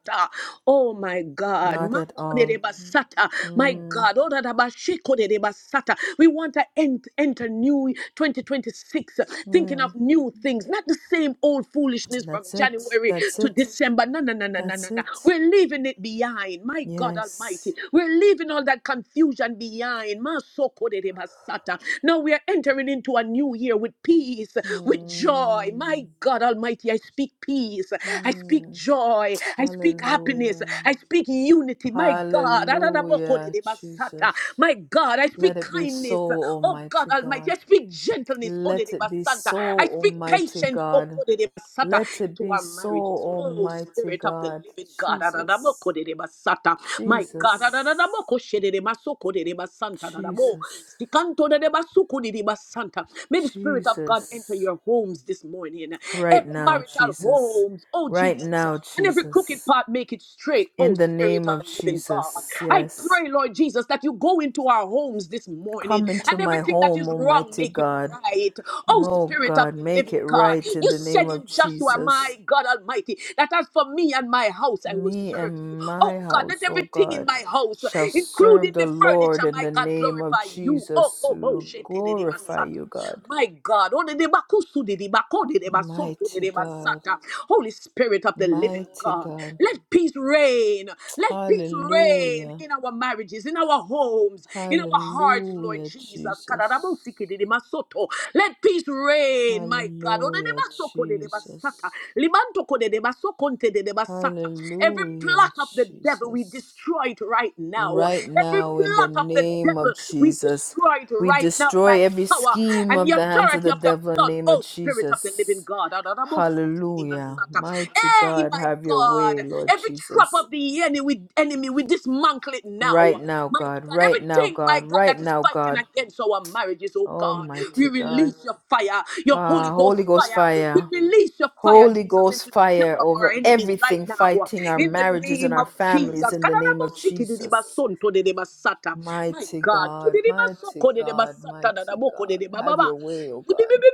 [SPEAKER 2] Oh my God.
[SPEAKER 1] Not at all.
[SPEAKER 2] Makodedebasata. My
[SPEAKER 1] Mm,
[SPEAKER 2] God. Odadabashikodedebasata. We want to ent- enter new 2026 uh, thinking of
[SPEAKER 1] mm.
[SPEAKER 2] new things, not the same old foolishness from
[SPEAKER 1] That's
[SPEAKER 2] January.
[SPEAKER 1] it.
[SPEAKER 2] January
[SPEAKER 1] That's
[SPEAKER 2] to
[SPEAKER 1] it.
[SPEAKER 2] December. No, no, no, no, no, no,
[SPEAKER 1] That's
[SPEAKER 2] no.
[SPEAKER 1] it.
[SPEAKER 2] We're leaving it behind. My God Almighty.
[SPEAKER 1] Yes.
[SPEAKER 2] We're leaving all that confusion behind. Masokoderebasata. Now we are entering into a new year with peace, with joy.
[SPEAKER 1] Mm,
[SPEAKER 2] My God Almighty, I speak peace. I speak
[SPEAKER 1] mm.
[SPEAKER 2] joy. I speak happiness.
[SPEAKER 1] Hallelujah.
[SPEAKER 2] I speak unity. My God.
[SPEAKER 1] Hallelujah,
[SPEAKER 2] Adadabokoderebasata.
[SPEAKER 1] Jesus.
[SPEAKER 2] My God, I
[SPEAKER 1] Let
[SPEAKER 2] speak
[SPEAKER 1] it
[SPEAKER 2] kindness
[SPEAKER 1] be so,
[SPEAKER 2] kindness. Oh God
[SPEAKER 1] Almighty
[SPEAKER 2] Almighty, I
[SPEAKER 1] God.
[SPEAKER 2] speak gentleness, oh de
[SPEAKER 1] Let it be
[SPEAKER 2] Santa.
[SPEAKER 1] so,
[SPEAKER 2] I speak
[SPEAKER 1] Almighty
[SPEAKER 2] patience, oh
[SPEAKER 1] God.
[SPEAKER 2] de Santa,
[SPEAKER 1] Let it
[SPEAKER 2] into
[SPEAKER 1] be
[SPEAKER 2] our
[SPEAKER 1] so,
[SPEAKER 2] marriages. Oh
[SPEAKER 1] Almighty
[SPEAKER 2] Spirit of the
[SPEAKER 1] God.
[SPEAKER 2] Living God, adadaboko
[SPEAKER 1] Jesus.
[SPEAKER 2] de Santa. My God,
[SPEAKER 1] Jesus.
[SPEAKER 2] adadadaboko shede de masoko de Santa, adadabo.
[SPEAKER 1] Jesus.
[SPEAKER 2] Sikanto de basuku de Santa. May the Spirit of God enter
[SPEAKER 1] Jesus.
[SPEAKER 2] your homes this morning,
[SPEAKER 1] Right
[SPEAKER 2] every
[SPEAKER 1] now,
[SPEAKER 2] marital
[SPEAKER 1] Jesus.
[SPEAKER 2] homes, oh
[SPEAKER 1] Right now,
[SPEAKER 2] Jesus and every crooked
[SPEAKER 1] Jesus.
[SPEAKER 2] path make it straight. Oh,
[SPEAKER 1] In the
[SPEAKER 2] Spirit
[SPEAKER 1] name
[SPEAKER 2] of
[SPEAKER 1] of
[SPEAKER 2] the Living God,
[SPEAKER 1] Jesus.
[SPEAKER 2] I
[SPEAKER 1] Yes.
[SPEAKER 2] pray, Lord Jesus, that you go into our homes this morning
[SPEAKER 1] Come into
[SPEAKER 2] and
[SPEAKER 1] my
[SPEAKER 2] everything that
[SPEAKER 1] home,
[SPEAKER 2] is wrong
[SPEAKER 1] Almighty
[SPEAKER 2] make it
[SPEAKER 1] God.
[SPEAKER 2] right. Oh,
[SPEAKER 1] Oh
[SPEAKER 2] Spirit of
[SPEAKER 1] God,
[SPEAKER 2] the
[SPEAKER 1] make
[SPEAKER 2] Living
[SPEAKER 1] it
[SPEAKER 2] God,
[SPEAKER 1] right in
[SPEAKER 2] you
[SPEAKER 1] the name
[SPEAKER 2] said
[SPEAKER 1] of
[SPEAKER 2] in Joshua,
[SPEAKER 1] Jesus.
[SPEAKER 2] my God Almighty, that as for me and my house, I will
[SPEAKER 1] Me
[SPEAKER 2] serve you.
[SPEAKER 1] and
[SPEAKER 2] Oh
[SPEAKER 1] my
[SPEAKER 2] God, let
[SPEAKER 1] house, oh
[SPEAKER 2] everything in
[SPEAKER 1] God,
[SPEAKER 2] my house,
[SPEAKER 1] shall serve
[SPEAKER 2] including
[SPEAKER 1] the
[SPEAKER 2] the furniture,
[SPEAKER 1] Lord in
[SPEAKER 2] my
[SPEAKER 1] the
[SPEAKER 2] God,
[SPEAKER 1] name of
[SPEAKER 2] glorify you. Oh,
[SPEAKER 1] Jesus.
[SPEAKER 2] oh,
[SPEAKER 1] We
[SPEAKER 2] oh,
[SPEAKER 1] will
[SPEAKER 2] shit de
[SPEAKER 1] glorify
[SPEAKER 2] basata.
[SPEAKER 1] you, God.
[SPEAKER 2] My God, oh, de de bakusu de de bako de de basonto de
[SPEAKER 1] Mighty
[SPEAKER 2] de
[SPEAKER 1] God,
[SPEAKER 2] basata. Holy Spirit of the living
[SPEAKER 1] mighty
[SPEAKER 2] God,
[SPEAKER 1] God.
[SPEAKER 2] let peace reign. Let peace reign
[SPEAKER 1] Hallelujah.
[SPEAKER 2] in our marriages, in our homes, in our hearts, Lord
[SPEAKER 1] Hallelujah,
[SPEAKER 2] Jesus.
[SPEAKER 1] Jesus.
[SPEAKER 2] Kadadabosiki de de masoto. Let peace reign, my God. Oh, de de
[SPEAKER 1] Hallelujah,
[SPEAKER 2] basoko de de basata.
[SPEAKER 1] Jesus.
[SPEAKER 2] Libanto de de basokonte de de Every
[SPEAKER 1] Hallelujah,
[SPEAKER 2] plot of the devil, we
[SPEAKER 1] Jesus.
[SPEAKER 2] destroy it right now.
[SPEAKER 1] Right
[SPEAKER 2] Every
[SPEAKER 1] now, in the
[SPEAKER 2] plot of the
[SPEAKER 1] name of
[SPEAKER 2] devil, we
[SPEAKER 1] Jesus,
[SPEAKER 2] destroy it
[SPEAKER 1] we
[SPEAKER 2] right now by
[SPEAKER 1] destroy
[SPEAKER 2] the
[SPEAKER 1] every
[SPEAKER 2] power
[SPEAKER 1] scheme
[SPEAKER 2] and
[SPEAKER 1] of
[SPEAKER 2] the
[SPEAKER 1] the hands of
[SPEAKER 2] authority
[SPEAKER 1] the
[SPEAKER 2] of your
[SPEAKER 1] devil in the
[SPEAKER 2] blood,
[SPEAKER 1] name of
[SPEAKER 2] oh Spirit of the living
[SPEAKER 1] Jesus.
[SPEAKER 2] God.
[SPEAKER 1] Hallelujah. Mighty
[SPEAKER 2] Hey,
[SPEAKER 1] God,
[SPEAKER 2] my
[SPEAKER 1] have your way,
[SPEAKER 2] God.
[SPEAKER 1] Lord
[SPEAKER 2] Every trap
[SPEAKER 1] Jesus.
[SPEAKER 2] of the enemy, enemy, we dismantle it
[SPEAKER 1] Right
[SPEAKER 2] now.
[SPEAKER 1] now,
[SPEAKER 2] My
[SPEAKER 1] God,
[SPEAKER 2] God,
[SPEAKER 1] right now,
[SPEAKER 2] everything, my
[SPEAKER 1] God,
[SPEAKER 2] God,
[SPEAKER 1] right
[SPEAKER 2] that is
[SPEAKER 1] now,
[SPEAKER 2] fighting
[SPEAKER 1] God.
[SPEAKER 2] against our marriages, oh God. We
[SPEAKER 1] Almighty God.
[SPEAKER 2] release your fire, your Holy
[SPEAKER 1] Ah,
[SPEAKER 2] Ghost
[SPEAKER 1] Holy Ghost
[SPEAKER 2] fire. We
[SPEAKER 1] fire.
[SPEAKER 2] release your fire,
[SPEAKER 1] Holy
[SPEAKER 2] Jesus, into
[SPEAKER 1] Ghost
[SPEAKER 2] the camp
[SPEAKER 1] fire
[SPEAKER 2] of
[SPEAKER 1] over
[SPEAKER 2] our enemies right
[SPEAKER 1] everything
[SPEAKER 2] now.
[SPEAKER 1] fighting our
[SPEAKER 2] In the
[SPEAKER 1] marriages and
[SPEAKER 2] name
[SPEAKER 1] our
[SPEAKER 2] of
[SPEAKER 1] families
[SPEAKER 2] Jesus.
[SPEAKER 1] in the name of Jesus.
[SPEAKER 2] My
[SPEAKER 1] Mighty
[SPEAKER 2] God.
[SPEAKER 1] God, mighty God, mighty God. Have your way, O God.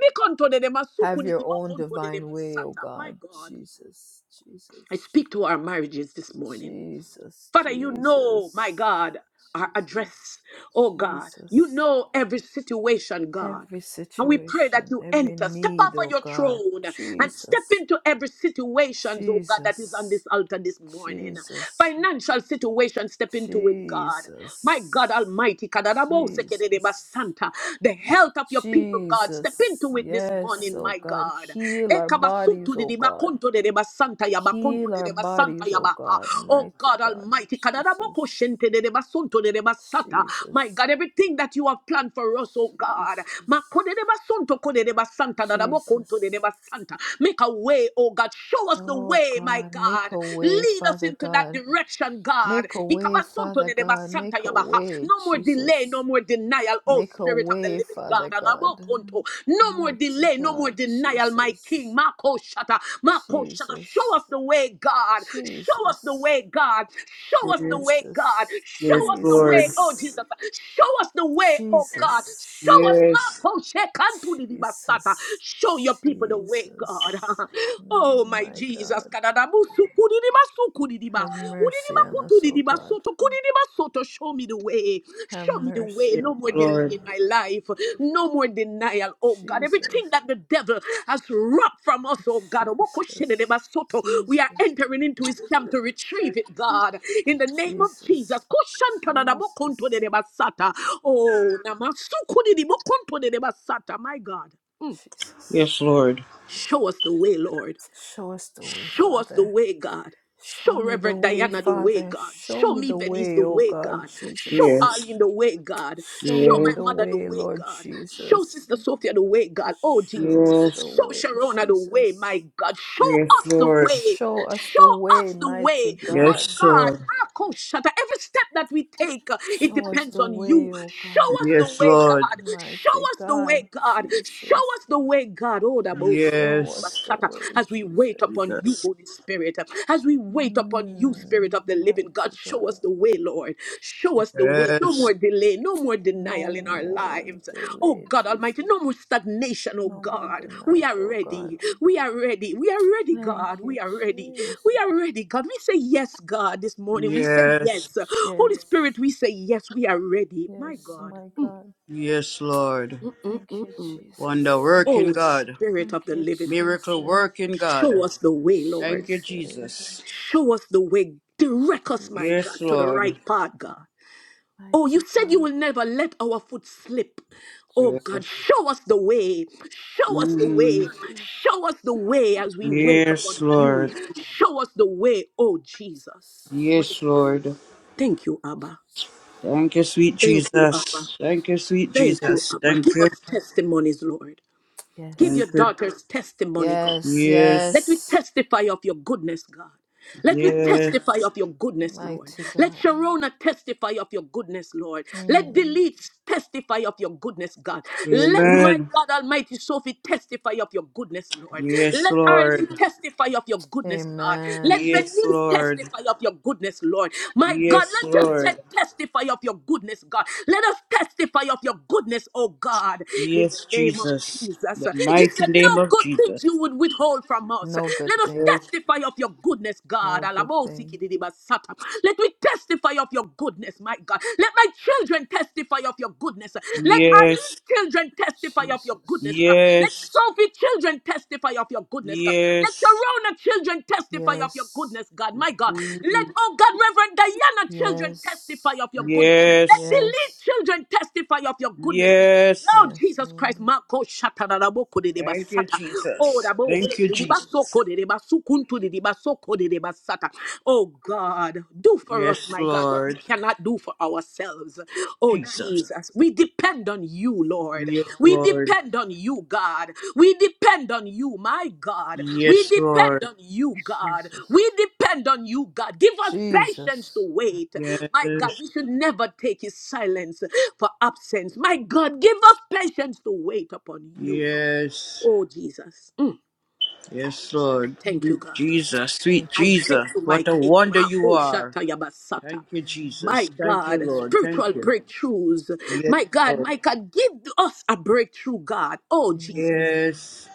[SPEAKER 1] Have your own divine way, O
[SPEAKER 2] My
[SPEAKER 1] God.
[SPEAKER 2] God.
[SPEAKER 1] Jesus, Jesus,
[SPEAKER 2] I speak to our marriages this morning.
[SPEAKER 1] Jesus,
[SPEAKER 2] Father, you know, my
[SPEAKER 1] Jesus,
[SPEAKER 2] God, our
[SPEAKER 1] Jesus,
[SPEAKER 2] address, oh God. You
[SPEAKER 1] Jesus.
[SPEAKER 2] know every situation, God.
[SPEAKER 1] Every
[SPEAKER 2] And we pray that
[SPEAKER 1] situation,
[SPEAKER 2] you
[SPEAKER 1] every
[SPEAKER 2] enter, step off
[SPEAKER 1] need,
[SPEAKER 2] of
[SPEAKER 1] O
[SPEAKER 2] your
[SPEAKER 1] God.
[SPEAKER 2] throne and step
[SPEAKER 1] Jesus,
[SPEAKER 2] into every situation, oh God, that is on this
[SPEAKER 1] Jesus,
[SPEAKER 2] altar this morning.
[SPEAKER 1] Jesus,
[SPEAKER 2] Financial situation, step into it, God. My
[SPEAKER 1] Jesus,
[SPEAKER 2] God Almighty, Kadarabo Sekereba
[SPEAKER 1] Jesus.
[SPEAKER 2] Santa, the health of your people, God, step
[SPEAKER 1] Jesus,
[SPEAKER 2] into it this
[SPEAKER 1] yes,
[SPEAKER 2] morning,
[SPEAKER 1] oh
[SPEAKER 2] my
[SPEAKER 1] God,
[SPEAKER 2] God.
[SPEAKER 1] heal our
[SPEAKER 2] Ekabasuntu
[SPEAKER 1] bodies, oh
[SPEAKER 2] de
[SPEAKER 1] God.
[SPEAKER 2] Bakonto de Basanta
[SPEAKER 1] Heal
[SPEAKER 2] Yabakonto
[SPEAKER 1] our
[SPEAKER 2] de Basanta
[SPEAKER 1] bodies, oh
[SPEAKER 2] Yabaha.
[SPEAKER 1] God,
[SPEAKER 2] Oh
[SPEAKER 1] mighty
[SPEAKER 2] God
[SPEAKER 1] God,
[SPEAKER 2] Almighty. Kadaraboko
[SPEAKER 1] Jesus,
[SPEAKER 2] shente de deba sunto de deba sata. My
[SPEAKER 1] Jesus,
[SPEAKER 2] God, everything that you have planned for us, oh God. Makode
[SPEAKER 1] Jesus,
[SPEAKER 2] deba sunto kode deba santa dadaboko unto de
[SPEAKER 1] Jesus.
[SPEAKER 2] deba santa. Make a way, oh God. Show us the
[SPEAKER 1] Oh
[SPEAKER 2] way, my
[SPEAKER 1] God, make
[SPEAKER 2] God.
[SPEAKER 1] a way,
[SPEAKER 2] Lead us
[SPEAKER 1] Father
[SPEAKER 2] into that
[SPEAKER 1] God.
[SPEAKER 2] direction, God.
[SPEAKER 1] Make a way,
[SPEAKER 2] Ikabasunto
[SPEAKER 1] Father
[SPEAKER 2] de deba
[SPEAKER 1] God.
[SPEAKER 2] santa
[SPEAKER 1] Make a
[SPEAKER 2] yabaha.
[SPEAKER 1] way,
[SPEAKER 2] No more delay, no
[SPEAKER 1] Jesus.
[SPEAKER 2] more denial, oh
[SPEAKER 1] Make a
[SPEAKER 2] Spirit of the
[SPEAKER 1] way,
[SPEAKER 2] living God.
[SPEAKER 1] Father God.
[SPEAKER 2] Adabokonto. No more
[SPEAKER 1] Mighty
[SPEAKER 2] delay, no more
[SPEAKER 1] God,
[SPEAKER 2] denial, my King.
[SPEAKER 1] Jesus,
[SPEAKER 2] Mako Shata, Mako Shata. Show us
[SPEAKER 1] Jesus.
[SPEAKER 2] the way, God. Show us the
[SPEAKER 1] Jesus,
[SPEAKER 2] way, God. Show us the
[SPEAKER 4] Yes.
[SPEAKER 2] way, God.
[SPEAKER 1] Jesus,
[SPEAKER 4] Yes,
[SPEAKER 2] Show us the way,
[SPEAKER 4] Lord.
[SPEAKER 2] oh
[SPEAKER 1] Jesus,
[SPEAKER 2] Jesus. Show us the way, oh God.
[SPEAKER 1] Jesus,
[SPEAKER 2] Show us,
[SPEAKER 4] Yes.
[SPEAKER 2] Mako Shekantu di di Basata.
[SPEAKER 1] Jesus,
[SPEAKER 2] Show your people the way, God.
[SPEAKER 1] Jesus.
[SPEAKER 2] Oh,
[SPEAKER 1] Mm,
[SPEAKER 2] my
[SPEAKER 1] My
[SPEAKER 2] Jesus.
[SPEAKER 1] God,
[SPEAKER 2] Kadadabu sukudi di ba sukudi di ba.
[SPEAKER 1] have mercy on us, O God.
[SPEAKER 2] Kudidibasoto, kudidibasoto, Show me the way.
[SPEAKER 1] Have
[SPEAKER 2] Show me the
[SPEAKER 1] mercy,
[SPEAKER 2] way.
[SPEAKER 4] Yes,
[SPEAKER 2] No
[SPEAKER 1] O
[SPEAKER 2] more
[SPEAKER 1] God.
[SPEAKER 2] delay
[SPEAKER 4] Lord.
[SPEAKER 2] in my life. No more denial. Oh God, everything
[SPEAKER 1] Jesus,
[SPEAKER 2] that the devil has robbed from us, oh God.
[SPEAKER 1] Jesus,
[SPEAKER 2] Wokoshedidibasoto, We are
[SPEAKER 1] Jesus,
[SPEAKER 2] entering into his camp to retrieve it, God. In the name of Jesus.
[SPEAKER 1] Jesus, Jesus,
[SPEAKER 2] Koshantadadabokontodedebasata. Oh, namasukudidibokontodedebasata. my God.
[SPEAKER 1] Jesus.
[SPEAKER 4] Yes, Lord.
[SPEAKER 2] Show us the way, Lord.
[SPEAKER 1] Show us the way,
[SPEAKER 2] Show us the
[SPEAKER 1] Father.
[SPEAKER 2] way, God.
[SPEAKER 1] Show
[SPEAKER 2] Show
[SPEAKER 1] me the
[SPEAKER 2] Reverend
[SPEAKER 1] way,
[SPEAKER 2] Diana the way,
[SPEAKER 1] Father.
[SPEAKER 2] God.
[SPEAKER 1] Show
[SPEAKER 2] Show
[SPEAKER 1] me
[SPEAKER 2] me
[SPEAKER 1] the
[SPEAKER 2] Venice the
[SPEAKER 1] way, O
[SPEAKER 2] way,
[SPEAKER 1] God
[SPEAKER 2] God. Show
[SPEAKER 1] Jesus.
[SPEAKER 4] Yes.
[SPEAKER 2] Arlene the way, God.
[SPEAKER 1] Show
[SPEAKER 2] Show
[SPEAKER 1] me
[SPEAKER 4] Yes.
[SPEAKER 2] my
[SPEAKER 1] the
[SPEAKER 2] mother the
[SPEAKER 1] way,
[SPEAKER 2] way,
[SPEAKER 1] Lord
[SPEAKER 2] God. Show
[SPEAKER 1] Jesus.
[SPEAKER 2] Sister Sophia the way, God. Oh,
[SPEAKER 1] Show
[SPEAKER 2] Jesus.
[SPEAKER 1] us
[SPEAKER 4] Yes,
[SPEAKER 1] the
[SPEAKER 2] Show
[SPEAKER 1] way,
[SPEAKER 2] Sharona the way, my
[SPEAKER 1] Jesus.
[SPEAKER 2] God. Show
[SPEAKER 4] yes,
[SPEAKER 2] us the
[SPEAKER 4] Lord.
[SPEAKER 2] way.
[SPEAKER 1] Show us the
[SPEAKER 2] Show
[SPEAKER 1] way,
[SPEAKER 2] us the way,
[SPEAKER 1] mighty
[SPEAKER 2] my
[SPEAKER 1] God.
[SPEAKER 4] Yes,
[SPEAKER 2] God.
[SPEAKER 4] Lord.
[SPEAKER 2] Marco Shatter. Every step that we take, uh, it
[SPEAKER 1] Show us
[SPEAKER 2] depends
[SPEAKER 1] the
[SPEAKER 2] on you.
[SPEAKER 1] way, O God.
[SPEAKER 2] Show us the
[SPEAKER 4] Yes,
[SPEAKER 2] way,
[SPEAKER 4] Lord.
[SPEAKER 2] God. Show
[SPEAKER 1] Mighty
[SPEAKER 2] us the
[SPEAKER 1] God,
[SPEAKER 2] way, God. Show
[SPEAKER 1] Jesus.
[SPEAKER 2] us the way, God. Oh, the bullshit
[SPEAKER 1] Show us
[SPEAKER 4] Yes,
[SPEAKER 1] the way,
[SPEAKER 2] as we wait
[SPEAKER 1] Jesus.
[SPEAKER 2] upon you,
[SPEAKER 4] Jesus.
[SPEAKER 2] Holy Spirit, as we wait upon you, Spirit
[SPEAKER 1] Mm,
[SPEAKER 2] of the Living God,
[SPEAKER 1] mighty
[SPEAKER 2] show
[SPEAKER 1] God.
[SPEAKER 2] us the way, Lord. Show us the way. No
[SPEAKER 4] Yes,
[SPEAKER 2] more delay, no more
[SPEAKER 1] No
[SPEAKER 2] denial in our
[SPEAKER 1] more
[SPEAKER 2] lives. Oh
[SPEAKER 1] delay,
[SPEAKER 2] God Almighty,
[SPEAKER 1] Jesus.
[SPEAKER 2] no more stagnation, oh
[SPEAKER 1] No more
[SPEAKER 2] God. We
[SPEAKER 1] denial,
[SPEAKER 2] are
[SPEAKER 1] O
[SPEAKER 2] ready.
[SPEAKER 1] God.
[SPEAKER 2] We are ready. We are ready,
[SPEAKER 1] Thank
[SPEAKER 2] God. We
[SPEAKER 1] you,
[SPEAKER 2] are ready. We
[SPEAKER 1] Jesus.
[SPEAKER 2] are ready, God. We say yes, God, this morning. We say
[SPEAKER 4] yes,
[SPEAKER 2] yes.
[SPEAKER 1] Yes,
[SPEAKER 2] Holy Spirit, we say yes. We are ready. My
[SPEAKER 1] yes,
[SPEAKER 2] God.
[SPEAKER 1] my God.
[SPEAKER 4] yes, Lord.
[SPEAKER 1] Thank you,
[SPEAKER 2] Mm-mm-mm.
[SPEAKER 4] Wonder
[SPEAKER 1] Jesus.
[SPEAKER 4] working
[SPEAKER 2] Oh,
[SPEAKER 4] God.
[SPEAKER 2] Spirit
[SPEAKER 1] Thank
[SPEAKER 2] of the
[SPEAKER 1] you,
[SPEAKER 2] Living God,
[SPEAKER 4] Miracle
[SPEAKER 1] Jesus.
[SPEAKER 4] working
[SPEAKER 2] show
[SPEAKER 4] God.
[SPEAKER 2] us the way, Lord.
[SPEAKER 4] Thank you,
[SPEAKER 1] Jesus,
[SPEAKER 4] Jesus.
[SPEAKER 2] Show us the way. Direct us, my
[SPEAKER 1] Jesus,
[SPEAKER 2] God,
[SPEAKER 4] Yes,
[SPEAKER 2] to the
[SPEAKER 4] Lord.
[SPEAKER 2] right path, God. Oh, you
[SPEAKER 1] mighty
[SPEAKER 2] said you
[SPEAKER 1] God.
[SPEAKER 2] will never let our foot slip. Oh
[SPEAKER 4] Yes,
[SPEAKER 1] Jesus,
[SPEAKER 2] God, show us the way. Show us the
[SPEAKER 4] Mm.
[SPEAKER 2] way.
[SPEAKER 1] Jesus,
[SPEAKER 2] Show us the way as we wait upon
[SPEAKER 4] Yes,
[SPEAKER 2] you.
[SPEAKER 4] Lord.
[SPEAKER 2] Show us the way, oh Jesus.
[SPEAKER 1] Jesus,
[SPEAKER 4] Yes,
[SPEAKER 1] Jesus,
[SPEAKER 4] Lord.
[SPEAKER 2] Thank you, Abba.
[SPEAKER 4] Thank you, sweet
[SPEAKER 2] Thank you, Abba.
[SPEAKER 4] Jesus. Thank you, sweet
[SPEAKER 1] Jesus,
[SPEAKER 2] Thank
[SPEAKER 1] Jesus.
[SPEAKER 2] you,
[SPEAKER 4] Jesus.
[SPEAKER 2] Abba.
[SPEAKER 4] Thank
[SPEAKER 2] Give
[SPEAKER 4] you.
[SPEAKER 2] us testimonies, Lord. Give
[SPEAKER 4] Thank
[SPEAKER 2] your
[SPEAKER 1] Yes,
[SPEAKER 4] you.
[SPEAKER 2] daughters testimony, God.
[SPEAKER 1] yes,
[SPEAKER 2] Let
[SPEAKER 4] Yes.
[SPEAKER 2] me
[SPEAKER 1] yes,
[SPEAKER 2] testify of your goodness, God. Let me
[SPEAKER 4] Yes.
[SPEAKER 2] testify of your goodness, Lord.
[SPEAKER 1] mighty
[SPEAKER 2] Let
[SPEAKER 1] God.
[SPEAKER 2] Sharona testify of your goodness, Lord. Let
[SPEAKER 1] Mm.
[SPEAKER 2] Delete testify of your goodness, God. Let my
[SPEAKER 4] Amen.
[SPEAKER 2] God Almighty Sophie testify of your goodness, Lord.
[SPEAKER 4] Yes,
[SPEAKER 2] Let Arlene
[SPEAKER 4] Lord.
[SPEAKER 2] testify of your goodness, God. Let
[SPEAKER 1] Amen.
[SPEAKER 4] Yes,
[SPEAKER 2] Venice
[SPEAKER 4] Lord.
[SPEAKER 2] testify of your goodness, Lord. My God,
[SPEAKER 4] Yes,
[SPEAKER 2] let
[SPEAKER 4] Lord.
[SPEAKER 2] Josette testify of your goodness, God. Let us testify of your goodness, oh God, in
[SPEAKER 4] Yes,
[SPEAKER 2] the name of
[SPEAKER 4] Jesus.
[SPEAKER 2] Jesus.
[SPEAKER 4] The
[SPEAKER 2] You
[SPEAKER 4] mighty
[SPEAKER 2] said
[SPEAKER 4] name
[SPEAKER 2] no
[SPEAKER 4] of
[SPEAKER 2] good
[SPEAKER 4] Jesus.
[SPEAKER 2] things you would withhold from us.
[SPEAKER 1] No good
[SPEAKER 2] Let us
[SPEAKER 1] thing,
[SPEAKER 4] Yes.
[SPEAKER 2] testify of your goodness, God.
[SPEAKER 1] no good thing.
[SPEAKER 2] Alamosikididibasata. Let we testify of your goodness, my God. Let my children testify of your goodness. Let our little
[SPEAKER 4] Yes.
[SPEAKER 2] children testify of your goodness,
[SPEAKER 1] Jesus.
[SPEAKER 2] God. Let
[SPEAKER 4] Yes.
[SPEAKER 2] Sophie children testify of your goodness, God. Let
[SPEAKER 4] Yes.
[SPEAKER 2] Sharona children testify of your
[SPEAKER 1] Yes.
[SPEAKER 2] goodness, God. My God. Let,
[SPEAKER 4] Mm.
[SPEAKER 2] oh God, Reverend Diana children
[SPEAKER 1] Yes.
[SPEAKER 2] testify of your goodness. Let
[SPEAKER 4] Yes.
[SPEAKER 2] Delete
[SPEAKER 1] Yes.
[SPEAKER 2] children testify of your goodness.
[SPEAKER 4] Yes.
[SPEAKER 2] Lord
[SPEAKER 1] Yes.
[SPEAKER 2] Jesus Christ,
[SPEAKER 1] Lord.
[SPEAKER 2] Marco Shataraboko de
[SPEAKER 4] Thank you,
[SPEAKER 2] Basata. Oh, the
[SPEAKER 4] Jesus.
[SPEAKER 2] Bosi
[SPEAKER 4] Thank you,
[SPEAKER 2] de
[SPEAKER 4] Jesus.
[SPEAKER 2] Basoko de Basukuntu de Basoko de Basata. Oh God, do for us,
[SPEAKER 4] Yes,
[SPEAKER 2] my God, what we
[SPEAKER 4] Lord.
[SPEAKER 2] cannot do for ourselves. Oh
[SPEAKER 4] Jesus.
[SPEAKER 2] Jesus, we depend on you, Lord.
[SPEAKER 4] Yes,
[SPEAKER 2] We
[SPEAKER 4] Lord.
[SPEAKER 2] depend on you, God. We depend on you, my God. We
[SPEAKER 4] Yes,
[SPEAKER 2] depend
[SPEAKER 4] Lord.
[SPEAKER 2] on you, God. We
[SPEAKER 1] Jesus.
[SPEAKER 2] depend depend on you, God. Give us patience to
[SPEAKER 1] Jesus.
[SPEAKER 2] wait. My God,
[SPEAKER 4] Yes.
[SPEAKER 2] we should never take his silence for absence. My God, give us patience to wait upon you.
[SPEAKER 4] Yes.
[SPEAKER 2] Oh, Jesus. Mm,
[SPEAKER 4] Yes,
[SPEAKER 2] I
[SPEAKER 4] Lord.
[SPEAKER 1] Mm,
[SPEAKER 2] thank you,
[SPEAKER 4] Sweet
[SPEAKER 2] God.
[SPEAKER 4] Jesus, sweet
[SPEAKER 1] Thank
[SPEAKER 2] I
[SPEAKER 1] you.
[SPEAKER 2] thank
[SPEAKER 4] Jesus,
[SPEAKER 2] you, my
[SPEAKER 4] what a
[SPEAKER 2] King.
[SPEAKER 4] wonder
[SPEAKER 2] Ma-
[SPEAKER 4] you
[SPEAKER 2] oh,
[SPEAKER 4] are.
[SPEAKER 2] shata yabasata.
[SPEAKER 4] Thank you,
[SPEAKER 2] My
[SPEAKER 4] Jesus. Thank you,
[SPEAKER 2] God,
[SPEAKER 4] Lord. Thank
[SPEAKER 2] spiritual
[SPEAKER 4] you.
[SPEAKER 2] breakthroughs.
[SPEAKER 4] Yes,
[SPEAKER 2] My God,
[SPEAKER 4] Lord.
[SPEAKER 2] my God, give us a breakthrough, God. Oh, Jesus.
[SPEAKER 1] Amen.
[SPEAKER 4] Yes.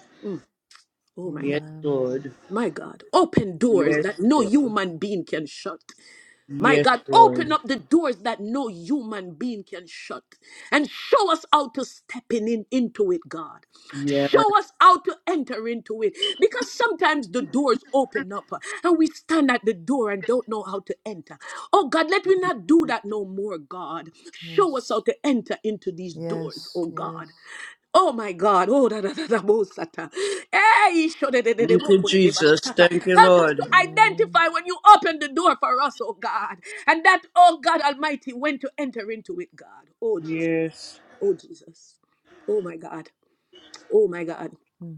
[SPEAKER 2] Oh, my God.
[SPEAKER 4] Yes,
[SPEAKER 1] Amen.
[SPEAKER 4] Lord.
[SPEAKER 2] My God, open doors
[SPEAKER 4] Yes,
[SPEAKER 2] that no
[SPEAKER 4] Lord.
[SPEAKER 2] human being can shut. My
[SPEAKER 4] Yes,
[SPEAKER 2] God, open
[SPEAKER 4] Lord.
[SPEAKER 2] up the doors that no human being can shut and show us how to step in, in- into it, God.
[SPEAKER 1] Yes.
[SPEAKER 4] Yes.
[SPEAKER 2] Show us how to enter into it because sometimes the doors open up uh, and we stand at the door and don't know how to enter. Oh God, let me not do that no more, God. Show us how
[SPEAKER 1] Yes.
[SPEAKER 2] to enter into these doors,
[SPEAKER 1] Yes.
[SPEAKER 2] oh God.
[SPEAKER 1] Yes.
[SPEAKER 2] Oh my God. Oh, da, da, da, da, bo, sata. Hey, sho, de, de, de, de,
[SPEAKER 4] Thank
[SPEAKER 2] bo,
[SPEAKER 4] you,
[SPEAKER 2] ko, de, de, ba,
[SPEAKER 4] Jesus.
[SPEAKER 2] sata.
[SPEAKER 4] Thank you,
[SPEAKER 2] Help us to
[SPEAKER 4] Lord.
[SPEAKER 1] mm
[SPEAKER 2] identify when you open the door for us, oh God. And that, oh God Almighty, when to enter into it, God. Oh Jesus.
[SPEAKER 4] Yes.
[SPEAKER 2] Oh Jesus. Oh my God. Oh my God.
[SPEAKER 1] mm.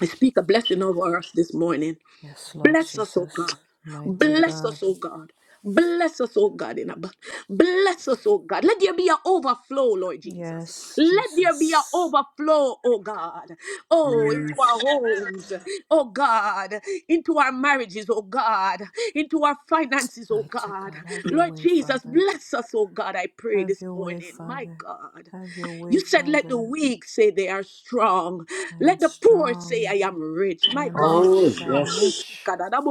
[SPEAKER 2] I speak a blessing over us this morning.
[SPEAKER 1] Yes, Lord
[SPEAKER 2] Bless us, O
[SPEAKER 1] Jesus.
[SPEAKER 2] God.
[SPEAKER 1] Mighty
[SPEAKER 2] Bless
[SPEAKER 1] God.
[SPEAKER 2] us, O God. Bless us, O God, in abundance. Bless us, O God. Let there be an overflow, Lord Jesus.
[SPEAKER 1] Yes,
[SPEAKER 2] Let there be an
[SPEAKER 1] Jesus.
[SPEAKER 2] overflow, O God. Oh, into our
[SPEAKER 4] Yes.
[SPEAKER 2] homes, O God. Into our marriages, O God. Into our finances, O
[SPEAKER 1] Mighty
[SPEAKER 2] God.
[SPEAKER 1] God. Have your
[SPEAKER 2] Lord
[SPEAKER 1] way,
[SPEAKER 2] Jesus,
[SPEAKER 1] Father.
[SPEAKER 2] bless us, O God, I pray
[SPEAKER 1] Have
[SPEAKER 2] this
[SPEAKER 1] your way,
[SPEAKER 2] morning. My
[SPEAKER 1] Father.
[SPEAKER 2] God.
[SPEAKER 1] Have your way,
[SPEAKER 2] You said, Let the
[SPEAKER 1] Father.
[SPEAKER 2] weak say they are strong.
[SPEAKER 1] I am
[SPEAKER 2] Let the poor say,
[SPEAKER 1] strong.
[SPEAKER 2] I am rich.
[SPEAKER 1] I
[SPEAKER 2] My
[SPEAKER 1] am
[SPEAKER 2] God.
[SPEAKER 4] Oh,
[SPEAKER 1] rich. I am
[SPEAKER 4] yes.
[SPEAKER 1] rich.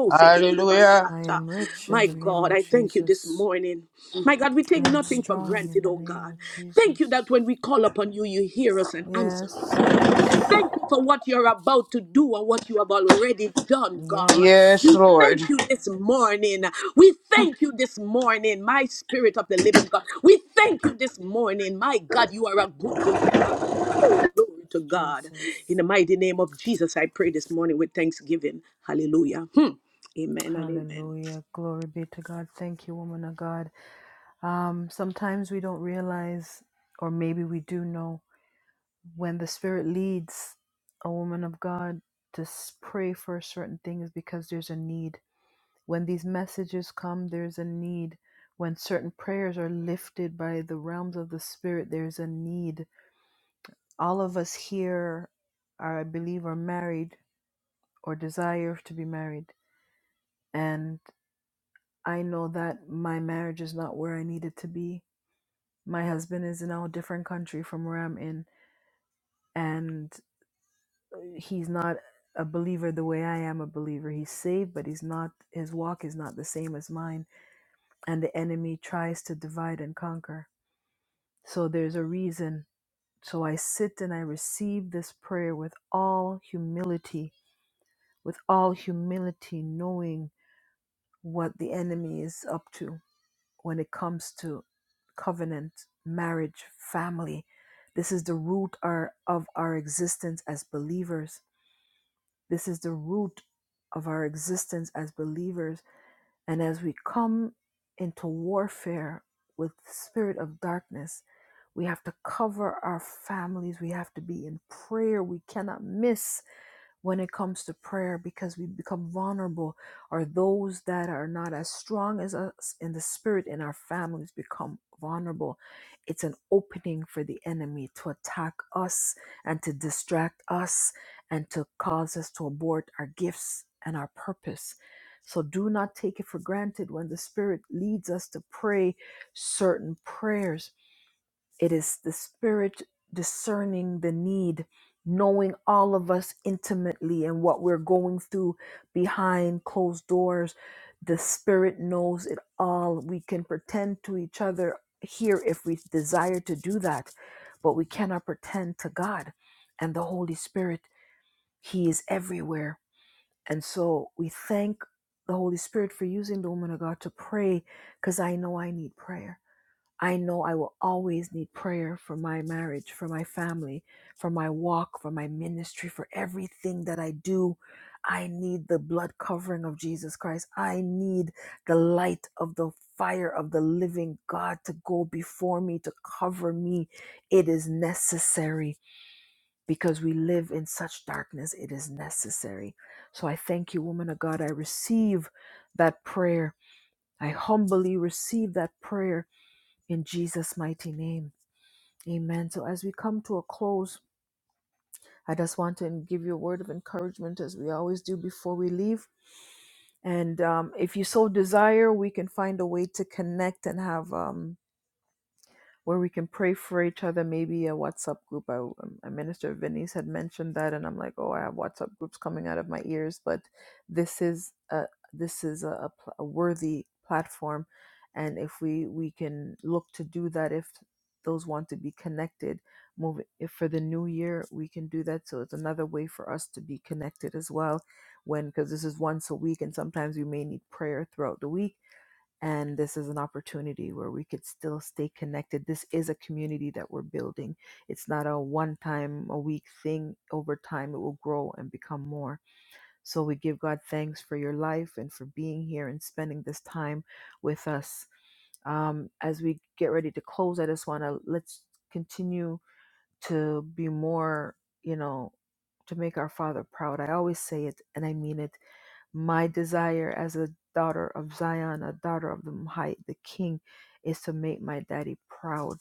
[SPEAKER 4] Hallelujah.
[SPEAKER 1] I am rich in
[SPEAKER 2] My
[SPEAKER 1] the name
[SPEAKER 2] God,
[SPEAKER 1] of
[SPEAKER 2] I thank you this
[SPEAKER 1] Jesus.
[SPEAKER 2] morning. My God, we
[SPEAKER 1] I
[SPEAKER 2] take
[SPEAKER 1] am
[SPEAKER 2] nothing for
[SPEAKER 1] strong in
[SPEAKER 2] granted,
[SPEAKER 1] the
[SPEAKER 2] oh
[SPEAKER 1] name
[SPEAKER 2] God.
[SPEAKER 1] of
[SPEAKER 2] Thank you
[SPEAKER 1] Jesus.
[SPEAKER 2] that when we call upon you, you hear us and answer us
[SPEAKER 1] Yes, yes,
[SPEAKER 2] thank you for what you're about to do and what you have already done, God.
[SPEAKER 4] Yes,
[SPEAKER 1] yes.
[SPEAKER 2] We
[SPEAKER 4] Lord.
[SPEAKER 2] thank you this morning. We thank you this morning, my spirit of the living God. We thank you this morning, my God. You are a good, good Father. Oh, glory to
[SPEAKER 1] Yes,
[SPEAKER 2] God. In
[SPEAKER 1] Jesus.
[SPEAKER 2] the mighty name of Jesus, I pray this morning with thanksgiving. Hallelujah. Hmm. Amen.
[SPEAKER 1] Hallelujah. Glory be to God. Thank you, woman of God. Um, sometimes we don't realize, or maybe we do know, when the Spirit leads a woman of God to s- pray for certain things because there's a need When these messages come, there's a need. When certain prayers are lifted by the realms of the Spirit, there's a need. All of us here are, I believe, are married or desire to be married. And I know that my marriage is not where I need it to be. My husband is in a different country from where I'm in, and uh, he's not a believer the way I am a believer. He's saved, but he's not, his walk is not the same as mine. And the enemy tries to divide and conquer So there's a reason. So I sit and I receive this prayer with all humility, with all humility, knowing what the enemy is up to when it comes to covenant, marriage, family. This is the root our, of our existence as believers. This is the root of our existence as believers. And as we come into warfare with the spirit of darkness, We have to cover our families. We have to be in prayer. We cannot miss when it comes to prayer because we become vulnerable, or those that are not as strong as us in the spirit in our families become vulnerable. It's an opening for the enemy to attack us and to distract us and to cause us to abort our gifts and our purpose. So do not take it for granted when the Spirit leads us to pray certain prayers it is the Spirit discerning the need, knowing all of us intimately and what we're going through behind closed doors. The Spirit knows it all. We can pretend to each other here if we desire to do that, but we cannot pretend to God and the Holy Spirit. He is everywhere. And so we thank the Holy Spirit for using the woman of God to pray because I know I need prayer. I know I will always need prayer for my marriage, for my family, for my walk, for my ministry, for everything that I do. I need the blood covering of Jesus Christ. I need the light of the fire of the living God to go before me, to cover me. It is necessary because we live in such darkness. It is necessary. So I thank you, woman of God. I receive that prayer. I humbly receive that prayer in Jesus' mighty name. Amen. So, as we come to a close, I just want to give you a word of encouragement as we always do before we leave. And um, if you so desire, we can find a way to connect and have. Um, where we can pray for each other, maybe a WhatsApp group. I, um, uh, Minister Venice had mentioned that, and I'm like, oh, I have WhatsApp groups coming out of my ears, but this is a this is a, a, pl- a worthy platform, and if we we can look to do that, if those want to be connected, move if for the new year we can do that. So it's another way for us to be connected as well, when because this is once a week, and sometimes we may need prayer throughout the week and this is an opportunity where we could still stay connected this is a community that we're building it's not a one time a week thing over time it will grow and become more so we give god thanks for your life and for being here and spending this time with us um, as we get ready to close i just want to let's continue to be more you know to make our father proud i always say it and i mean it my desire as a daughter of Zion, a daughter of the Most High, the King, is to make my daddy proud.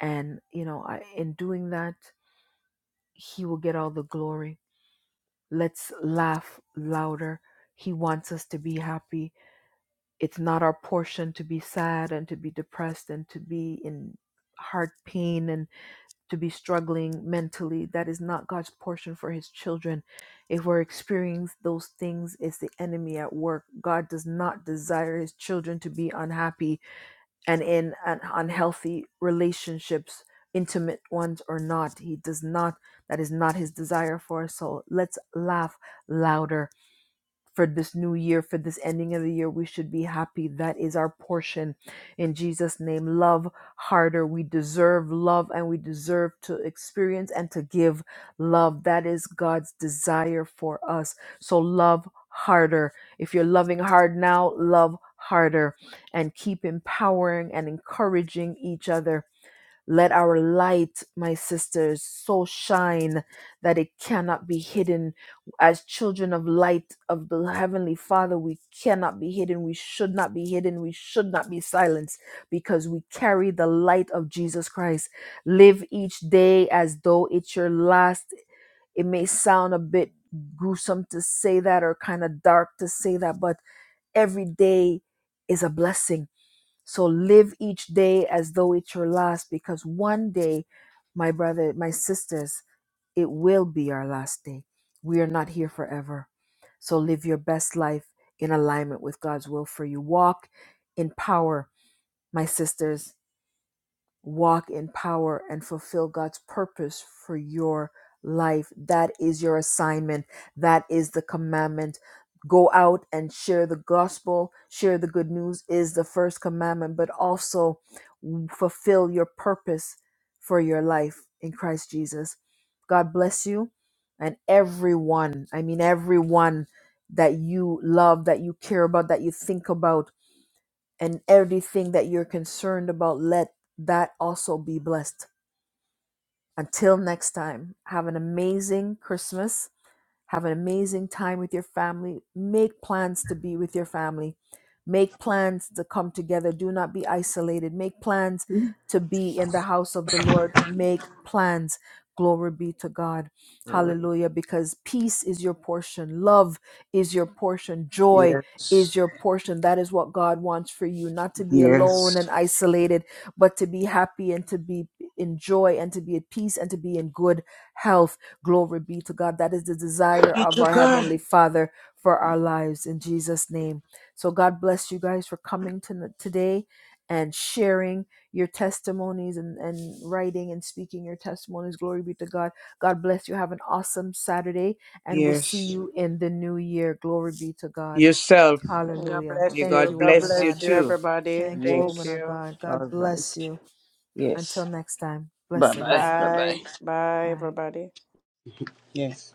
[SPEAKER 1] And, you know, I, in doing that, he will get all the glory. Let's laugh louder. He wants us to be happy. It's not our portion to be sad and to be depressed and to be in heart pain and. to be struggling mentally. That is not God's portion for his children. If we're experiencing those things, it's the enemy at work. God does not desire his children to be unhappy and in an unhealthy relationships, intimate ones or not. He does not, that is not his desire for us. So let's laugh louder for this new year, for this ending of the year. We should be happy. That is our portion. In Jesus' name, love harder. We deserve love and we deserve to experience and to give love. That is God's desire for us. So, love harder. If you're loving hard now, love harder and keep empowering and encouraging each other. Let our light, my sisters, so shine that it cannot be hidden. As children of light of the Heavenly Father, we cannot be hidden. We should not be hidden. We should not be silenced because we carry the light of Jesus Christ. Live each day as though it's your last. It may sound a bit gruesome to say that or kind of dark to say that, but every day is a blessing so live each day as though it's your last, because one day, my brother, my sisters, it will be our last day. We are not here forever. So live your best life in alignment with God's will for you. Walk in power, my sisters walk in power and fulfill God's purpose for your life. That is your assignment. That is the commandment. Go out and share the gospel, share the good news is the first commandment, but also fulfill your purpose for your life in Christ Jesus. God bless you and everyone. I mean, everyone that you love, that you care about, that you think about and everything that you're concerned about, let that also be blessed. Until next time, have an amazing Christmas have an amazing time with your family. Make plans to be with your family. Make plans to come together. Do not be isolated. Make plans to be in the house of the Lord. Make plans. Glory be to God.
[SPEAKER 4] Lord.
[SPEAKER 1] Hallelujah. Because peace is your portion, love is your portion, joy
[SPEAKER 4] Yes.
[SPEAKER 1] is your portion. That is what God wants for you, not to be alone
[SPEAKER 4] Yes.
[SPEAKER 1] and isolated, but to be happy and to be in joy and to be at peace and to be in good health Glory be to God. That is the desire
[SPEAKER 4] Thank
[SPEAKER 1] of
[SPEAKER 4] you,
[SPEAKER 1] our
[SPEAKER 4] God.
[SPEAKER 1] Heavenly Father for our lives in Jesus' name. So, God bless you guys for coming to today and sharing your testimonies and, and writing and speaking your testimonies. Glory be to God. God bless you. Have an awesome Saturday, and we'll see
[SPEAKER 4] Yes.
[SPEAKER 1] you in the new year. Glory be to God.
[SPEAKER 4] Yourself.
[SPEAKER 2] God
[SPEAKER 1] Hallelujah.
[SPEAKER 4] May
[SPEAKER 2] bless
[SPEAKER 1] Thank
[SPEAKER 2] you.
[SPEAKER 4] God
[SPEAKER 1] you,
[SPEAKER 2] God
[SPEAKER 1] woman of
[SPEAKER 4] bless you
[SPEAKER 2] bless
[SPEAKER 1] God.
[SPEAKER 2] you,
[SPEAKER 4] too.
[SPEAKER 2] everybody.
[SPEAKER 1] Thank you,
[SPEAKER 2] Thank
[SPEAKER 1] woman
[SPEAKER 4] Yes.
[SPEAKER 1] of
[SPEAKER 2] you.
[SPEAKER 1] God. God
[SPEAKER 4] All
[SPEAKER 1] bless
[SPEAKER 4] right.
[SPEAKER 1] you.
[SPEAKER 4] Yes.
[SPEAKER 1] Until next time,
[SPEAKER 4] Bye bye.
[SPEAKER 1] blessings.
[SPEAKER 4] Bye
[SPEAKER 2] Bye.
[SPEAKER 4] bye.
[SPEAKER 2] Bye,
[SPEAKER 1] Bye.
[SPEAKER 2] everybody.
[SPEAKER 4] Yes.